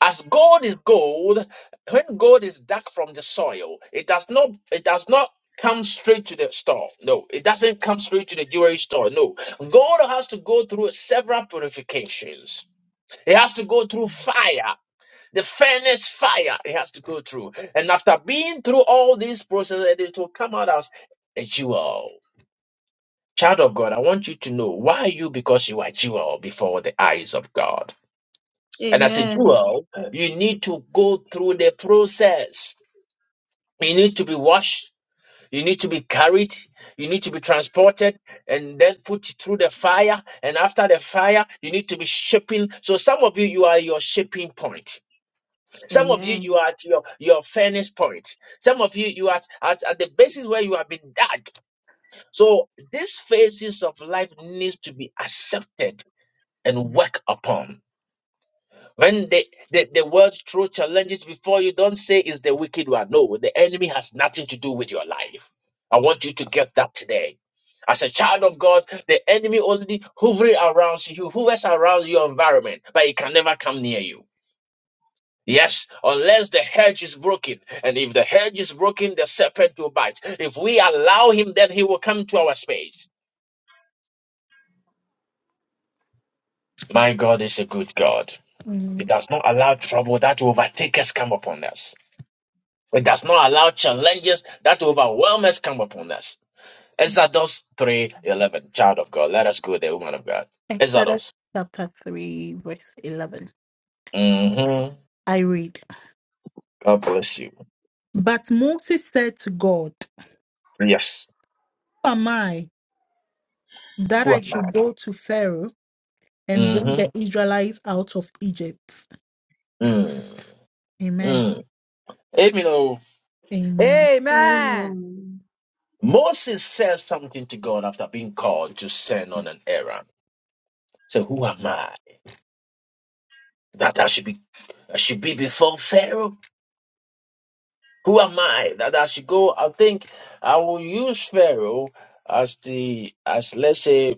As gold is gold, when gold is dug from the soil, it does not it does not come straight to the store. No, it doesn't come straight to the jewelry store. No. Gold has to go through several purifications. It has to go through fire, the furnace fire it has to go through. And after being through all these processes, it will come out as a jewel. Child of God, I want you to know why you because you are jewel before the eyes of God. And as a
Amen.
jewel, you need to go through the process. You need to be washed. You need to be carried. You need to be transported and then put through the fire. And after the fire, you need to be shaping. So some of you, you are your shaping point. Some of you, you are at your, your furnace point. Some of you, you are at, at, at the basis where you have been dug. So these phases of life needs to be accepted and worked upon. When the, the, the world's true challenges before you, don't say it's the wicked one. No, the enemy has nothing to do with your life. I want you to get that today. As a child of God, the enemy only hovers around you, hovers around your environment, but it can never come near you. Yes, unless the hedge is broken. And if the hedge is broken, the serpent will bite. If we allow him, then he will come to our space. My God is a good God. He
Mm.
does not allow trouble that will overtake us come upon us. It does not allow challenges that overwhelm us come upon us. Exodus 3.11, child of God. Let us go there, woman of God.
Exodus
Exodus.
chapter 3, verse 11.
hmm
I read.
God bless you.
But Moses said to God,
Yes.
Who am I that
Who am
I
I?
should go to Pharaoh and bring the
Mm-hmm.
Israelites out of Egypt?
Mm.
Amen.
Mm. Amen. know.
Amen.
Amen.
Amen.
Amen.
Moses says something to God after being called to send on an errand. So who am I that I should be? I should be before Pharaoh. Who am I that I should go? I think I will use Pharaoh as the as let's say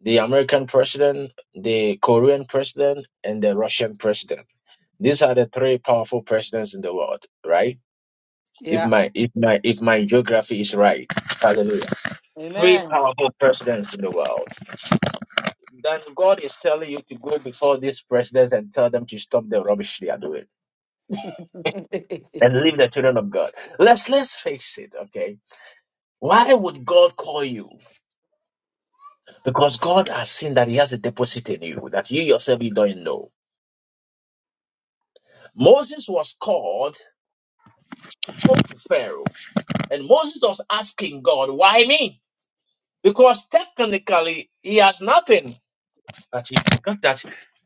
the American president, the Korean president, and the Russian president. These are the three powerful presidents in the world, right? If
Yeah.
my if my if my geography is right, hallelujah. Three
Amen.
powerful presidents in the world. Then God is telling you to go before these presidents and tell them to stop the rubbish they are doing and leave the children of God. Let's let's face it, okay? Why would God call you? Because God has seen that He has a deposit in you that you yourself you don't know. Moses was called spoke to Pharaoh. And Moses was asking God, why me? Because technically he has nothing. But he forgot that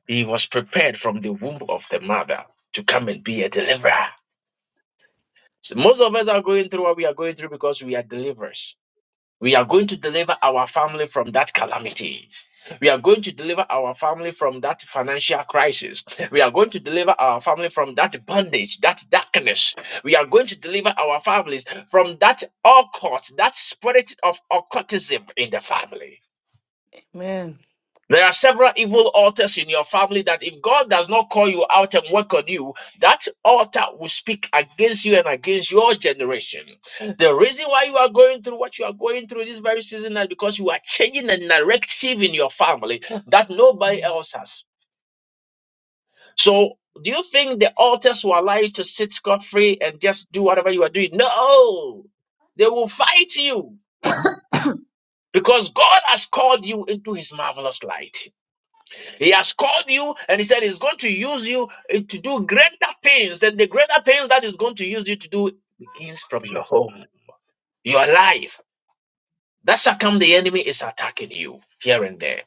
he was prepared from the womb of the mother to come and be a deliverer. So most of us are going through what we are going through because we are deliverers. We are going to deliver our family from that calamity. We are going to deliver our family from that financial crisis. We are going to deliver our family from that bondage, that darkness. We are going to deliver our families from that occult, that spirit of occultism in the family.
Man,
There are several evil altars in your family that if God does not call you out and work on you, that altar will speak against you and against your generation. The reason why you are going through what you are going through this very season is because you are changing the narrative in your family that nobody else has. So, do you think the altars will allow you to sit scot free and just do whatever you are doing? No, they will fight you because God has called you into his marvelous light. He has called you and he said he's going to use you eh, to do greater things. That the greater things that he's going to use you to do begins from your home, your life. That's how come the enemy is attacking you here and there.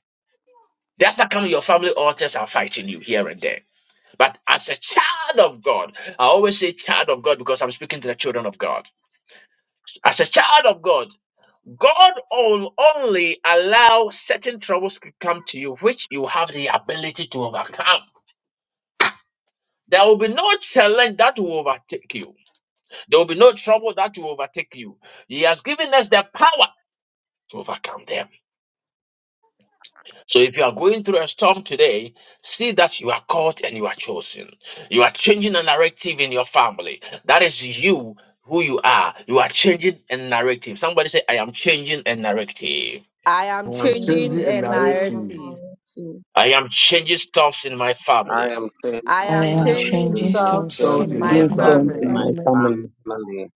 That's how come your family altars are fighting you here and there. But as a child of God, I always say child of God because I'm speaking to the children of God. As a child of God, God will only allow certain troubles to come to you, which you have the ability to overcome. There will be no challenge that will overtake you. There will be no trouble that will overtake you. He has given us the power to overcome them. So if you are going through a storm today, see that you are called and you are chosen. You are changing a narrative in your family. That is you who you are. You are changing a narrative. Somebody say, I am changing a narrative.
I am
I
I'm
changing
changing
am
a
a
changing my
narrative.
narrative.
narrative.
I am changing stuffs in my
I
family.
am changing
I
I
am
am
I am
changing
and
changing
I
changing
am
stuff
styles
changing
stuff
Songs
and
in
in
my
in
my
my
my
Please
friend.
stuff
I'm,
don't
family.
in
in
family.
family.
my
my
I'm ready.
family.
family.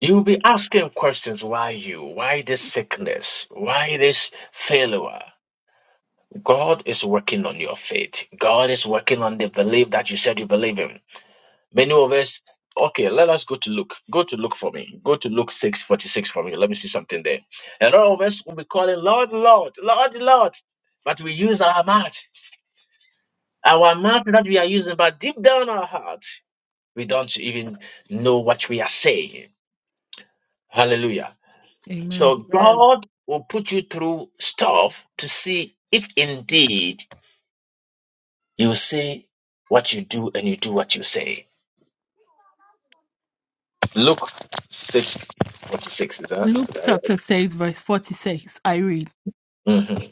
You'll be asking questions why you? Why this sickness? Why this failure? God is working on your faith. God is working on the belief that you said you believe in. Many of us, okay, let us go to Luke. Go to Luke for me. Go to Luke 6:46 for me. Let me see something there. And all of us will be calling, Lord, Lord, Lord, Lord. But we use our mouth, our mouth that we are using, but deep down our heart, we don't even know what we are saying. Hallelujah.
Amen.
So
Amen.
Man,
God will put you through stuff to see if indeed You say what you do and you do what you say. Luke 6 46 is that,
Luke
is that right?
chapter 6, verse 46. I read,
Mm-hmm.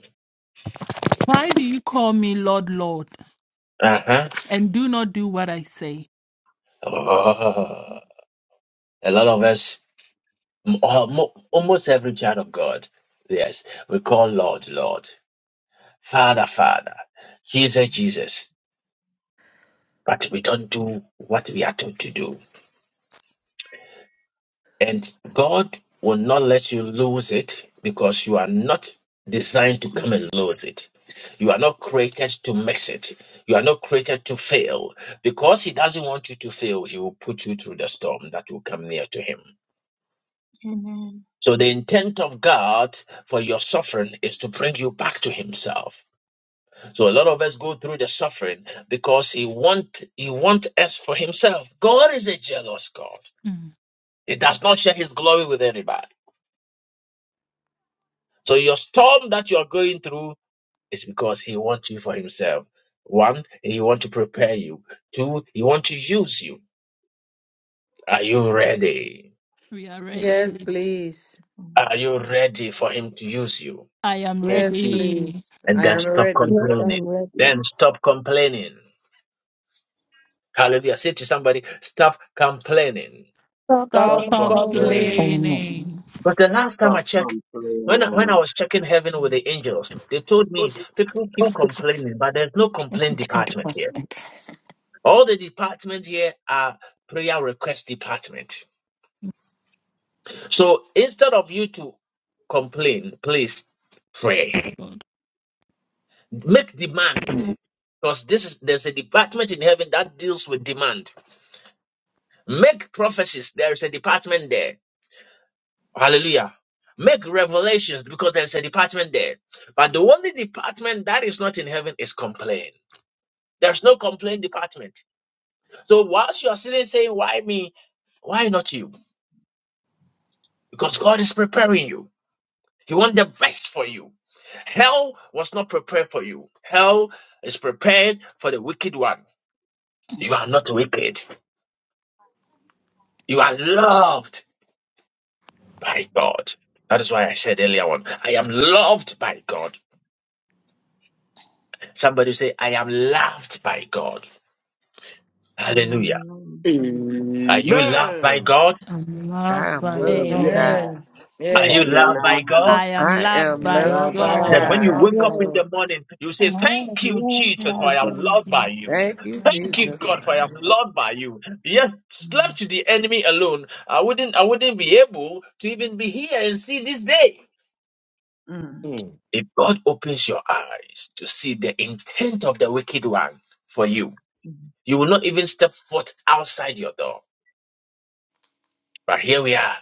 Why do you call me Lord, Lord,
Uh-huh.
and do not do what I say?
Mm.
Oh, a lot of us, m- almo- almost every child of God, yes, we call Lord, Lord, Father, Father, Jesus, Jesus, but we don't do what we are told to do. And God will not let you lose it because you are not designed to come and lose it. You are not created to mix it. You are not created to fail. Because He doesn't want you to fail, He will put you through the storm that will come near to Him. So, the intent of God for your suffering is to bring you back to Himself. So, a lot of us go through the suffering because He want He want us for Himself. God is a jealous God.
Mm.
He does not share His glory with anybody. So your storm that you are going through is because he wants you for himself. One, he wants to prepare you. Two, he wants to use you. Are you ready?
We are
yes,
ready.
please.
Thank
Are you ready for him to use you?
I am
I
Yes,
speak.
ready.
please.
And
I
then
am
stop
ready.
Yes,
complaining.
I'm ready.
Then stop complaining. Hallelujah. Say to somebody, stop complaining.
Stop
Stop
Stop from
complaining.
I
training.
complaining.
am.
you.
Something.
Because the last time
Stop
I checked,
complaining.
when I, when
Amen.
I was checking heaven with the angels, they told me people
for
keep
I
complaining, but there's no
think
complaint department here. All the departments here are prayer request department. So instead of you to complain, please pray. Make demand. Because this is there's a department in heaven that deals with demand. Make prophecies, there is a department there. Hallelujah. Make revelations because there's a department there. But the only department that is not in heaven is complain. There's no complaint department. So whilst you are sitting saying, Why me? Why not you? Because God is preparing you. He wants the best for you. Hell was not prepared for you. Hell is prepared for the wicked one. You are not wicked. You are loved by God. That is why I said earlier on, I am loved by God. Somebody say, I am loved by God.
I
Hallelujah.
am loved by God.
Are you loved by
Amen.
God?
I'm
I
loved
am
by
Oh,
loved by
God.
yes.
God.
Amen.
Are you
Yes,
loved by God?
I am
I
loved
am
by
Right
loved
I
by
by
That
God.
am.
when
God.
you
God.
I'm
wake up
Yes.
in the
right.
morning, you say,
Amen.
Thank you,
Yes,
Jesus, for
by
Thank
I am
God.
you,
loved by you.
Thank
Jesus.
you,
I'm
Thank you,
loved
Jesus.
by
God, for I am loved by you. Yes,
Mm.
left to the enemy alone, I wouldn't I wouldn't be able to even be here and see this day.
Mm.
If God opens your eyes to see the intent of the wicked one for you, you will not even step foot outside your door. But here we are.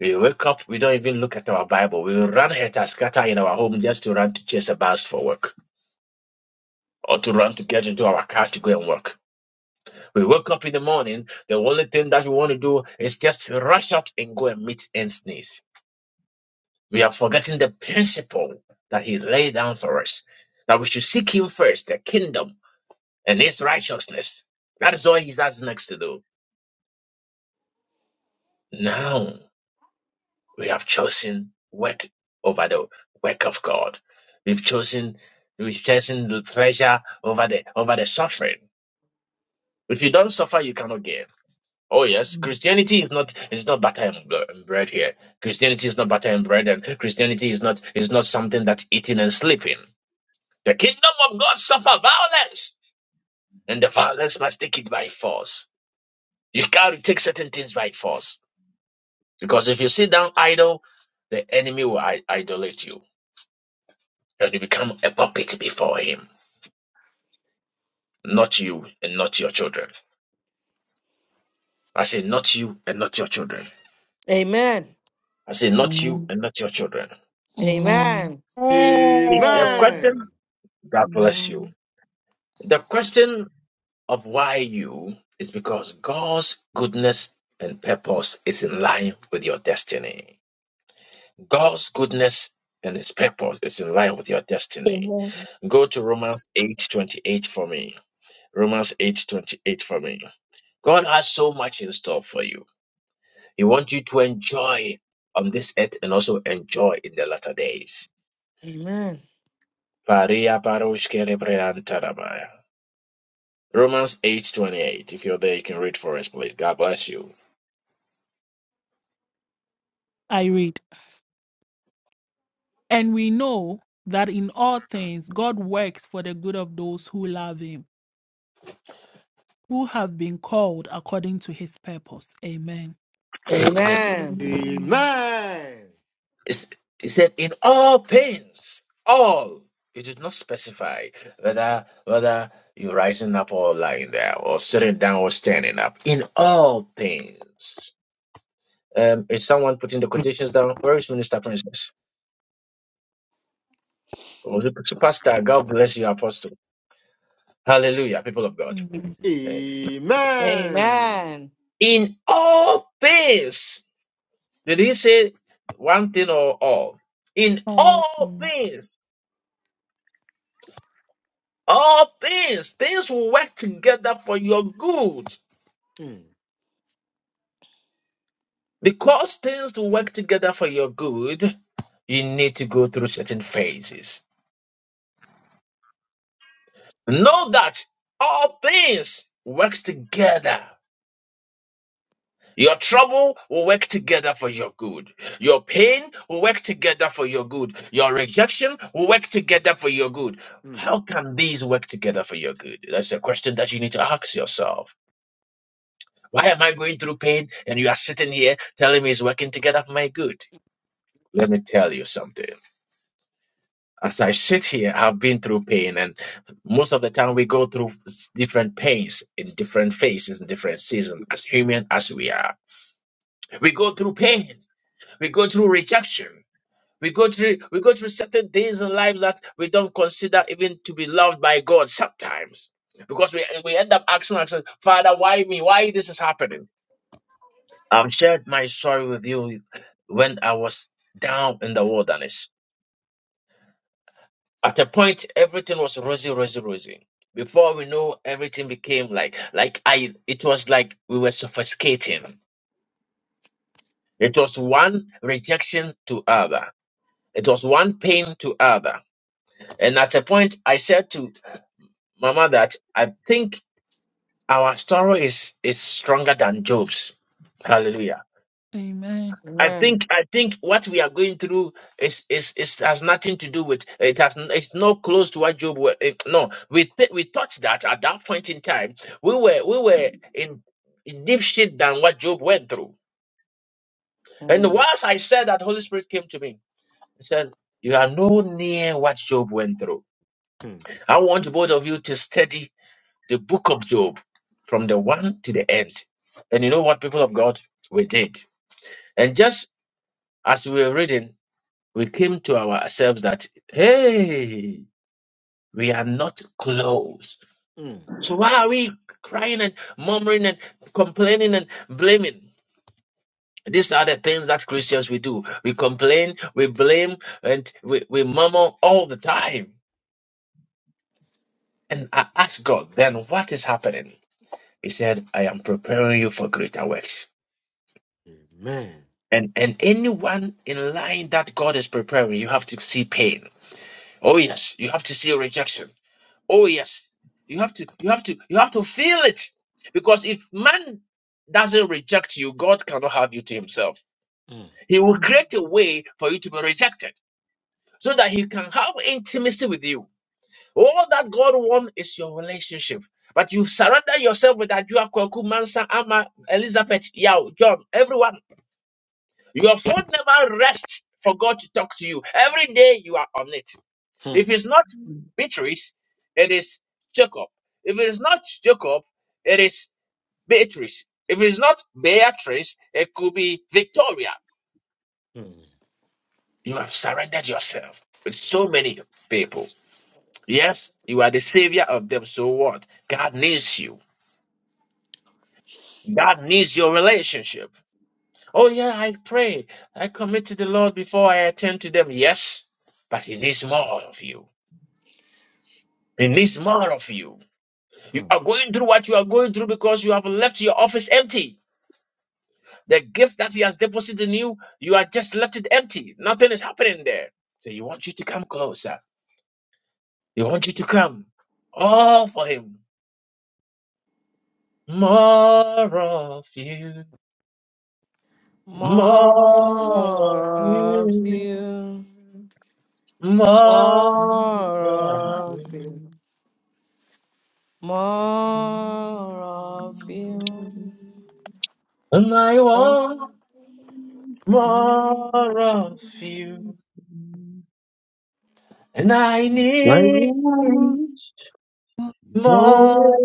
We wake up, we don't even look at our Bible. We run head and scatter in our home just to run to chase a bus for work. or to run to get into our car to go and work. We wake up in the morning, the only thing that we want to do is just rush out and go and meet and sneeze. We are forgetting the principle that He laid down for us that we should seek Him first, the kingdom and His righteousness. That is all He has next to do. Now we have chosen work over the work of God. We've chosen we've chosen the pleasure over the over the suffering. If you don't suffer, you cannot gain. Oh yes, Christianity is not is not butter and bl- and bread here. Christianity is not butter and bread, and Christianity is not is not something that's eating and sleeping. The kingdom of God suffer violence, and the violence must take it by force. You can't take certain things by force because if you sit down idle, the enemy will I- idolate you, and you become a puppet before him. Not you and not your children. I say not you and not your children.
Amen.
I say not you
it.
and not your children.
Amen.
Amen.
See,
Amen.
the
Amen.
question. God bless you. The question of why you is because God's goodness and purpose is in line with your destiny. God's goodness and his purpose is in line with your destiny.
Amen.
Go to Romans 8:28 for me. Romans 8:28 for me. God has so much in store for you. He wants you to enjoy on this earth and also enjoy in the latter days.
Amen.
Paria paroshke rebreantarabaya. Romans 8:28. If you're there, you can read for us, please. God bless you.
I read, and we know that in all things God works for the good of those who love Him, who have been called according to His purpose. Amen.
Amen.
Amen.
Amen.
Amen.
It's- It said, in all things, all. It did not specify whether whether you're rising up or lying there, or sitting down or standing up. In all things, Um, is someone putting the quotations down? Where is Minister Princess? Was it Pastor? God bless you, Apostle. Hallelujah, people of God.
Mm.
Uh,
Amen.
Amen.
In all things, did he say one thing or all? In
All
all
things.
things, All things, things will work together for your good.
Mm,
Because things will work together for your good, you need to go through certain phases. Know that all things work together. Your trouble will work together for your good. Your pain will work together for your good. Your rejection will work together for your good.
mm,
How can these work together for your good? That's a question that you need to ask yourself. Why am I going through pain and you are sitting here telling me it's working together for my good? Let me tell you something. As I sit here, I've been through pain, and most of the time we go through different pains in different phases, in different seasons, as human as we are. We go through pain. We go through rejection. We go through we go through certain things in life that we don't consider even to be loved by God sometimes. Because we, we end up asking ourselves, Father, why me? Why this is happening? I've shared my story with you when I was down in the wilderness. At a point, everything was rosy, rosy, rosy. Before we know, everything became like, like I, it was like we were suffocating. It was one rejection to other. It was one pain to other. And at a point, I said to Mama that I think our story is, is stronger than Job's. Hallelujah.
Amen.
I
Amen.
think I think what we are going through is is, is has nothing to do with it has it's not close to what Job were eh, no we th- we thought that at that point in time we were we were in in deep shit than what Job went through and
Mm.
once I said that Holy Spirit came to me and said you are no near what Job went through
mm,
I want both of you to study the book of Job from the one to the end and you know what people of God we did and just as we were reading we came to ourselves that, hey, we are not close.
mm.
So why are we crying and murmuring and complaining and blaming? These are the things that Christians we do. We complain, we blame, and we, we murmur all the time. And I asked God, then what is happening? He said, I am preparing you for greater works.
Amen.
And and anyone in line that God is preparing, you have to see pain. Oh yes, you have to see rejection Oh yes, you have to, you have to, you have to feel it, because if man doesn't reject you, God cannot have you to Himself.
Mm,
He will create a way for you to be rejected, so that He can have intimacy with you. All that God wants is your relationship. But you surrender yourself with that. You are Kwaku, Mansa, Ama, Elizabeth, Yao, John, everyone. Your phone never rests for God to talk to you. Every day you are on it.
mm,
If it's not Beatrice, it is Jacob. If it is not Jacob, it is Beatrice. If it is not Beatrice, it could be Victoria.
mm,
You have surrendered yourself with so many people. Yes, you are the savior of them. So what? God needs you. God needs your relationship. Oh, yeah, I pray. I commit to the Lord before I attend to them. Yes, but He needs more of you. He needs more of you. You are going through what you are going through because you have left your office empty. The gift that He has deposited in you, you are just left it empty. Nothing is happening there. So He wants you to come closer. He wants you to come all for Him. More of you, more
More
of
of
you,
you.
more
Emotion,
of
More of
you.
you. More of you.
And I want
More,
more of you, and I
I
need
want more
more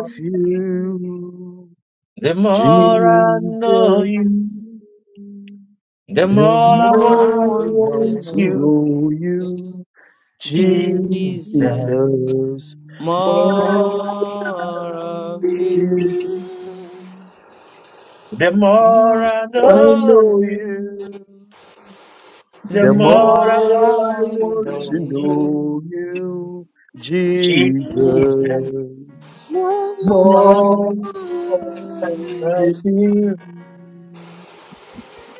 of
you.
you,
The
The
more I know
Jesus.
you, the
The
more I
more
want
I
more I
to
want to
want
know
to
you,
know
know
you.
you,
Jesus.
Jesus.
The
Jesus.
More
more
More of
of
you.
you.
I
I
know
know
you,
you.
the
The
The
more
more I
more I
want
I
want
to
to
want
know
to
know.
you,
know you,
Jesus.
Jesus,
Christmas.
you.
More
more
Thank
of
of
it
you.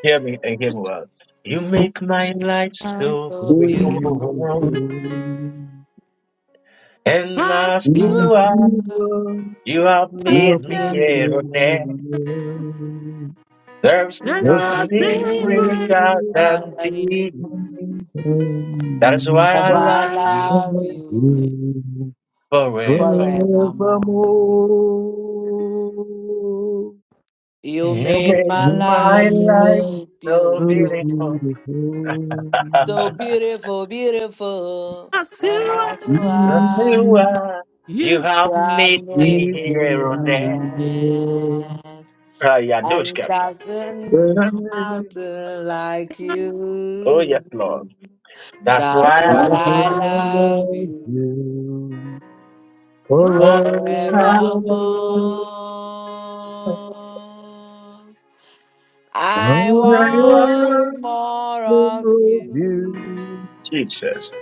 Hear me and hear me well. You make my life so
So
will be
beautiful.
beautiful,
within.
and as you
In
are,
freedom,
you have
your
made me
praise
here
will
on
be
God,
earth.
mine.
There's
There's
There's
nothing
nothing
nothing
greater
better
than
than you.
these. That is why
That's
I
why I
love
great.
you
The
love you
freedom of you
forever.
forevermore.
forevermore.
You
You
made
make
my
my
life
life
so
so
so
beautiful,
beautiful.
beautiful.
so beautiful, beautiful.
I see
And as you are,
you
You
are.
you
You have
you have
made
give
me
me
made me
here on earth.
yours.
Ah, yeah, those
And
cap.
there's been
the strength
nothing like
Oh, yes,
you.
Lord. That's
That's
why
to
I
what
shine
I love
love
you.
you
love
bright.
forever.
forevermore.
forevermore.
I
I
want more
want more of
of
you.
you.
Jesus.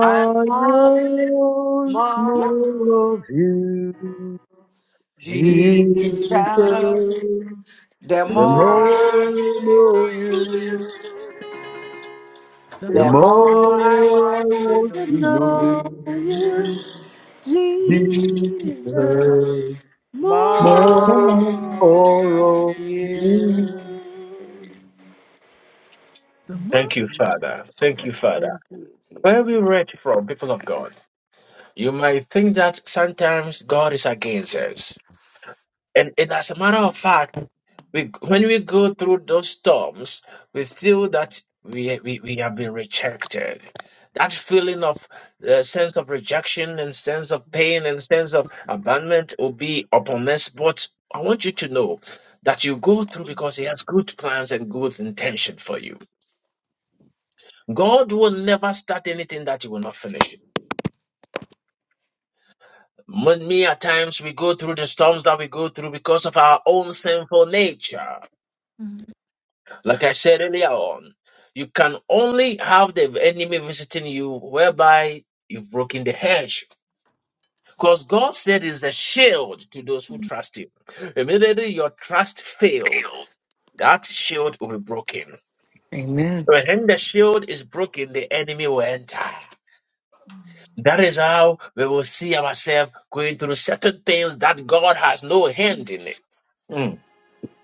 I want
want
more,
more of you.
Jesus.
Jesus, the
The
more I
more. I
know
know
you,
you,
The
The
The
more
more
more
I want
I
to
want to
know
know you,
you,
you
Jesus,
learn,
Jesus, more
more,
more
of
of you.
you.
the more.
Thank you, Father. Thank you, Father.
Thank you,
Where
Jesus.
we read from, people of God, you might think that sometimes God is against us. And, and as a matter of fact, we, when we go through those storms, we feel that we, we, we have been rejected. That feeling of uh, sense of rejection and sense of pain and sense of abandonment will be upon us. But I want you to know that you go through because He has good plans and good intention for you. God will never start anything that He will not finish. Many at times we go through the storms that we go through because of our own sinful nature. Like I said earlier on, you can only have the enemy visiting you whereby you've broken the hedge. Because God said is a shield to those who trust Him. Immediately your trust failed, that shield will be broken.
Amen.
When the shield is broken, the enemy will enter. That is how we will see ourselves going through certain things that God has no hand in it.
mm, mm.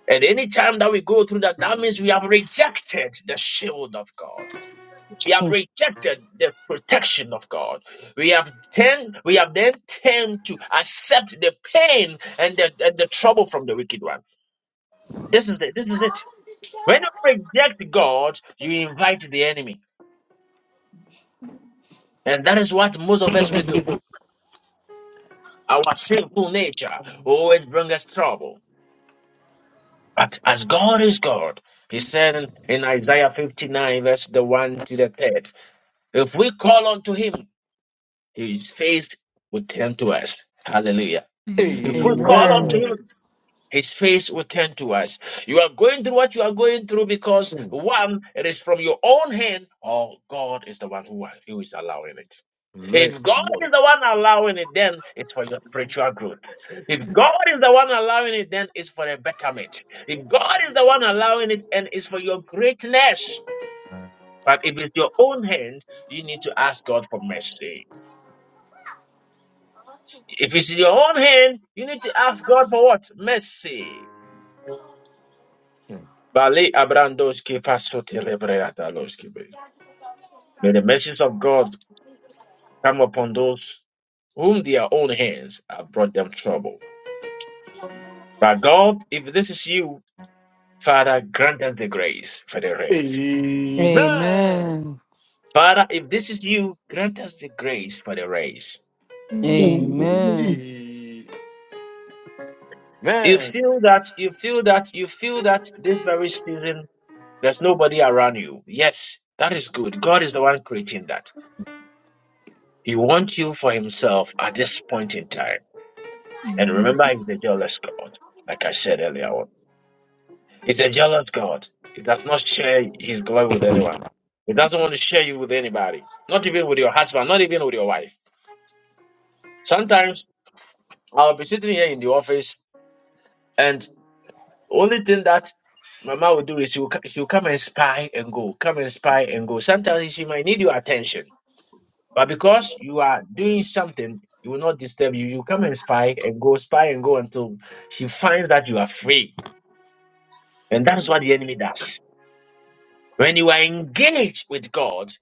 And any time that we go through that, that means we have rejected the shield of God. We have
Hmm.
rejected the protection of God. We have turned, we have then turned to accept the pain and the, and the trouble from the wicked one. This is it. This is it. When you reject God, you invite the enemy. And that is what most of us will do. Our sinful nature always brings us trouble. But as God is God, he said in Isaiah 59, verse the 1 to the 3rd. If we call unto him, his face will turn to us. Hallelujah. If we call unto
Amen.
Amen.
him, his face will turn to us. You are going through what you are going through because one, it is from your own hand, or God is the one who, who is allowing it. If
Mercy.
God is the one allowing it, then it's for your spiritual growth. If God is the one allowing it, then it's for a betterment. If God is the one allowing it, and it's for your greatness. But if it's your own hand, you need to ask God for mercy. If it's in your own hand, you need to ask God for what? Mercy.
Mm.
Bale abrandoski fasoti rebreataloski be. May the mercies of God come upon those whom their own hands have brought them trouble. But God, if this is you, Father, grant us the grace for the race.
Amen.
Amen.
Father, if this is you, grant us the grace for the race.
Amen.
Amen.
You
Amen.
feel that, you feel that, you feel that this very season there's nobody around you. Yes, that is good. God is the one creating that. He wants you for himself at this point in time. And
In
remember, he's a jealous God, like I said earlier on. He's a jealous God. He does not share his glory with anyone. He doesn't want to share you with anybody, not even with your husband, not even with your wife. Sometimes I'll be sitting here in the office, and only thing that Mama will do is she'll, co- she'll come and spy and go, come and spy and go. Sometimes she might need your attention. But because you are doing something, it will not disturb you. You come and spy and go, spy and go until she finds that you are free. And that is what the enemy does. When you are engaged with God,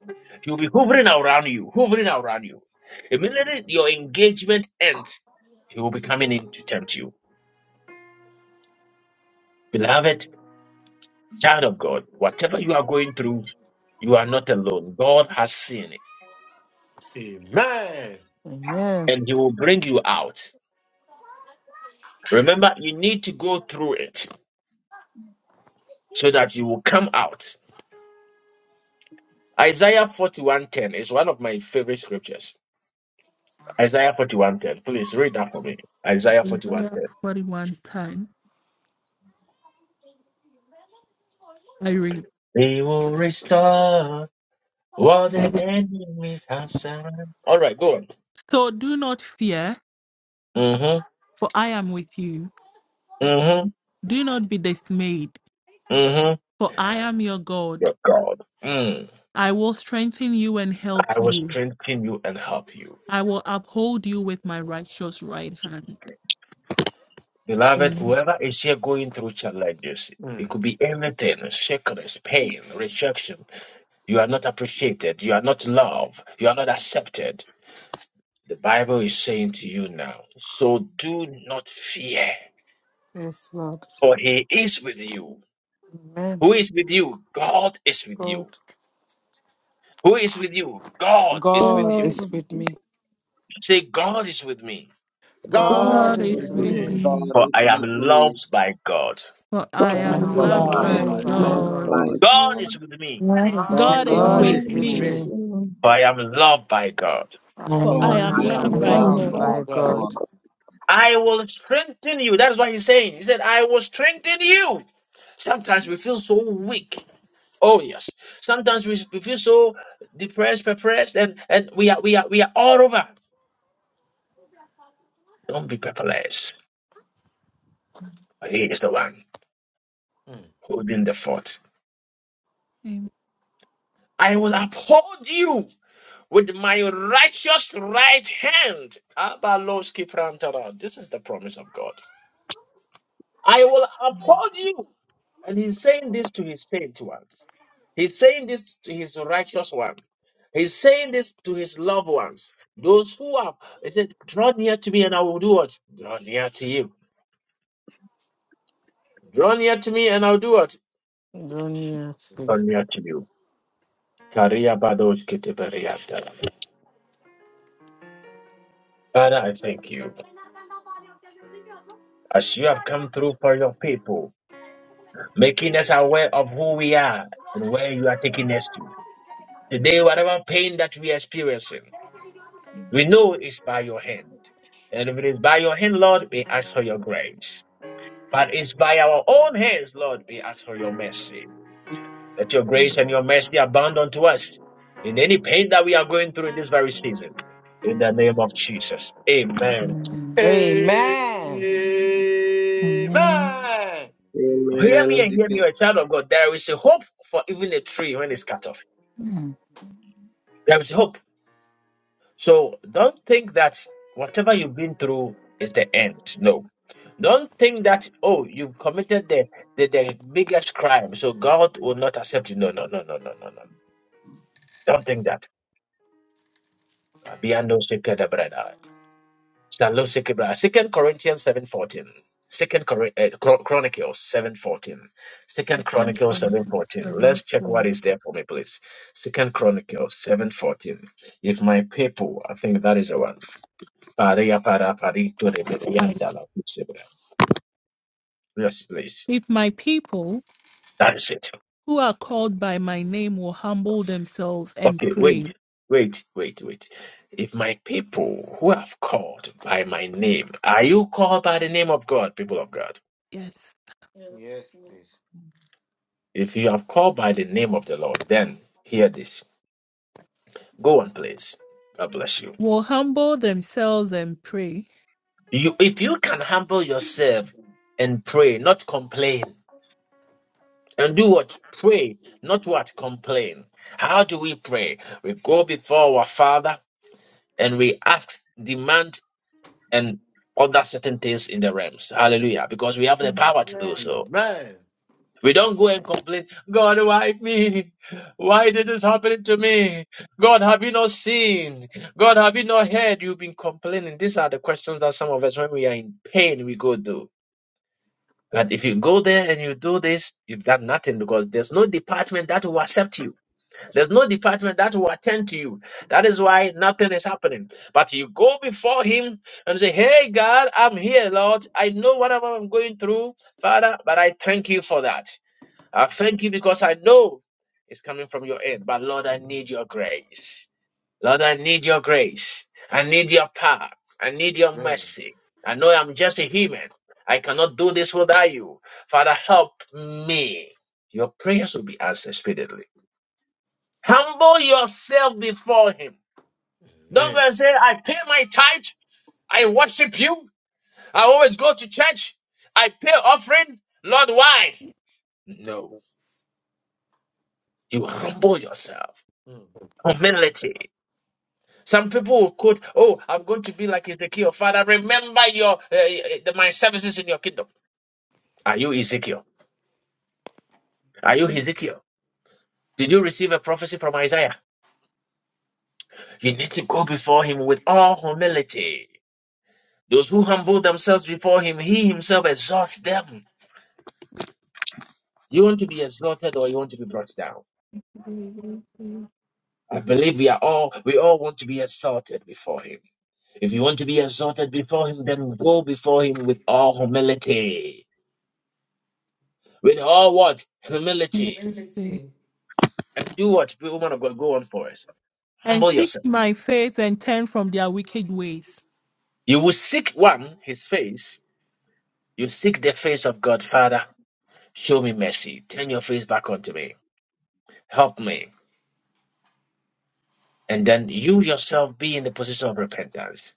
he'll be hovering around you, hovering around you. Immediately your engagement ends, he will be coming in to tempt you. Beloved, child of God, whatever you are going through, you are not alone. God has seen it
Amen.
Amen.
and he will bring you out. Remember, you need to go through it so that you will come out Isaiah 41:10 is one of my favorite scriptures. Isaiah 41:10. Please read that for me. Isaiah 41:10.
Isaiah 41 time. I read.
He will restore what the enemy has done. All right, go on.
So do not fear,
Mm-hmm.
for I am with you.
Mm-hmm.
Do not be dismayed,
Mm-hmm.
for I am your God.
Your God. Mm.
I will strengthen you and help
I will
you.
strengthen you and help you.
I will uphold you with my righteous right hand.
Beloved, whoever is here going through challenges,
Mm.
it could be anything, sickness, pain, rejection. You are not appreciated. You are not loved. You are not accepted The Bible is saying to you now, so do not fear,
Yes, Lord.
for he is with you.
Amen.
Who is with you? God is with
God.
you. Who is with you? God is with
God
you.
is
God,
with me.
Say, God is with me,
God
God
God
God
is
is
is
with
is
with
with
with
me.
me.
me,
God
me,
for
is
I am
with me,
loved by God.
for I
For I
for I
My
am
am
for
am
God.
loved
I'm
I
Lord,
loved
am
loved
by
by
by
my
loved
God.
God.
God.
by
God.
God
God.
is with me,
Let us
God
God
is
is
God
God
with
begin.
with
God
is
is
is
with
with
me,
with
me,
me,
me,
me.
for I am loved by God.
I
for I
for
but
am
am
I
for I
I
am
Because
am
loved
am
I
by
Lord
loved
am
loved
thanking
God.
by
Lord,
by
by
my
God.
God.
God.
God.
I will strengthen you. That is what he's saying. He said, I will strengthen you. Sometimes we feel so weak. Oh, yes. Sometimes we we feel so depressed, depressed, and, and we are we are we are all over. Don't be pepperless. He is the one
Mm.
holding the fort.
Amen.
I will uphold you with my righteous right hand. Abaloski prantara. This is the promise of God. I will uphold you. And he's saying this to his saint ones. He's saying this to his righteous one. He's saying this to his loved ones. Those who are, he said, draw near to me and I will do what? Draw near to you. Draw near to me and I'll do what?
Don't you see?
Draw near to you. Karia badosh kete beria dara. Father, I thank you. As you have come through for your people, making us aware of who we are and where you are taking us to. Today, whatever pain that we are experiencing, we know is by your hand. And if it is by your hand, Lord, we ask for your grace. But it's by our own hands, Lord, we ask for your mercy. Let your grace and your mercy abound unto us in any pain that we are going through in this very season. In the name of Jesus. Amen.
Amen.
Amen.
Amen.
Amen.
Hear me
Amen.
and
We
hear me,
can
you're a child of God. There is a hope for even a tree when it's cut off.
Mm.
There is hope. So don't think that whatever you've been through is the end. No. Don't think that, oh, you've committed the, the, the biggest crime, so God will not accept you. No, no, no, no, no, no, no. Don't think that. Salosikibra. Second Corinthians 7.14. Second Cor- uh, Chro- Chronicles 7.14. Second Chronicles
Redemption from
7.14.
seven
Let's check what is there for me, please. Second Chronicles 7.14. If my people, I think that is the one. Paria para parito de
I-
medianda Yes, please.
If my people
That is it.
who are called by my name will humble themselves and
Okay, wait.
pray,
Wait, wait, wait. If my people who have called by my name, are you called by the name of God, people of God?
yes,
Yes, please.
If you have called by the name of the Lord, then hear this. Go on, please. God bless you.
will humble themselves and pray,
You, if you can humble yourself and pray, not complain, and do what pray, not what complain. How do we pray? We go before our Father and we ask, demand, and other certain things in the realms. Hallelujah! Because we have
Hmm.
the power to
Amen.
do so.
Amen.
We don't go and complain, God, why me? Why this is happening to me? God, have you not seen? God, have you not heard? You've been complaining. These are the questions that some of us, when we are in pain, we go through. And if you go there and you do this, you've done nothing because there's no department that will accept you. There's no department that will attend to you. That is why nothing is happening. But you go before Him and say, Hey, God, I'm here, Lord. I know whatever I'm going through, Father, but I thank you for that. I thank you because I know it's coming from your end. But Lord, I
Mm.
need your grace. Lord, I need your grace. I need your power. I need your
Amen.
mercy. I know I'm just a human. I cannot do this without you. Father, help me. Your prayers will be answered speedily. Humble yourself before Him. Don't
Amen. Mm.
go and say, I pay my tithes. I worship you. I always go to church. I pay offering. Lord, why? No. You humble yourself. Humility. Some people will quote, "Oh, I'm going to be like Ezekiel." Father, remember your uh, the, my services in your kingdom. Are you Ezekiel? Are you Ezekiel? Did you receive a prophecy from Isaiah? You need to go before him with all humility. Those who humble themselves before him, he himself exalts them. You want to be exalted or you want to be brought down? I believe we are all we all want to be exalted before him. If you want to be exalted before him, then go before him with all humility. With all what? Humility
Unity.
And do what woman of God go, go on for us.
and
Humble
seek
yourself.
my face and turn from their wicked ways.
You will seek one, his face. You seek the face of God, Father. Show me mercy. Turn your face back onto me. Help me. And then you yourself be in the position of repentance.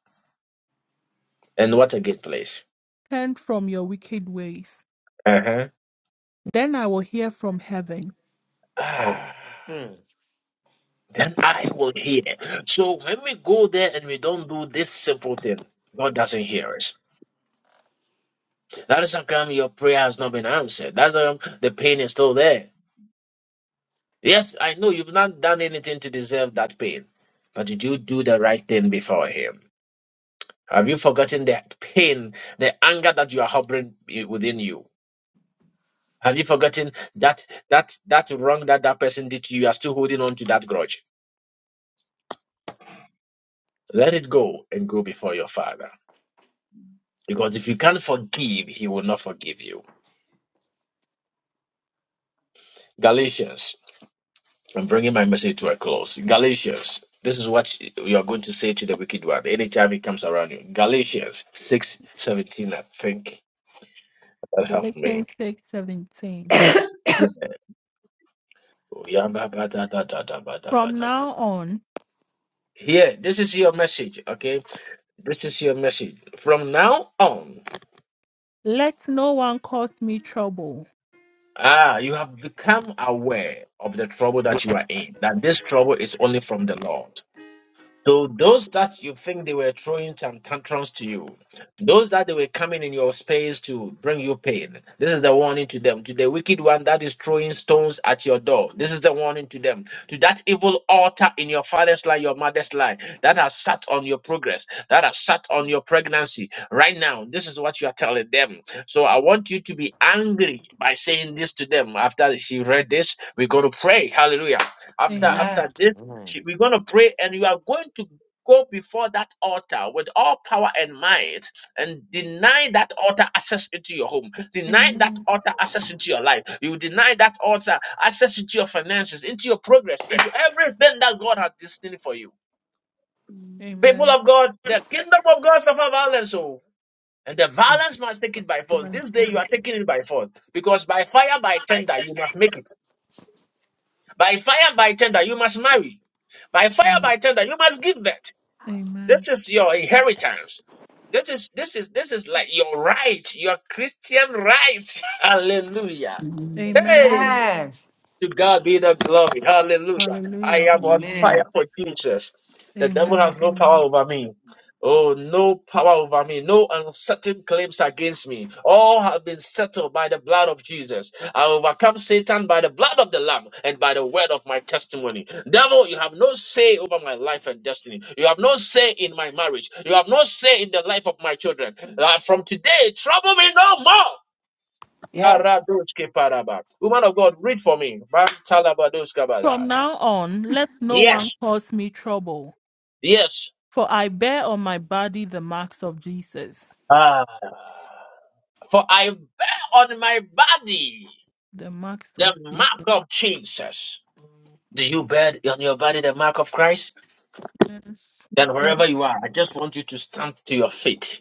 And what a good place.
Turn from your wicked ways.
Uh-huh.
Then I will hear from heaven.
Ah,
Mm.
then I will hear. So when we go there and we don't do this simple thing, God doesn't hear us. That is how come your prayer has not been answered. That's how come the pain is still there. Yes, I know you've not done anything to deserve that pain, but did you do the right thing before Him? Have you forgotten the pain, the anger that you are harboring i- within you? Have you forgotten that that that wrong that that person did to you? You are still holding on to that grudge. Let it go and go before your Father, because if you can't forgive, He will not forgive you. Galatians I'm bringing my message to a close. Galatians, this is what you are going to say to the wicked one anytime he comes around you. Galatians six seventeen. I think that helped me.
Galatians six seventeen. From now on,
Here, this is your message, okay? This is your message. From now on,
let no one cause me trouble,
ah, you have become aware of the trouble that you are in, that this trouble is only from the Lord. So those that you think they were throwing some tantrums to you, those that they were coming in your space to bring you pain, this is the warning to them. To the wicked one that is throwing stones at your door, this is the warning to them. To that evil altar in your father's line, your mother's line, that has sat on your progress, that has sat on your pregnancy. Right now, this is what you are telling them. So I want you to be angry by saying this to them. After she read this, we're going to pray. Hallelujah. After
Amen.
Amen.
after this. She-
Mm.
We're going to pray, and you are going to go before that altar with all power and might and deny that altar access into your home, deny that
Amen.
altar access into your life. You deny that altar access into your finances, into your progress, into everything that God has destined for you. People
Amen.
of God, the kingdom of God suffer violence, oh, and the violence must take it by force.
Amen.
This day you are taking it by force because by fire, by tender, you must make it. By fire, by tender, you must marry. By fire, by tender, you must give birth.
Amen.
This is your inheritance. This is this is this is like your right, your Christian right. Hallelujah. Hey,
Amen.
you.
Amen.
to God be the glory. Hallelujah. I
Hallelujah.
am on
Hallelujah.
fire
Amen.
for Jesus. The devil has
Amen.
no power
Amen.
over me. Oh, no power over me. No uncertain claims against me. All have been settled by the blood of Jesus. I overcome Satan by the blood of the Lamb and by the word of my testimony. Devil, you have no say over my life and destiny. You have no say in my marriage. You have no say in the life of my children. Uh, from today, trouble me no more.
Yes.
Karadoske paraba. Woman of God, read for me. Man talabadoska
From
bala.
now on, let no one
Yes,
cause me trouble,
yes.
for I bear on my body the marks of Jesus.
Ah. For I bear on my body
The marks
the
of
mark
Jesus.
of Jesus. Do you bear on your body the mark of Christ?
Yes.
Then wherever
Yes.
you are, I just want you to stand to your feet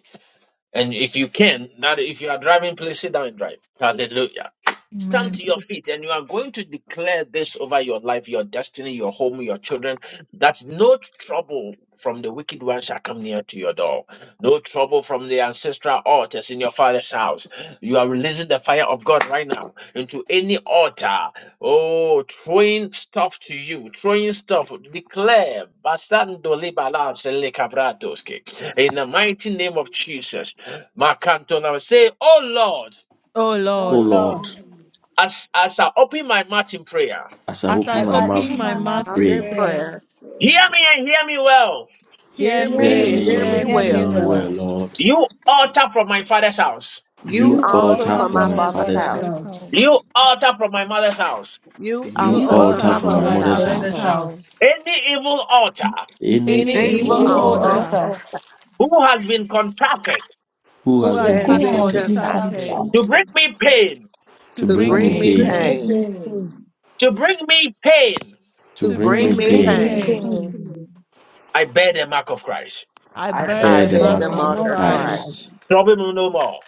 And if you can, that if you are driving, please sit down and drive. Hallelujah. Stand
Amen.
to your feet and you are going to declare this over your life, your destiny, your home, your children that no trouble from the wicked one shall come near to your door. No trouble from the ancestral altars in your father's house. You are releasing the fire of God right now into any altar. Oh, throwing stuff to you, throwing stuff. Declare. Bastando libalas elekabratoske. in the mighty name of Jesus. Makantona say, Oh Lord,
Oh
O
Oh
Lord,
Lord,
Lord,
You
as, as I open my mouth in prayer,
as I
as
open
I
as
In
my
I
mouth
open
open
are
my
My
my
to
mother,
mouth
mouth
Out
in
in
pray,
in
prayer,
prayer,
prayer.
hear me and hear me well.
hear
Hear
me
hear
hear
me and
me
and
hear
me
hear
and
me
and
hear
me
hear
me
me
well.
well,
well.
well.
Lord.
You altar from my father's house.
You
You
You
You
you
altar
altar
altar
altar
from
from
my
from
fix
my
from
my
my
my
father's
father's
father's
house.
house,
father's
father's
house.
house,
transformation.
house.
You altar from my mother's house.
You
you
you
You
You
altar
You
from
alter
altar
altar
my
altar
for
are
from
from
from
my
my
mother's
my
my
mother's
house.
mother's
mother's
father's
transformation.
house,
house.
house.
house.
Any evil altar
any
any
Any
Any
Only
evil
evil
evil
Clement
evil
evil
is
altars
not
altar
altar
altar.
altar.
author
who has been contracted
who
who
who
has
Who
Who
been
has
have
has
has
who
been
You
been
has
been
contracted
must
been
be
come
acting
to
contacted
contracted
to
consulted
bring
contraction
me pain,
to
to
to
to
bring
bring
bring
me
bring
me
me
to
me
to
Take
pain,
be
me
bring
pain?
pain,
pain,
me
pain.
pain,
clean,
to bring me pain,
to
to
to
To
bring
to
to
bring
me
bring
bring
to
me
me
bring
break
me
me
pain,
me
pain,
pain.
be
pain.
down.
pain
clean.
I bear the mark of Christ.
I
I
I
bear
I
bear
I
the
tear
the
Let
beg
by
the
mark
mark
the
the
me
bear
of
mouth
the
of
mark
of
mouth
of
of
mark
Christ.
of
Christ.
Christ.
Christ.
space.
Christ.
Trouble me no more.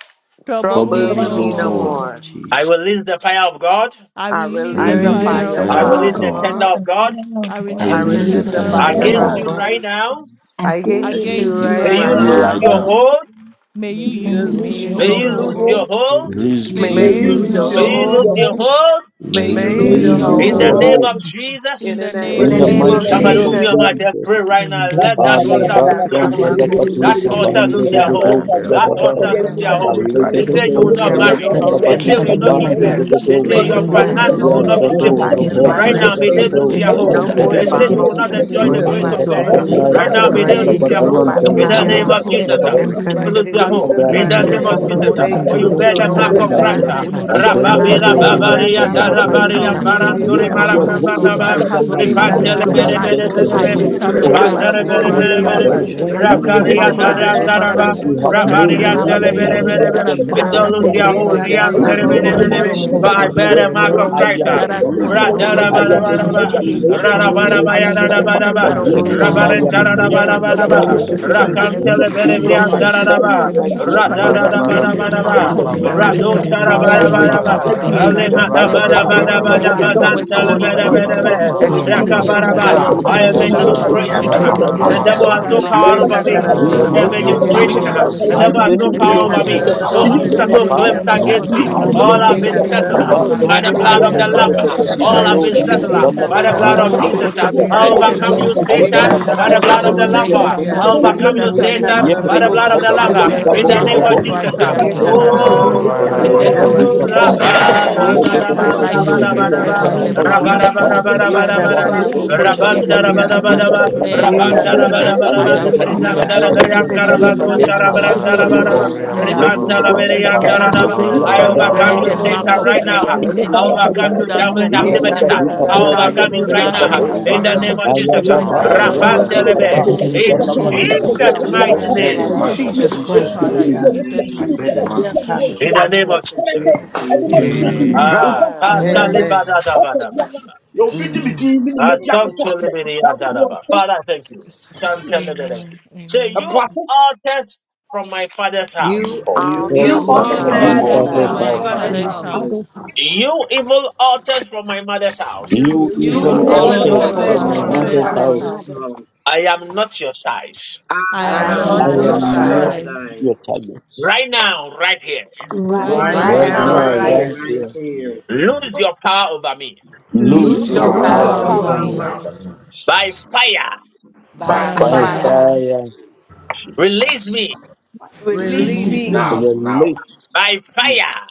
Trouble
Trouble
Trouble
me
me
me
Bother
no
Trouble
no
me
no
me
no
no
Surely,
more,
more.
more.
more.
more.
I
Jesus.
will release the fire of God.
I
I
I
release
I
the
release
and
I
the
you
Release
release the
fire
need
release
this.
fire
to
of
of
the
fire
release
I will
the
of
power
use
release
God.
God.
fire
the
of
the
of
God.
power
tender
God
of
and
God.
God
fire of
I
I
God
I
I
release
I
and
the
I
release
and
the
release
use
release
the
tender
just
the
the
release
tender
the
finish
of
tender
fire
release
the
of
of
thunder
of
the
tender
love
against
God
of
God.
you
of
God.
God.
of
God.
right
God
God
now.
promise.
against
If
I
Against
you
you
you
Please,
against
against you
you
right
release
see
May
not
right
right
you
right
Mama,
you
now,
with
now.
lose
right
now.
now,
your
your
now.
Mama,
life.
hold.
May
May
you
May
you
use,
you,
you
and
lose
may
release
you
your
you
lose
lose
your
May
hold
your
lose
you
your
lose
over
own.
the
your
hold.
my
lose
hope.
home.
your
hope.
life.
hold.
Release,
May
may
you
May
May
you
May
you
May
release
you
you
lose
lose
loose
lose
your
your
Release
you
your
your.
your
lose
You
hold.
hold.
lose
hold
home.
lose
your
on
your
your
our
hope.
hope.
hold
hands.
May
May
May
they
May
you
you
May
May
you
May
lose
you
lose
use
loose
you
your
May
you
Release
your
lose
your
your
your
lose
in
you
hold
your
hold
lose
the
on
your
hold.
your
hold
own
our
lose
home.
hope
name
hold
of
your
minds.
Jesus.
in
in
May
the
the
you loose
name
In
In
in
in
name
the
of
in
the
the
your
the
the
of
in
name
hold
name
name
of
on
name
of
the
of
mighty
of
our
Jesus.
Jesus.
Somebody
name
name
Jesus,
of
open
of
Jesus.
mental
your
Jesus.
mouth
Jesus.
health
Amen.
and
and
Jesus.
our
pray
lives
right
in
in
the
now.
the
name
Let
Thank
of
that
Jesus.
divorce,
Ale
Yeah,
and
altar
the
Jesus.
lose their
bakon
Because
recovery,
da
and
hold.
we
da
the
Thank
ba
need
Mercy
That
du
divorce,
for
and the
altar
de
lose
to
de
their
recovery, and
us.
the
do
In
hold.
the
and
name
cha
That
da ba.
of
recovery.
altar
we
In
In the
of
lose
the
us,
their
name
mighty
of
for
hold.
name
Ale
of
the
Jesus,
Awurade
de
They
de
say
any
Jesus,
spirit,
need
you will
do
bosom
altar
sa
not
may you
biara
lose
yan
marry.
your
ta
that is
la
hold
ba
They
in
say
di
the
speaking
you
name
mpem
will
of
not
against
yie
my
give
de
die.
Jesus.
birth.
de
of the
de
marriage,
They
do.
Jesus,
say
May
I
sa.
any
your
Bosom
you
altar
biara
lose
stand
that
your
Spirit.
on
finances
mpem
is
the
will
hold
yie
not be
over
finished
die.
my
speaking
work
Yantado
stable.
of
life
the
in
against
the
my
Robo
cross.
mighty
Papa,
Right
you
name
now,
of
may
finances,
they
There
see.
is
lose
Jesus.
Shadabado
their
any
hope.
No
altar
written,
that
let
more
is
They
in
no
say
my
speaking
you
man
Sayantalabate
will
home
not
against my
in
trouble
enjoy the
me,
Awurade
Jesus'
for
grace
ani
Father,
progress,
of
I
mighty
so
Lord,
the
God.
ho
name.
bear
wo.
in
any
my
Yakatakataya
beginning
any
I
Right
of
altar
body
now,
the
or
and
may
that
the
they
is
mark
Awurade
command
lose
churches,
you to
my
of
their
making my
go
Telabatu
hope.
the
and
father,
Jesus.
by
so
the
family
mu
In the
I
my
power of
biara
name
beginning of the
Telebabo
the
stagnant,
of
mother,
Holy
declare
Jesus,
and
my
uh,
I'm
Shadabai
mother,
Spirit
free
mpɛ
may they
by
me.
the
lose
in
their
blood of
hope.
Jesus'
Kabaya,
Yɛ
In
Jesus.
the
mighty
any
that
die
No
name
altar
is
name.
of
evil
that
papa
is
Jesus, uh,
Yesu.
May
pointing
water,
causing
you
for
to
no
you
Kabaya,
lose
bear
delay
you
your
the
in
evil
Ɛna
Sita
mark
hold
every
not
in
to
of
the
anɔpa
altar,
allow
aspect
yi
Kabaya,
o.
Christ.
mighty
of
me
my
uh.
to
name
life.
no
of
move on.
Jesus.
demonic
Antele
Ɛna
you
Like
Father,
Rababira
awia
in
yi
Yeah,
the
o.
Bedori
name
consultation
and
of
and
babaria
from
kata
then
my
I
Papa
father's
bako
Jesus,
any
thought
as
they
Yesu.
Tebedoche.
house,
darabaria
shake
I
were
my
it,
altar,
it,
bear the
it,
mother's
any
it,
baranduri
mark
significant
of
Lift
house,
abba,
witch
Ɔmo
your
or
purpose
shake
Christ
nso
hold
it.
today,
altar,
ho.
also.
marabamba
fa-
me.
over
have
my
Yeah,
So
this
authority
Ɔmo
life
morning,
any
there
over
repantele
kata
nso
was
and
as
my
my
ho.
I
bere
me.
you
a
tabo
wizard
life.
pray
bere
ko
craft
bere
this
destiny.
I
shake
loving
bere
it,
altar.
ɔhɔhoa
morning,
thing
lift
it,
ma
Lift
Bosomsom
in
nyɛ
up
it,
your
the
bia
my
it,
biara
hold
fire
abba,
yɛbɛka ne
I
of
repantele
I
purpose,
sɛ
over
a
shake
God
bere
ne
this
ɔmo
it,
my
pray
pray
right
de
it,
that
bere
kind
to
me
it,
use
of
ne
the
now
ntiaseɛ
that
bere
Lord
thing,
bia
abba,
your
family.
and
against
shake
Jesus
work
it.
m'abusua
I
every
In
Christ.
awurade
has
the
was
yɛkɛ
come
evil
going
In
sɛ
to
rakaria
the
name
to
an
makɔ
of
mmaka
so
altar
end.
mighty
dara
respond
deɛ
name
to
ɔma
the
of
Father
that
papa
sɛfɛ
has
music
Jesus,
na
been
Jesus,
fo
Yesu.
you
Lord,
sɛ
have
of
May
ɛma
power and fire of
ne
no
you
contracted
so
God.
the
Ɛna
Arian
to
use your
Father
right.
anɔpa
We
hold
bring
yi
me
I
must
in
o.
ɔtomfo
the
Lord,
be
pain,
biara
bear
name
Zelebelebelebe,
that
of
the
has
wɔasɛm wɔ
mark
Ɛna
Jesus.
Yekatatabokoshekiya.
and
Father
careful.
of
nesu
don't
anɔpa
lose
contracted
yi
that
o.
Lord,
to
Christ.
Whatever
We
nabrabɔ
must
bring
be
that
careful.
mu
and
you
I
are
Rian
In
said,
Father
delays
the
Awurade ma
abusuo
in
people,
no
holding
ɔmo
my
Lord,
name
We
of
I
nso
Zelebelebelebe,
must be
against
marriage
anyasuo
me
no
ho.
and
me.
careful.
no
is
but I
baabi
Jesus,
We
bear
released
altar
childbirth,
biara
the
must
in
be
the
I
will
I I I I
mark
my
don't
name
get
want
therefore
of
careful.
of
it,
want
I
yɛbipa
We must
Christ.
biara
Jesus.
am
ah.
power
that has
yɛbɛ
Thank
want
you.
over
bɛka
con-
me,
Whatever
free.
that
wɔyɛ
been
you
want
are
Yekatatabokoshekiriya.
to
no
I
to to
baisi a
contracted
holding
to
am a
altar
bring me
new
be
will
against me
Ra-da-da-ba-da-ba-da-ba,
awurade
is
shame
yɛsɛ
or
ɔde
da
suspend
released in
sorrow.
creation.
the
me,
yɛ
All
ba
name
I
di
of
kiss
ya da
things
no
release
Jesus.
are
da
nabrabɔ
the
him.
so
altar
na
passed
ba
mu
tender
will
nea
May
of
I
away
the
ɔsi
delay
want
heaven,
and
to
kyerɛ
the
me,
I
me
power
kiss
of
awurade
the,
am
him.
consuming
no
nkɔtɔ
fire
new
of
in
the
may
altar
Adolescente, ao I
awurade
the
Holy
want to
for
kɔ
Christ.
I
Ghost,
blood
esse
to
of
bear
wɔsentɛ
the
ne
scatter
Christ,
mass
ɔwɔ
of
every
You
cristianismo,
ɛkɔ ne
do
evil
so
careful.
may
I
not
the
hand
Jesus Christ,
bush.
We
kɔnkɔnkɔ
must
ne
conform to
ɔwɔ
be
my
every
kɔ ne so
evil
want to ao esse I
blessings.
want
ɛne
to
sacrifice,
aseɛ
bear
every
the
Leave
mass
kyerɛ
cristianismo,
of
demonic
in
ɛne
Did
the
it
dwuma
ao I want to
no
careful.
kɔ
become
covenant
name of
Jesus
akɔ
raised
marinha
Christ.
biara
bended?
Jesus.
against
I
ɔkɔ
me.
Any
Did
biara
it
I
become
ɔkɔ
altar
reject
biara
bended?
for
decree
Did
my
and
you
it
I
ocupou
mother's,
by
wɔfiri ne
become
the
declare
nyame
bended?
a
this
ɔwɔ ne
Did
mu
power
it
ne
baabi
of
mu
morning,
the
any
yɛ
may
biara
Holy
their
become
Do
altar
ɔkɔ
for
Ghost.
powers
bended?
all
biara
my
fail
this
in
mother's,
the
abɔnefoɔ
ɔkɔ
In
no
the
name
biara a
of
name
ɔkasa
of
Jesus.
ɛde
Nancy
me
kyerɛ
and
me
did
May
ne
it
shall not
their
ahosu
Jesus.
me
become
get
And
and
I
I
evil
did
Rakabaraba.
can't
power
the
be a
Ye
altars
I
ɔmo
over
am a
me,
divorce
possess
part
my
and
collapse
fie
new
of
did
this.
it
by
shall
become
creation.
not
fire.
I
May
and
protections.
can't be
baabi
their
did
I
have
a
it
The
biara
power
voices
part
devil
divorce
be
of
possess
over
has
this. I
Abara
me.
my
no
papa
silenced
don't
power
want to
blessings.
over
be
forever.
part
me.
yɛsue
of
May
The
and
this.
In
did
they
the
katararara
it
devil
I
bo
lose
am
has
a
become
name
yɛtwi
their
no
of
new
and
mu
Sana
hold
did
no
bir
sekerere
power
it
de
over
creation.
my
diğer
over
Jesus.
divorce
me.
yabase.
The
and
awurade
destiny.
paraları
did
devil
ma
bir
it
has
ɔmo
no
become
cümleyi
The
bir
Ye
and
Every
power
devil
did
çift
over
has
it
nsuo
evil
no
me.
yaptı.
Handelebedosaya.
katararara
divorce
bo
altar
No
power
and
Bizim
awurade
did
bir
ma
over
speaking
ɔmo
me.
it
millet
unsettled
sekerere
çift
Thank
pain,
you.
nsuo
claims
yaptı.
speaking
is
No
Lekabandabaya.
against
it
yabakase.
Bizim
me.
power
bir
cover
Thank
awurade
and
frustration,
ma
over
All
or
did
me.
ɔmo
it
Ye
have been
nsuo
bondage
divorce
settled
The
into
and
katararara
devil
my
did
bo
has
Alekatekatakabaya.
no
it
life,
by
Oh,
awurade
the
become
ma
power
yeah.
sekerere
I
blood
and
ɔmo
over
of
did
the
it
me.
O
Lamb.
nsuo
command you
yabakase
to
At
Thank
divorce
the
be
kafada
and did
blood
All
ɛwɔ
kerere.
baba
of
have
silenced
been
yesu
şey
and to
Rebedebedebedebedorian
settled
kristo
Ye
Jesus,
kafaya
mu
leave your
baba.
by the
talababa.
power
no
blood
katararara
O
ɛwɔ
bo
of
now.
yesu
power
kafaya
Jesus.
kristo
I
sekerere
ediyor
mu
I
will
reverse
sayı
yase.
bir
Lekotokatabaya.
every
ɛwɔ
overcome you,
yaptı.
yesu
evil
succeed.
And
Ye
the
kristo
No
Satan,
mu
pronouncement
by
power
the
and
Labaduka
katararara
I
blood
bo
of
ɛwɔ
the
Ağzı
declare
will
yesu
Lamb.
it
Borian
sıra.
I
sekerere
shall
kristo
defeat
mu
not
Sıkan
me.
stand,
sıra
overcome
Tanadadosa.
you,
neither
ɛwɔ
insan
Ye
No,
shall
yesu
it
biliyor ne
Satan,
I
come
kristo
am
to
mu
an
Yebre
by
katararara
the
bo
pass.
blood of the
yantanda
I
ɛwɔ
overcomer.
sekerere
Öyle
yesu
bir
bear
Lamb.
matika
gel
the
In
kristo
bo
it
the
yabase.
kasa
mark
mu
and
I
name
of
did
of
am
robo
it
an
yapalım.
become
Jesus.
Christ.
Bir
I
ah.
and
gel
am
Ye
did it
overcomer.
sababato
divorce
yapalım.
kaya.
katararara
and
I
did
bo
untouchable.
Bir
am
it
gel
an
And my
become
sekerere
Indana
and did
yapalım.
it
overcomer.
destiny is
Bir
patika
Oh,
yabase.
gel
hidden
divorce
in
bai.
and did
Christ
it
yapalım.
rabba,
Bir
da,
Ye
Jesus.
gel
da,
Alede
da,
de
My
de
ba,
de
katabako
da,
life
ba,
and
is
do
da,
did it
ba, da,
sekerere
ba.
preserved
become
by
and
riyantana
yapalım.
the
did it
power
Rabba,
yabase.
da,
patika
divorce
of
I
ba,
Nasıl
and
da,
God.
bai.
did
am
it
an
kapıya
become
overcomer.
ba,
Ye
baba?
By
da,
the
and did
ba,
it
da, ba, da, ba.
katata
Bırak
authority
Sabato
divorce and
in the
did it become
bokoshe
kapıya.
Rabban,
name
da,
of
sababato
and
da, ba,
did
O
da,
it
Jesus,
ba,
I
giriyasi.
da,
divorce
yeko
kafaya
ba.
da
and
teka
did it
çıkıyor.
declare and
teka
Ye
I
Rabban,
Ve
da,
become
Devil,
taya.
da, ba,
katata
kanatı
decree
da,
o
ba, da,
I
robo
zaman
ba.
bir
se
am
Andana
you know
şey
free,
Ridan,
and
patika
my
da,
giriya.
did it
da,
bo
divorce
family is
berian,
and
da, da,
did
free,
it
ba,
riyantana
Ye
my
do,
become
pato
and
sa,
kaba
you.
ra,
did it
ba,
destiny
baba
is
divorce
da, da,
se
ba,
sayantana
you
free.
da,
be.
ba.
giriya
We
altar,
are
se.
Riban,
Aleko
free
da,
Amen.
da,
teka
from
my
teka
berian,
every
da,
father's
da,
taya.
da,
Amen.
ba.
bondage.
Ye
family,
I
I
Yakata
witchcraft
overcome
bear
katata
you,
the
altar,
robo
mark
yakata
se
Satan,
of
kata
right now. ah.
giriya.
curses and
rasu
I
witchcraft
he
altar.
overcome you,
released
sakabaya.
us
devil,
You
from
have
Ye
all
Indana
no
activities. ah.
power
curses.
patika
you.
over
I
katata
bo
me.
By his
overcome you
robo
right
se
riyantana
I
blood
now. ah.
am
we
an
are
pato.
giriya.
In the name
released
overcomer.
of
in
Aya
the
Jesus. ah.
Ye
I
mighty
baba
am
Amen.
name
an
katata
of
Rabban,
rakata
Jesus.
overcomer.
We
telebe.
are
Amen.
and
kaba.
robo
did
set
it
se
I
become
In
free
am
Indana
an
giriya.
and
to
did it
patika
overcomer.
take
Jesus'
bo
become
our
Ye
I
mighty
robo
bear
name.
the
destiny.
Oh,
So
marks
we
katata
of
Jesus
thank
robo
you,
se
Jesus
Christ, the
Father,
Christ.
in
giriya.
demons.
Jesus'
I
mighty
bear the
name
marks
Ye
I
of
pray.
katata
Jesus
In
Christ.
the name
Amen.
of
bokoshe giriya
Jesus.
in the
Amen.
name of
Amen.
Amen.
Jesus.
Amen.
Ah,
Amen.
Amen.
katalebadadabadabada.
Jesus,
your
Jesus.
victim is
Mhm.
doing me, you make
Amen.
Asantolebereyadadaba. Father, thank you. Chantelebede.
Amen.
Say, you
Amen.
your
altars from my father's
You
house.
You
all test in
You
my
You
You
altars
altars
You
from
utter
father's
You
for
from
my
All
my
ought
You
my
altars
to
house.
thanks
from
father's
authors
father's
altars
son.
to
altars
for
father's
my
from
my
from
my
my
house.
my
house.
promise.
for
fathers.
father's
father's
father's
my
father's
house.
house,
house.
father's
house.
house.
witchcraft altar.
You evil altars from my mother's house.
You
You
You
you
You
You
You
You
You
evil
evil
You
all
evil
Do
evil
evil
evil
You
test
evil
utter
in
for
altars
ought
my
evil
my
altars
altars
even
from
altars
mother's
from
from
authors
altars
my
from
son.
to
my
my
my
mother's
all
for
from
my
mother's
this
matters
house.
mother's
my
mother's
mother's
to
for my
house.
mother's
my
house.
house.
promise.
mother's
house.
house.
mothers.
mother's
house.
house.
I am not your size.
I
I
I
I
I
I
am
am
am
I
You
not
am
are
I
your
am
I
am
am
not
not
not
not
not
your
not
your
your
not
am
your
just
am
size.
your
sign.
not
science.
child.
surprised.
grateful
size,
side.
your
for this.
target.
Right now, right here,
right
right
right
Right
Right
now
Right
now,
now,
Right
Right
and
Right
now,
right
now,
right
now,
now,
right
now,
here.
right
now,
I'm
here.
right
Amen.
here.
here.
right
feeling
right
here.
right
here,
here.
here.
lose your power over me.
Lose
Use
lose
Lose
Loose
your
Lose
your
Lord,
your
your
your
your
power
your
Lose
Lose
power
power
loose
your
power
power
power
over
your
power
of
over,
me
over
over
power
over
over
over
me
people
me.
me
over
me.
me
power
in
now.
over
me
my
me.
life.
By
Jesus.
All the
fire,
values of me
by
By
to
By
by
by
By
by
By
fire.
finish
fire
fire.
and
fire.
fire.
fire.
fire.
first to the nation, thank
fire,
you. Thank you for
release
me
me.
by fire.
Release
Release
Release
Release
me
Release
Remove
beneath
me.
me
Release
me.
me
now,
me back
now.
to
release.
By fire,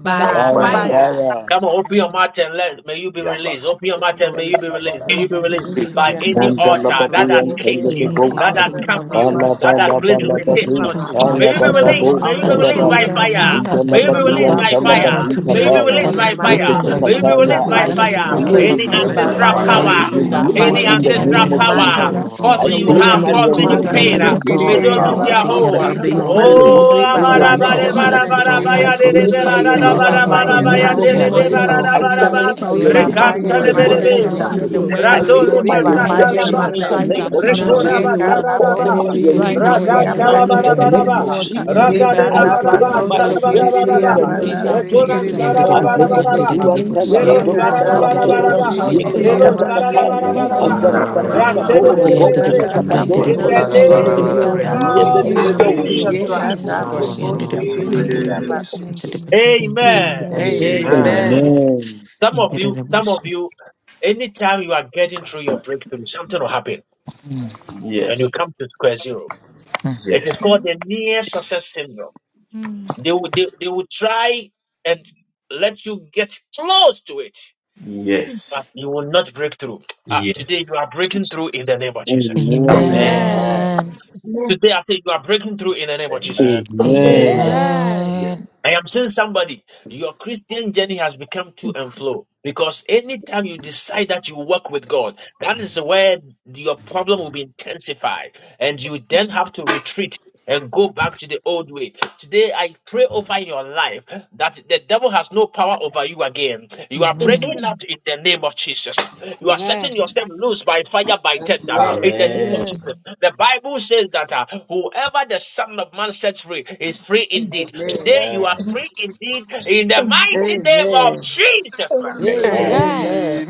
by
By
by
By
My
By
by
fire.
fire.
fire.
fire.
fire.
son.
fire.
fire,
Come on, open your mouth and let may you be released. Open your mouth and
Ɛwɔ
may you be
Yesu
released.
Kristo
May
In
you
din
be
mu
released
Awurade me
Be
by
that and
any
by
Nyankopɔn me
Yakata
Mandala
altar
the
that
badu
has
and
Awurade
Remove
tabakoshe,
caged
the-
baabi
you,
any
Telebos,
altar
that
biara a
has
from
yɛde
altar
me
remove
camped
from my
you,
akɔhyɛ
by
the
mother's
that
fire.
has
house.
bosomsom
placed
every
biara de yɛde
other
me
limitation
From
Balabalabalababi,
on
thing
my
you.
akɔhyɛ
from my
May
father
Kaya
you be
is
Father
father's
papa
house
yi
Lord,
evil,
released.
so
Bababo,
May
your
na
you
also
that
be
word
is
anɔpa
from
released
my
yi
says
by
na
Sadabai,
holding
mother's
awie
that
on me
yi
you
house,
fire.
have
stagnant,
May you
to
be
from
remove
Awurade
my
badu
released
that
and
behold,
is
by
father's
for
yi
you
holding
house.
me
on
fire.
have
Telebadu
to
firi mu
given
May
me,
you
us
be
o.
Release
Kabaya,
power
released
that
me in
by
the
to
Awurade
is
meyi
tread
mighty
me ho
on
fire.
blocking
name of
firi
my,
May
mu
you be
o.
serpents
Jesus
and
my
by
Yipitekataya,
released
way,
by
I
Awurade
that
fire.
yi
is
scorpions
me
over
fire.
firi
all
blocking
mu o.
the
my
Any
claim
Release me
power
Release
Awurade
of
progress.
by
me
yi
the
by
by
me
ancestral
firi
fire.
enemy,
mu
my
fire.
fire.
o.
power,
I
Release me
and
oh
Release
by
by
Awurade
release
nothing
Remove
God,
any
fire.
shall
me
fire.
in
by-
the
fire.
by
Nyankopɔn
ancestral
any
name
In
Release
ne
the
will
of
call
by
mighty
means
fire.
power
Jesus.
hurt
name of
the
us.
sunsum
I
causing
Your
bɔne
you
word
claim
biara
harm,
Today,
my
also
oh
tells
causing
us
you
God,
remove
release
the
that
you are
maalam
no
Eliminate
pain.
in
so
Jesus.
the
letting
weapon
go
name
May
ancestral
of
they
formed
of me.
Jesus
against
power.
us
Today, you
shall
are
Yekabababakashikiriyabasikiri.
letting
claim
prosper,
go
my
abɛyifoɔ
of
every
so
me.
evil
tongue
Release
Oh,
me
that
release
Release
from
shall
by
in
baabi a
the
by
rise
abara
yɛde ma
fire
name
in the
Yes,
bara
of
you
power.
are
against
fɛhyɛ
mighty
bara
us
name
letting
in
Jesus.
of
go
bara
of
ɛna
my
judgment,
I
Jesus.
baya
anɔpɛ
de
yi
de
claim
progress.
you
de
mu
my
shall
bara
La
You
Release
are
awurade
la
me
yi
release
letting
by
la
me
bara
go
la
condemn.
in
of
la
mfi
the
my
fire
bara
in the
la.
the
mu
baya
name
mighty
Now,
marriage.
de
of
You
evil
name
are
Released
de
new
of
by
de
from
awurade
letting
Jesus.
altar
yi
Jesus.
fire.
go
bara
me
from
da
I
of
mfi
my
bara
mu
call for
ba.
father's
my
Release
house,
me
awurade
new
yi
by
Release
me
my,
release
altar
by
mfi
my
fire
mu
from
in
Rekanta
in
the
my
fire.
le
the
my
You
mighty
are
bere
name
life.
mother's
name
ɛne
of
You
of
are
house,
ancestral
beta.
hear
Jesus.
letting
Jesus.
the
go. of
bosomsom
spirit.
word
biara
I
of
a
the
Rando le
claim
Release
Lord.
me
my
You are
yɛde
by
me. by
me
fire.
I
nua
marine
fire
masata
am
in
la
not
the
bɛrima
spirit.
redemption
your
mighty
in
name
bata.
the
of
akɔhyɛ
size,
name
Now
I'm
Jesus.
in
of
You
ɛna
covered
marine
by
Jesus'
anɔpɛ
Jesus.
Rekora
Ye
the
name,
yi
spirit.
I
o
blood of
basara da
call
Jesus
for
ɛna
my
kataboko
ba.
awie yi
Dendere
o
right
release
now
meyi
bus,
me
and
shekerere
right
uh,
nua
yandere
Radanta
now
la
right
bɛrima
beka
in
no
here
bara
the
abase.
fi
dendere
mu
bara
name
o,
urging
of
dendere
the
ba.
Jesus,
bus,
altar
meyi
and
Jesus.
me
Jesus,
yandere
Ye
nua
rail
Radda
beka
de
bɛrima
da
I
no
Jesus,
against
fi
dendere
bara
mu
my
ba
claim
dendere
katabako
life,
Jesus,
my
da
that
bus,
la
of my
yandere
bara
abosomsom
beka
redemption
bara
shekerere
biara
in
a
siblings,
yɛde
the
dendere.
ba.
name
against
maame
our
Jesus,
of
abakase
Jesus,
Rekora
akɔgya
blessings,
Diski
Jesus.
kerere
Jesus,
sara
against
yandere
da
our
ɔware
beka
bara
Until
Jesus.
ne
health,
the
dendere
bara
abaseke.
do
honhom
ba.
dendere
mu
and
against
tell
You
bus,
my
Ye
Yero
about
yandere
marriage.
those
ɔbro-
ancestral
sara
I
da
Receive
power.
ɔ-
am
the
bara
ɔ-
power
told.
kataboko
bara
of
ɔma
ba.
God
let
in
Ancestral
the
ɔtɔ
Yekete
shekerere
name
power.
Relo
yareɛ
of
ma no
sara da
Jesus
bara
katakataya.
by
abaseke.
ɔ-
bara
Release me
fire,
ba.
ɔma
Until
no
by
the
now,
fire,
now,
sikasɛm
badiga
by
yɛ
now,
Rantele
now.
basaa
fire.
the
bere
deɛ
Ye
borobo
papa
bere
I
be.
yɛ so
scatter
Release
your
In
ɛna
kataboko
myself.
the
anɔpɛ yi,
operations,
na
I
shadabadosa
awie
break
yi
shekerere
o
your
name
hand right
of
and
Iyi
I
abaseke.
maame
nullify
firi
your
Jesus.
mu
Jesus
activity
Ye
Amen.
go
Jesus.
to
Amen.
my
Christ.
covenants.
Jesus
I
ears
Christ
cancel
kataboko
your
di mu.
now
sacrifices
in the
in
shekerere
Amen.
name
Amen.
Jesus'
of
mighty
abaseke.
Jesus.
name.
Amen.
Amen.
Amen.
Amen.
Amen.
Amen.
Amen.
Amen.
Some of you, some of you, anytime you are getting through your breakthrough, something will happen
Mm,
and
Yes.
you come to square zero.
mm.
It is
Yes.
called
Amen.
the near success syndrome.
Mm.
They will, they, they will try and let you get close to it,
Yes.
but you will not break through. Ah,
Yes.
today you are breaking through in the name of Jesus.
Amen.
Amen.
Amen.
Amen.
Amen.
Yes.
Amen.
Today I say you are breaking through in the name of Jesus.
Amen.
Amen.
Amen.
Amen.
Amen.
Amen.
Yes.
I am saying somebody, your Christian journey has become too and flow because anytime you decide that you work with God, that is where your problem will be intensified, and you then have to retreat and go back to the old way. Today, I pray over your life that the devil has no no power over you again. You are
Amen.
breaking
Amen.
out in the name of Jesus. You are
Amen.
setting yourself loose by fire, by tender,
Amen.
in the name of
Amen.
Basi
Amen.
Jesus. The Bible says that uh, whoever the Son of Man sets free is free indeed.
Amen.
Today you are
Amen.
free indeed in the mighty name
Amen.
of Jesus Christ.
Amen.
Amen.
Amen.
spirit
Amen.
Amen.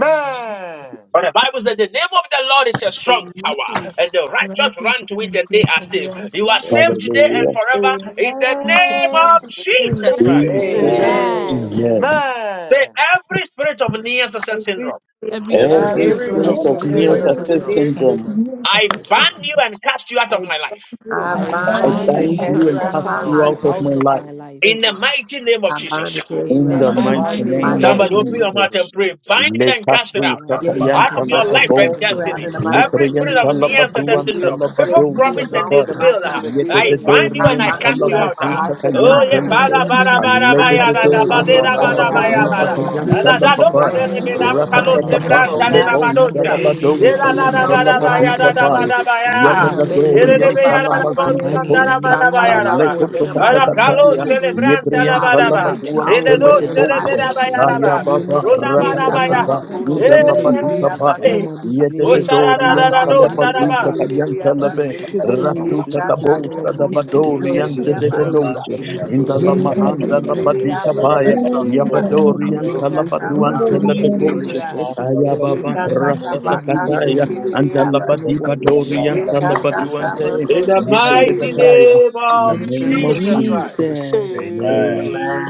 But the Bible says the name of the Lord is a strong
Amen.
tower, and the righteous
Righteous
run to it and they
reflect
are
of
saved. You are
blessing.
Yes.
saved
Amen.
today
Hallelujah.
and forever in the
Jesus'
name
Amen.
name.
of
Amen
Jesus Christ.
Amen.
Jesus.
Amen.
Amen.
Amen.
Amen.
Say every spirit of near success
Every
syndrome.
every
Every
spirit
Every
Every
Every
Every
yes,
of
Every
single
spirit
spirit
of
spirit
men's
Every
spirit
of
of
of
person
near
near
near
near
spirit
is
obsession
success
of
spirit
the
success
of
success
syndrome,
ancestral
near
of
evil,
syndrome,
sister,
syndrome
syndrome,
new that
I
Sister
is
John,
syndrome,
ban you
possible,
and cast you out of
I
my life
do.
I
my
and
I
I
I
I
son,
I
bind
bind
you
when
bind
you
and
who
is
bind
you
bind
you
and
are
bind
and
and
you
you
cast
cast
you
and
and
you,
out
you
cast
of
I
you
cast
out
cast
my
out
you
cast
of
you
of
out
cast
our
you
out
life.
of
of
you
my
lives.
This
mind.
out
my
out
life.
is
of
of
life
my
here.
life.
in the
syndrome.
mighty name of
I bind
Jesus.
and cast
In
you
in
out
the
of
the
In
my
my
the
And
mighty
in
mighty
life
then
in
the
the
you
name
mighty
Advisory
name
mighty
of
name
of
of
mighty
name
Somebody
one.
open
name
your
of
will
Jesus.
Jesus.
mouth
be
and
Jesus.
pray.
Jesus
Bind it
Christ.
and cast it out.
Everybody
Yea,
evil
God,
Out of
Lekasukatayanta
your
yankubu
bind and
life
spirits
is
of
and
your
cast you
lababonke.
out
wonderful
illness,
in
destiny.
the
of
share.
mighty
Every
name of
You
spirit
Lepreyanta
disorder,
want
of
We
to
are
feel
Jesus.
of
from
Neanderthal
now
You
praying
labaduanta
syndrome.
on.
beautiful
in
unfaithfulness.
People
flesh,
the
sin
labadosa
name of
Everybody
promise
the
and
wrong in
they
the
I
labaya.
Lord.
yankubu
mighty
fail.
name of
bind you
show
Jesus.
I
in
me
of
your
the
bind you
Jesus,
I
We
and
are
name
I
of
Yedededorianta
bind
superstition.
cast
you
you
out of
out.
Jesus.
my
praying in
I'm
life in the
the
trying.
I
Oh,
lamazukatayanta
mighty
yeah.
name
name
bind
Father,
of
you
in
of
labo.
in
the We are
Bada,
the
Everybody
Jesus.
name
bada,
of
swear
praying
to
Jesus,
bada,
I
in
be
the
any
baya,
name
around.
of
da,
Christ.
spirit
the
command
da,
you
of
We
ba,
Ah,
I
to
de,
blah,
go
could
da,
nearness
blah,
Aledededorianta
by
ba,
every
the
see
da,
blah, blah,
are
syndrome,
me,
blah,
spirit
power
baya,
praying
of
of
blah,
any
in
da,
the
blah,
near
da.
spirit
but
Holy
the
of
blah.
success
Da,
the name
labazukatayanta
da,
sabi
Spirit.
nearness
me
of
da,
the Lord. We are praying
be
dos,
syndrome,
see
syndrome,
right
Right
ke,
lababaya.
me
now,
de,
now
in
be,
more.
I
da, un,
Jesus'
ka,
Father,
bind
mighty
Baby
you
los,
in the
and
de,
I
name
be
of
name,
bran,
Rapatakabaya
see
cast
oh
Jesus,
ta,
me
may
you
de,
Ah,
the
God,
out
da,
more.
ba,
in the
in
blood
The
lebosa
dos,
of
the
ka.
name
same
new
of
to
you may
De,
fish
Jesus
Jesus.
da,
labadosa
will
do
da,
me
go
da,
by
yanta
the
ba,
now.
the
syndrome in
da,
the
name
fire
The
mighty
baya,
of
of
the
same you. see
da,
name
me
Holy
of
da, ba,
Jesus.
Spirit.
more.
labadikabaya.
da,
The
Jesus.
We
same
I
and
baya.
you
bind you
may
in
command
the
De,
do
you
me
de,
name
to
of
de,
faithfulness
go
now.
be,
to
Yedededorianta
by
ya,
the
Jesus.
da,
The same you.
da,
fire
see me
by
Lord.
bo,
We
de,
bind
force.
you
more.
da,
in
da,
the
lamazukatose.
ba,
name
By
da,
of
fire
baya,
Any
Jesus.
da,
by
ba.
We
force
spirits
in the
be
bind
Da,
you
mighty
da,
in
around.
the
ka,
name of
name of
los,
Aletotokatakataya.
Jesus.
ke,
Jesus.
de,
Everybody
bran,
We
ta,
bind
da,
and
I
you
ba,
in
Yebreyanta
the
da,
will
ba.
name
family.
of
make it
I
Jesus.
all
will
labaduanta
the
Rinero
way
not,
in
me
And
me
the
the
mighty
lebebose.
devil
name of
see
me
and
me
the
put
Kaya
devil
tereberabaya.
cup,
Jesus.
baba
and the devil
Yeka
see
rakataka
Runabarabaya.
dream
and
baba
the
ba
devil
ɛwɔ
cup,
koshe
my
inda
and the
life
kiriri
mu
labaduka ba
rebels,
ɛwɔ
ya
yabase.
Hey.
m'adesua
yede de
mu
Yeka
dori
ɛwɔ
taba
yanta
m'abrabɔ
Osararararo
Did
mu
it
deɛ
kase
become
ɔbaapa
labaduka
saraba.
ka
did
yesu
kiriri
it
yanta
divorce and
labe
yabase.
did
In
it
metwam ɛwɔ yesu
rasuta
Yeka
ka
kristo dim
did it
tabo
awurade
bosta
become
da
meyɛ
and
koshe
did
firi
it
Amen.
badori
divorce
kiriri
yanta
me
and
de
did
so
it
de
Amen.
become
ɛwɔ
yabase.
yesu
doce
Amen.
did
Amen.
it
kristo dim na
inda
divorce
la
and
awurade
did
Yeke
ka me
se
ho
In
mahanda
na bia me
kiriri
the name
labadika
nahyira me
ba
yabose
ya
kiriri
awurade
ya.
bɔ me ho
yabadori
ban
yanta
gye me
Yeka
firi
labadu
taba
bɔne
anta
fa
koshe
labe
kiriri
doce
ya.
Kaya
ɛso
baba
Yeka taba
rasata
afidie biara
kase
kataya
mu
kiriri
anda
ka me ho na
yabase.
labadi
boa me
badori
son.
nahyira me wɔ
yanta
Yeka
yesu
labadu
kristo
ante
dim
taba
the
koshe
yede de
mighty
kiriri
amen
ya.
kataya
name
in the
of
In the
name
name
of
of
Jesus Christ,
Jesus.
Jesus.
jesus
Amen.
Amen.
Amen.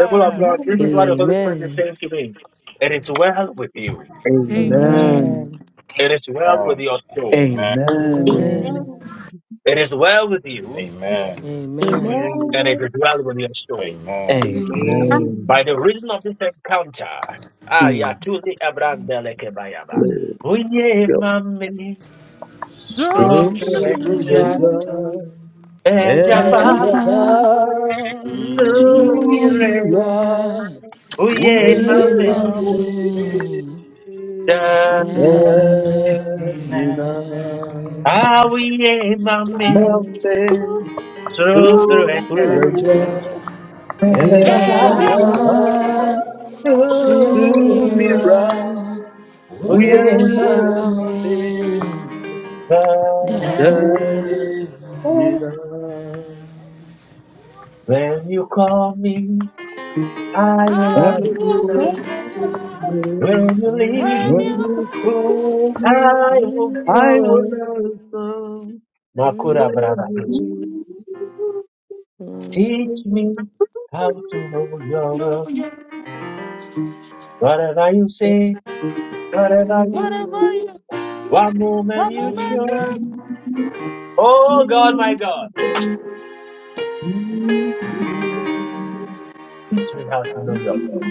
people of God, this
Amen.
is what the Holy Spirit is
amen
saying to me. It is well with you.
Amen.
Amen.
Amen.
It is well with
Amen.
your soul.
Amen.
Amen.
Amen.
Amen.
amen
Amen.
It is well with you,
Amen.
Amen.
amen
and it
Amen.
is well with your soul.
Amen.
Amen.
Amen.
Amen.
By
Amen.
Amen.
the reason of this encounter,
Mm.
Ayatuli Abrandelekebayaba.
Glory
Uye
to
mami
When
Glory
sukre
to
Sing
the
mm.
ya
Inspiration
for
Mm.
God.
joy,
and
At
jump
ejaba
the
give the
back
glory,
to
to
of
me
sumire.
Mm.
nearer.
right. We
Uye
Mm-hmm.
Yeah,
mami
are
mommy.
made.
da.
the
Yeah,
Ah, uye mami
Mountain through
sukre ya
the joy.
Yeah,
ejaba
At the
Prince of
Japan
to
to
me
sumire.
Peace,
right.
me,
Uye
Uye
oh yeah,
mami
mame
my
da.
Then
danina
Amen.
When you call me, I will answer.
Amen.
Ayono
When you lead
When
you
me,
you call me,
I will
I will
follow.
answer.
Nakura Brada
Domino.
teach me how to know your
know
will.
you,
Whatever you say, whatever you do,
whatever you,
one moment
one
you
moment
show.
you
Oh God, my God, teach me how to know your will.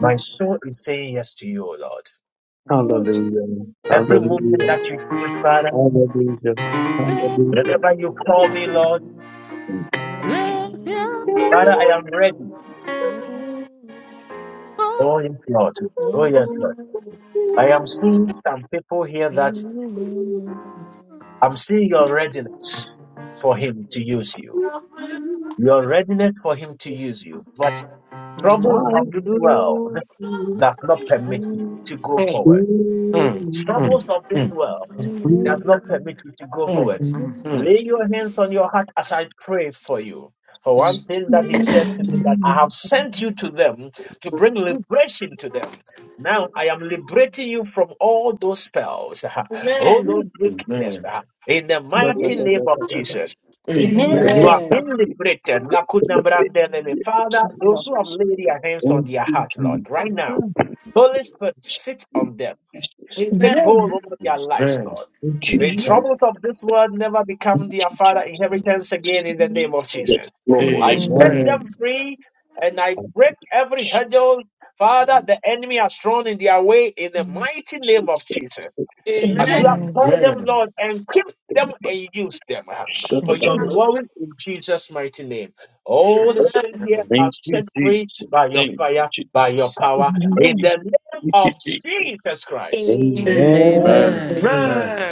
My soul is saying yes to you, O Lord.
Oh,
Hallelujah.
Jesus.
Every moment
Hallelujah.
that you choose, Father,
Hallelujah.
can
Hallelujah.
whenever you call me, Lord,
raise your
Father, I am ready. Oh yes, Lord.
Amen. Jesus.
Oh
Yes. Amen. Amen.
yes,
Amen.
Lord. I am seeing some people here
Amen.
that I'm seeing your readiness for him to use you. Your readiness for him to use you, but troubles
My
of this world
soul
does not permit you to go forward.
Mm, mm,
sings.
Troubles of this
mm,
world does not permit you to go
mm,
forward.
Amen.
mm.
Lay your hands on your heart as I pray for you. For one thing that he said to me that I have sent you to them to bring liberation to them. Now I am liberating you from all those spells,
Amen.
all those
Amen.
Amen. Amen.
wickedness. uh, In the
Da, da,
Amen.
mighty
da, da,
name of
da, da, da.
Jesus,
Amen. Amen. Amen. Amen.
The
you
very
have
Amen.
been
last thing
liberated.
we have to do.
Nakuna brandelele.
Amen.
Father, those who have laid their
Yes,
hands on
Thank
yes,
their
you,
heart, Lord,
Jesus.
right now,
Amen.
Holy Spirit,
yes,
sit on them.
Amen.
Take
Amen.
hold
Amen.
over their lives, Lord.
Thank you,
May
Jesus.
troubles
yes,
of this world never become
Thank you, Jesus. Thank
their
you,
father
Jesus.
yes,
inheritance again in the
yes.
name of
Yes,
Jesus.
Lord,
I set
Amen.
Amen.
Amen.
them
amen.
free and I
Thank you,
break every
Jesus.
hurdle,
Thank
Father, the enemy has thrown in their way in the mighty name of Jesus.
you,
As you have called them, Lord, and keep them
Jesus.
and use them uh, for your glory in Jesus' mighty name. All the sin here are
Thank you,
set free
Jesus.
by your
thank you,
fire, by your power, in the name of
Jesus,
Jesus Christ.
Amen.
Amen.
Amen.
Amen.
Amen.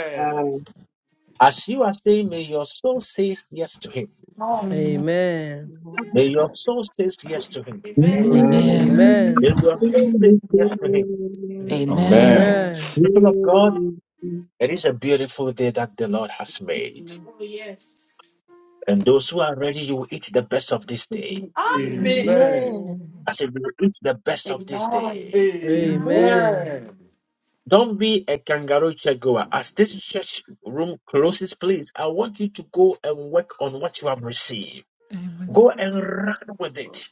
As you are saying, may your soul says yes to him.
Amen.
May your soul says yes to him.
Amen. Amen.
Mm.
May
Amen.
your soul says yes to him.
Amen. Amen.
Amen.
Amen.
Amen.
People of God, it is a beautiful day that the Lord has
those who
made.
love revelation and live in
Oh, yes.
And those who are ready, you will eat the best
the
of this
kingdom
day.
of peace.
Amen.
Amen.
Amen.
I said, you will eat the best of this day.
Amen.
Amen.
Amen.
Amen.
Amen.
Don't be a kangaroo church goer. As this church room closes, please, I want you to go and work on what you have received. Go and run
Yes,
with it.
Lord.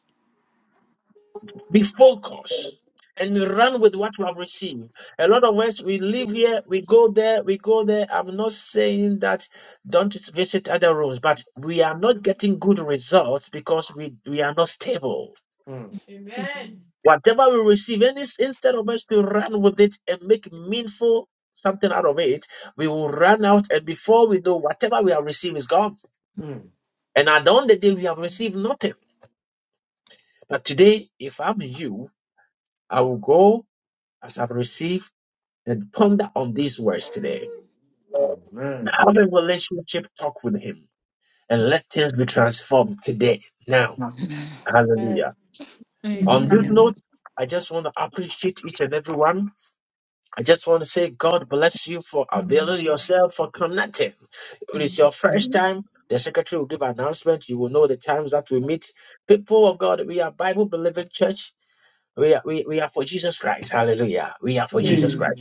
Be focused and run with what you have received. A lot of us, we live here, we go there, we go there. I'm not saying that don't visit other rooms, but we are not getting good results because we, we are not stable.
Mm, Amen.
Amen.
Whatever we receive, and it's- instead of us to run with it and make meaningful something out of it, we will run out. And before we know, whatever we have received is gone.
mm,
And at the end of the day, we have received nothing. But today, if I'm you, I will go as I've received and ponder on these words today.
Amen.
Have a relationship talk with Him and let things be transformed today. Now, hallelujah. On this
Amen.
Amen.
note, I just want to appreciate each and every one. I just want to say God bless you for availing yourself for connecting. If it is your first time, the secretary will give an announcement. You will know the times that we meet. People of God, we are Bible believing church. We are, we, we are for Jesus Christ. Hallelujah. We are for
Amen.
Jesus
Amen.
Christ.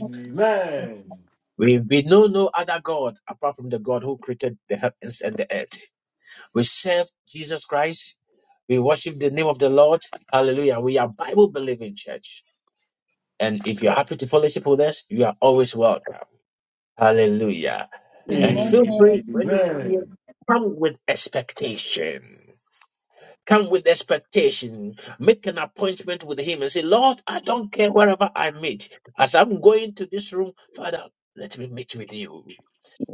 We, we know no other God apart from the God who created the heavens and the earth. We serve Jesus Christ. We worship the name of the Lord. Hallelujah. We are Bible believing church. And if you're happy to fellowship with us, you are always welcome. Hallelujah.
Amen.
And feel free
Amen.
when you come here,
Amen.
come with expectation. Come with expectation. Make an appointment with Him and say, Lord, I don't care wherever I meet. As I'm going to this room, Father, let me meet with you.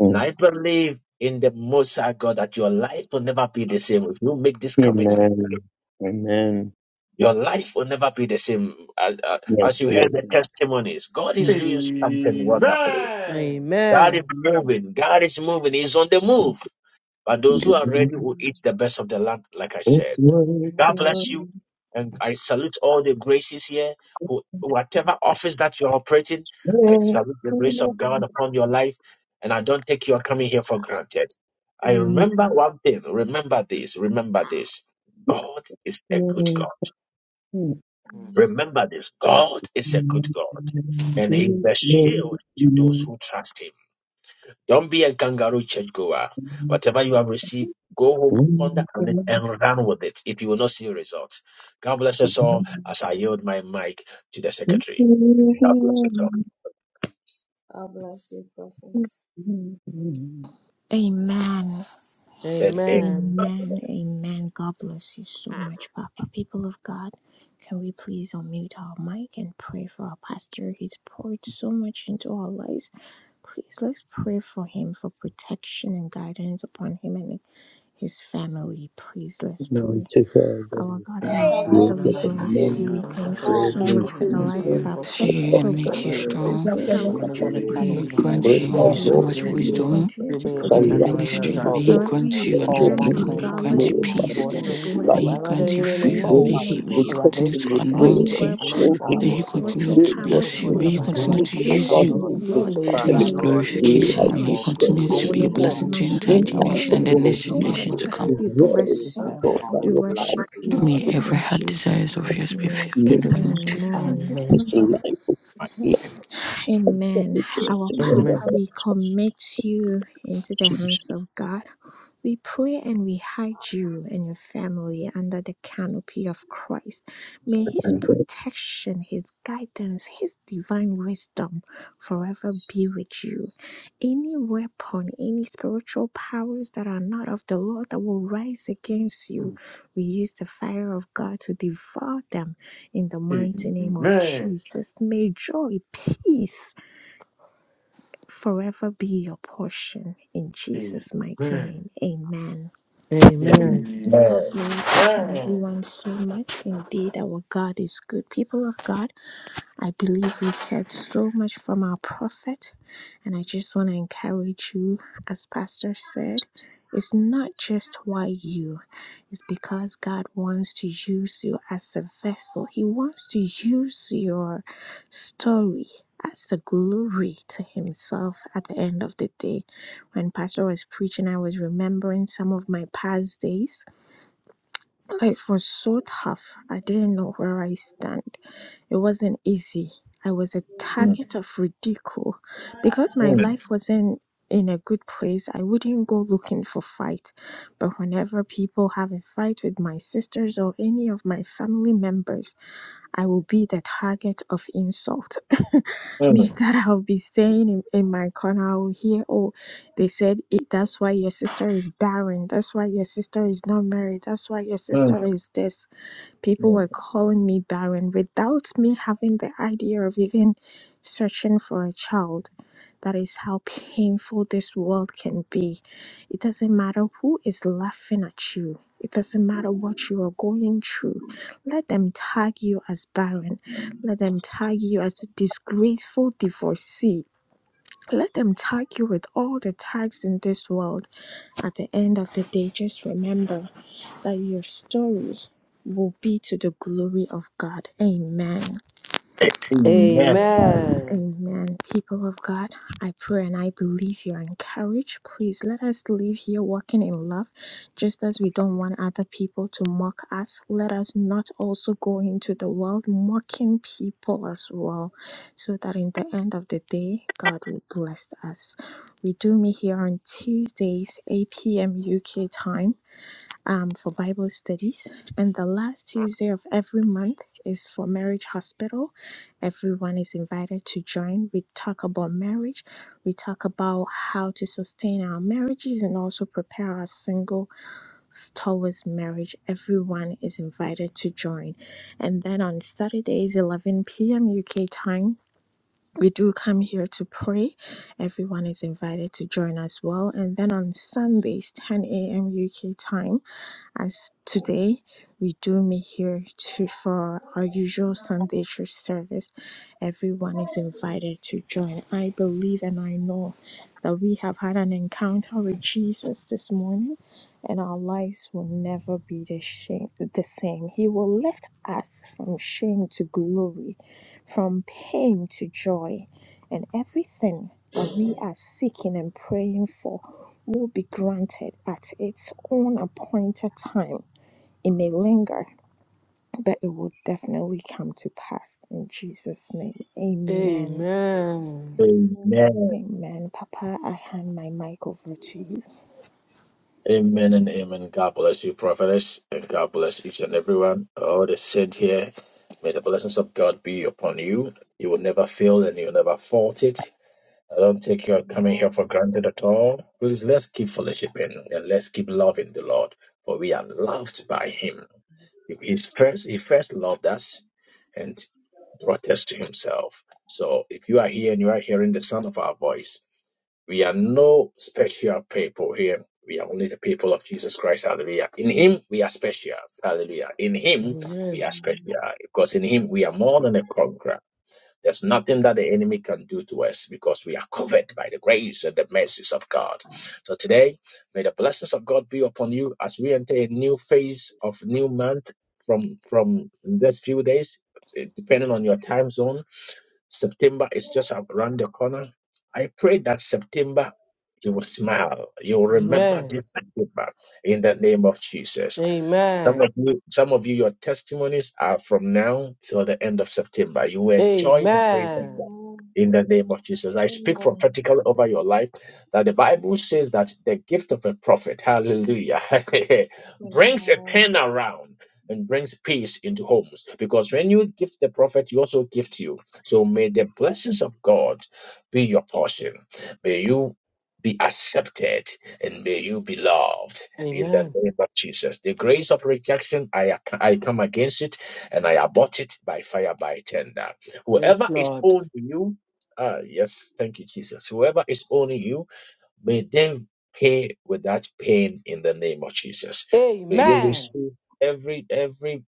And I believe in the Most High God that your life will never be the same if you make this commitment.
Amen. Amen.
Your life will never be the same as, uh,
Yes,
as you heard the
Lord.
testimonies. God is doing something wonderfully.
Amen.
Amen.
God is
Amen.
moving. God is moving. He's on the move. But those who are ready will eat the best of the land, like I said.
It's
God
Amen.
bless you.
working
And I salute all the graces here, who, whatever office that you're operating, I
on
salute the grace of God upon your life. And I don't take your coming here for granted. I remember one thing. Remember this. Remember this. God is a good God.
me.
Mm.
Remember this. God is a good God. And He is a shield to those who trust Him. Don't be a kangaroo churchgoer. Whatever you have received, go home, ponder on it, and run with it if you will not see results. God bless us all as I yield my mic to the secretary. God bless us all.
God bless you, prophets.
Amen.
And amen.
Amen.
Amen. Amen. God bless you so much, Papa. People of God, can we please unmute our mic and pray for our pastor? He's poured so much into our lives. Please let's pray for him for protection and guidance upon him and his family. Please let's
Now
pray.
to God,
Our
the
God and our
Amen.
Father,
God
creator
we
of
bless
bless you.
man,
We
you.
Now,
the
thank you
More
glory
so
and
much for
anointing
the
to
life of
kingdom,
our
you.
the
See you
prophet, oh
and
pastor,
make
God.
you
We
strong.
pray that,
of
I
Lord,
say
you will
May
Jesus,
He
living
we
to
continue
grant
pray
Father,
the
my
to
the
you
Lord,
fear
so
we
Lord,
of
bless
much
him.
you
You
praise
will
wisdom
continue to
the
in
shall
you.
the
very
protect
light
long
him
him
ministry.
with
attack.
May He
Although
God.
wherever
we
grant
have
he
Let
you
your
discussed
stands. oh
the
understanding.
name
May He
be
God. Let
grant you
him
ceremony
peace.
glorified
be
in
of
a
his
May
life.
He
blessing
the
in
grant you
the
We
favor.
mighty
May
pray
name
Father,
He
and
of
may He
protect
continue
Jesus.
we
him.
to
We pray
continue
anoint
and
you.
to
Anywhere
hold
upon
shield
May
him.
any
He
power in
continue
spiritual
the
Pray
to
your
power
name
bless
of
that
you.
will
May He
spirit
stand
continue
brood
to
Jesus,
use
over
against
you
him,
Lord.
oh
him, his
Lord,
to
Father,
His
family,
may
Lord,
his
we
they
pray
glorification.
for
life,
May He
his
more
perish in
continue to
grace,
be
destinies,
a
for more
Jesus'
blessing to
the
mighty
entire
name. We
anointing,
impact
generation
of
and
thank
the
you
God.
in
next
the
so
generation
much.
mighty
to come.
name
Is
We
of
there,
Jesus,
bless you.
God, by
upon us,
We
your power,
life
worship
of
you
our
May every
his
in
heart
Jesus'
desires of yours
mighty
lives.
be
name.
filled in the
name,
name of Jesus.
Amen.
his
Amen.
life,
Amen.
supplication
Our
with
Amen.
the
Papa, we
petitions
commit you into the hands of God. We pray and we hide you and your family under the canopy of Christ. May His
and with
protection, His guidance, His divine wisdom forever be with you. Any weapon, any spiritual powers that are not of the Lord that will rise against you, we use the fire of God to devour them in the mighty name of
Amen.
Jesus, may joy, peace forever be your portion. In Jesus' mighty
Amen.
name, amen.
Amen.
Amen.
God
Amen.
bless each and
Amen.
everyone so much. Indeed, our God is good. People of God, I believe we've heard so much from our prophet, and I just want to encourage you, as Pastor said, it's not just why you, it's because God wants to use you as a vessel. He wants to use your story as the glory to Himself at the end of the day. When Pastor was preaching, I was remembering some of my past days Life was so tough. I didn't know where I stand. It wasn't easy. I was a target of ridicule. Because my
Mm,
life wasn't in a good place, I wouldn't go looking for fight. But whenever people have a fight with my sisters or any of my family members, I will be the target of insult.
mm, mm,
Means that I'll be saying in, in my corner, I will hear, oh, they said it, that's why your sister is barren. That's why your sister is not married. That's why your sister is this. People were
mm.
calling me barren without me having the idea of even searching for a child that is how painful this world can be. It doesn't matter who is laughing at you. It doesn't matter what you are going through. Let them tag you as barren. Let them tag you as a disgraceful divorcee. Let them tag you with all the tags in this world. At the end of the day, just remember that your story will be to the glory of God. Amen.
Amen.
Amen.
Amen.
Amen. People of God, I pray and I believe you're encouraged. Please let us leave here walking in love, just as we don't want other people to mock us. Let us not also go into the world mocking people as well, so that in the end of the day, God will bless us. We do meet here on Tuesdays, 8 p.m. UK time um, for Bible studies. And the last Tuesday of every month is for Marriage Hospital. Everyone is invited to join. We talk about marriage, we talk about how to sustain our marriages and also prepare our single towards marriage. Everyone is invited to join. And then on Saturdays, 11 p.m. UK time, we do come here to pray. Everyone is invited to join as well. And then on Sundays, 10 a.m. UK time, as today we do meet here to for our usual Sunday church service, everyone is invited to join. I believe and I know that we have had an encounter with Jesus this morning, and our lives will never be the shame the same. He will lift us from shame to glory, from pain to joy and everything that we are seeking and praying for will be granted at its own appointed time. It may linger, but it will definitely come to pass in Jesus' name. Amen.
Amen.
Amen.
Amen.
Amen. Papa, I hand my mic over to you.
Amen and amen. God bless you, prophetess, and God bless each and everyone. All the saints here. May the blessings of God be upon you. You will never fail and you will never fault it. I don't take your coming
Amen.
here for granted at all. Please, let's keep fellowshipping and let's keep loving the Lord, for we are loved by Him. He first, he first loved us and brought us to Himself. So, if you are here and you are hearing the sound of our voice, we are no special people here. We are only the people of Jesus Christ. Hallelujah. In Him, we are special. Hallelujah. In Him, we
Amen.
are
Amen.
special because in Him, we are more than a conqueror. There's nothing that the enemy can do to us because we are covered by the grace and the mercies of God. So today, may the blessings of God be upon you as we enter a new phase of new month from from this few days, eh, depending on your time zone. September is just around the corner. I pray that September you will smile. You will remember
Amen.
this September in the name of Jesus. Some of
Amen.
you, some of you, your testimonies are from now till the end of September. You will enjoy the grace of
Amen.
God
Amen.
in the name of Jesus. I speak
Amen. Amen.
prophetically over your life that the Bible says that the gift of a prophet, hallelujah, brings a pen around and brings peace into homes. Because when you gift the prophet, he also gift you. So may the blessings of God be your portion. May you be accepted and may you be loved in the
Amen.
name of Jesus. The grace of rejection, I, I come against it and I abort it by fire, by tender.
Yes,
Whoever is
Lord.
owing you, ah, yes, thank you, Jesus. Whoever is owing you, may they pay without pain in the name of Jesus. May you
Amen.
receive every every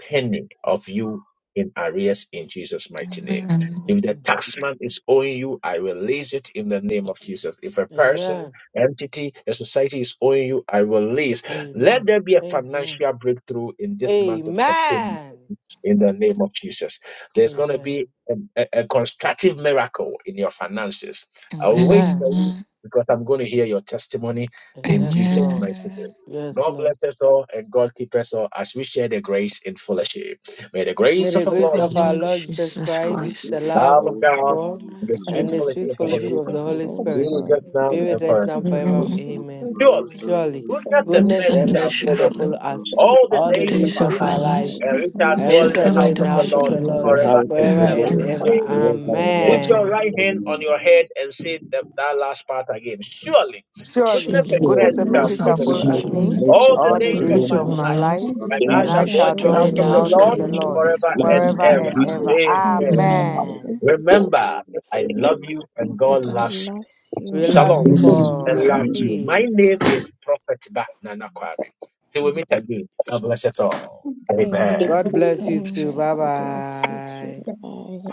penny of you in arrears in Jesus' mighty name.
Amen.
If the
Amen.
taxman is owing you, I release it in the name of Jesus. If a person,
Amen.
entity, a society is owing you, I release. Let
Amen.
there be a
Amen.
financial breakthrough in this month of September
Amen.
in the name of Jesus. There's going to
Amen.
be a, a- a constructive miracle in your finances. I'll wait for
Amen.
you
Amen.
because I'm going to hear your testimony in
Yes,
Jesus'
Lord.
mighty name.
Amen.
Yes,
God
Lord.
bless us all and God keep us all as we share the grace in fellowship. May the
May
grace
the
of our
Of
grace
Lord
our
of
Jesus
our
God
Lord
Christ,
Lord
bless you,
Jesus
my
Jesus
brothers and
Lord,
Christ,
Christ.
we
the
pray
love
love
sisters.
of
of
for
God,
God,
you,
and the
Amen.
And
sweet
Jesus.
And
and
Amen.
of
the
the
the
fellowship
sweet
sweet
of the
Let's
fellowship
Holy
fellowship
of
We
give
fellowship
of
Spirit
the
of
pray for you, Please,
the
the
Father,
worship
Holy
to
to
Holy
the
be
Spirit
Holy
forgive
with
Spirit
us
will
Spirit.
now
be
be
me.
with
and
with
us
forever.
us
now
In
now
Holy
and
forever.
Jesus'
Spirit.
forever.
Beautiful
name,
Amen.
Surely,
flower
Amen.
flowers
Surely,
in
goodness and
autumn,
This
goodness
Shall
mercy
and
we
and
this is
be
shall
giving
mercy
the
follow
shall
color
blessed
surely
follow
and fish
us
from
and
the
all the
all
All
sun
the
the
the
days of
days
days
days
only,
our
of
of
of
all
our
our
our
life,
the
lives.
and
lives,
from
lives,
the
we
and
shall
disciples,
We
great
we
and we
shall
of
dwell
shall
in the
shall
dwell
dwell
dwell
in
most
house
in
in
morning,
of
the
the
of
the
our
the
house
house
lives,
and
of
house
of
Lord
the
the
the
of
and
the
we
Lord.
sun
Lord
of
the
shall
the
Lord
forever
moon,
house of
and
dwell
Forever
forever
the
and
ever.
from
forever
and
Lord
the
and
ever.
ever.
ever.
in the members of the Lord, and
Amen.
the
forever
Lord
and
moon,
Put
and
ever.
Amen.
your
Amen.
the Lord.
right hand on
Amen.
your head and say that, that last part again. Surely,
Surely,
goodness and
Surely,
The
goodness
mercy
and
Surely
the
shall
mercy
mercy
shall
shall
Surely,
follow
psalmist
me
follow
should
goodness
at
follow
follow
lady
me
us
and
me,
all
mercy
the
all
and
the
all
the
shall
days
the
of
days
that we
of
lies
follow
our
days
my
of
to
of
my
me
my
lives,
life,
shall
life,
life,
the
follow
and
and
me
I
and
we
days
and
shall
we
I
of
dwell
shall
shall
in
should
the
dwell
my
dwell
dwell
house
in
in
in
life,
the
the
of
the
all
the
house
house
of
the
the
house
of
Lord
the
of the
days
Lord
of
Lord
Lord
children's
forever
my
forever
life,
and
forever
lives,
and
forever
and
and
and
ever.
ever.
and
we
I
ever.
ever.
shall
shall
Amen.
visit
dwell
the
in
Amen.
house
Amen.
of
Amen.
the
the
Lord
Remember, I
forever
house
and
love you and
of
ever.
the
But
God
Lord.
God
loves you.
loves you
We love
more.
you
Shalom,
Amen.
peace
Amen.
and
more.
love to
Amen.
you. My name
Peace.
is Prophet Bat Nana Kwame. Till we meet again, God bless us all. Amen.
Amen.
God
Amen.
bless you too.
Amen.
Bye
God bless you
bye.
too. Bye.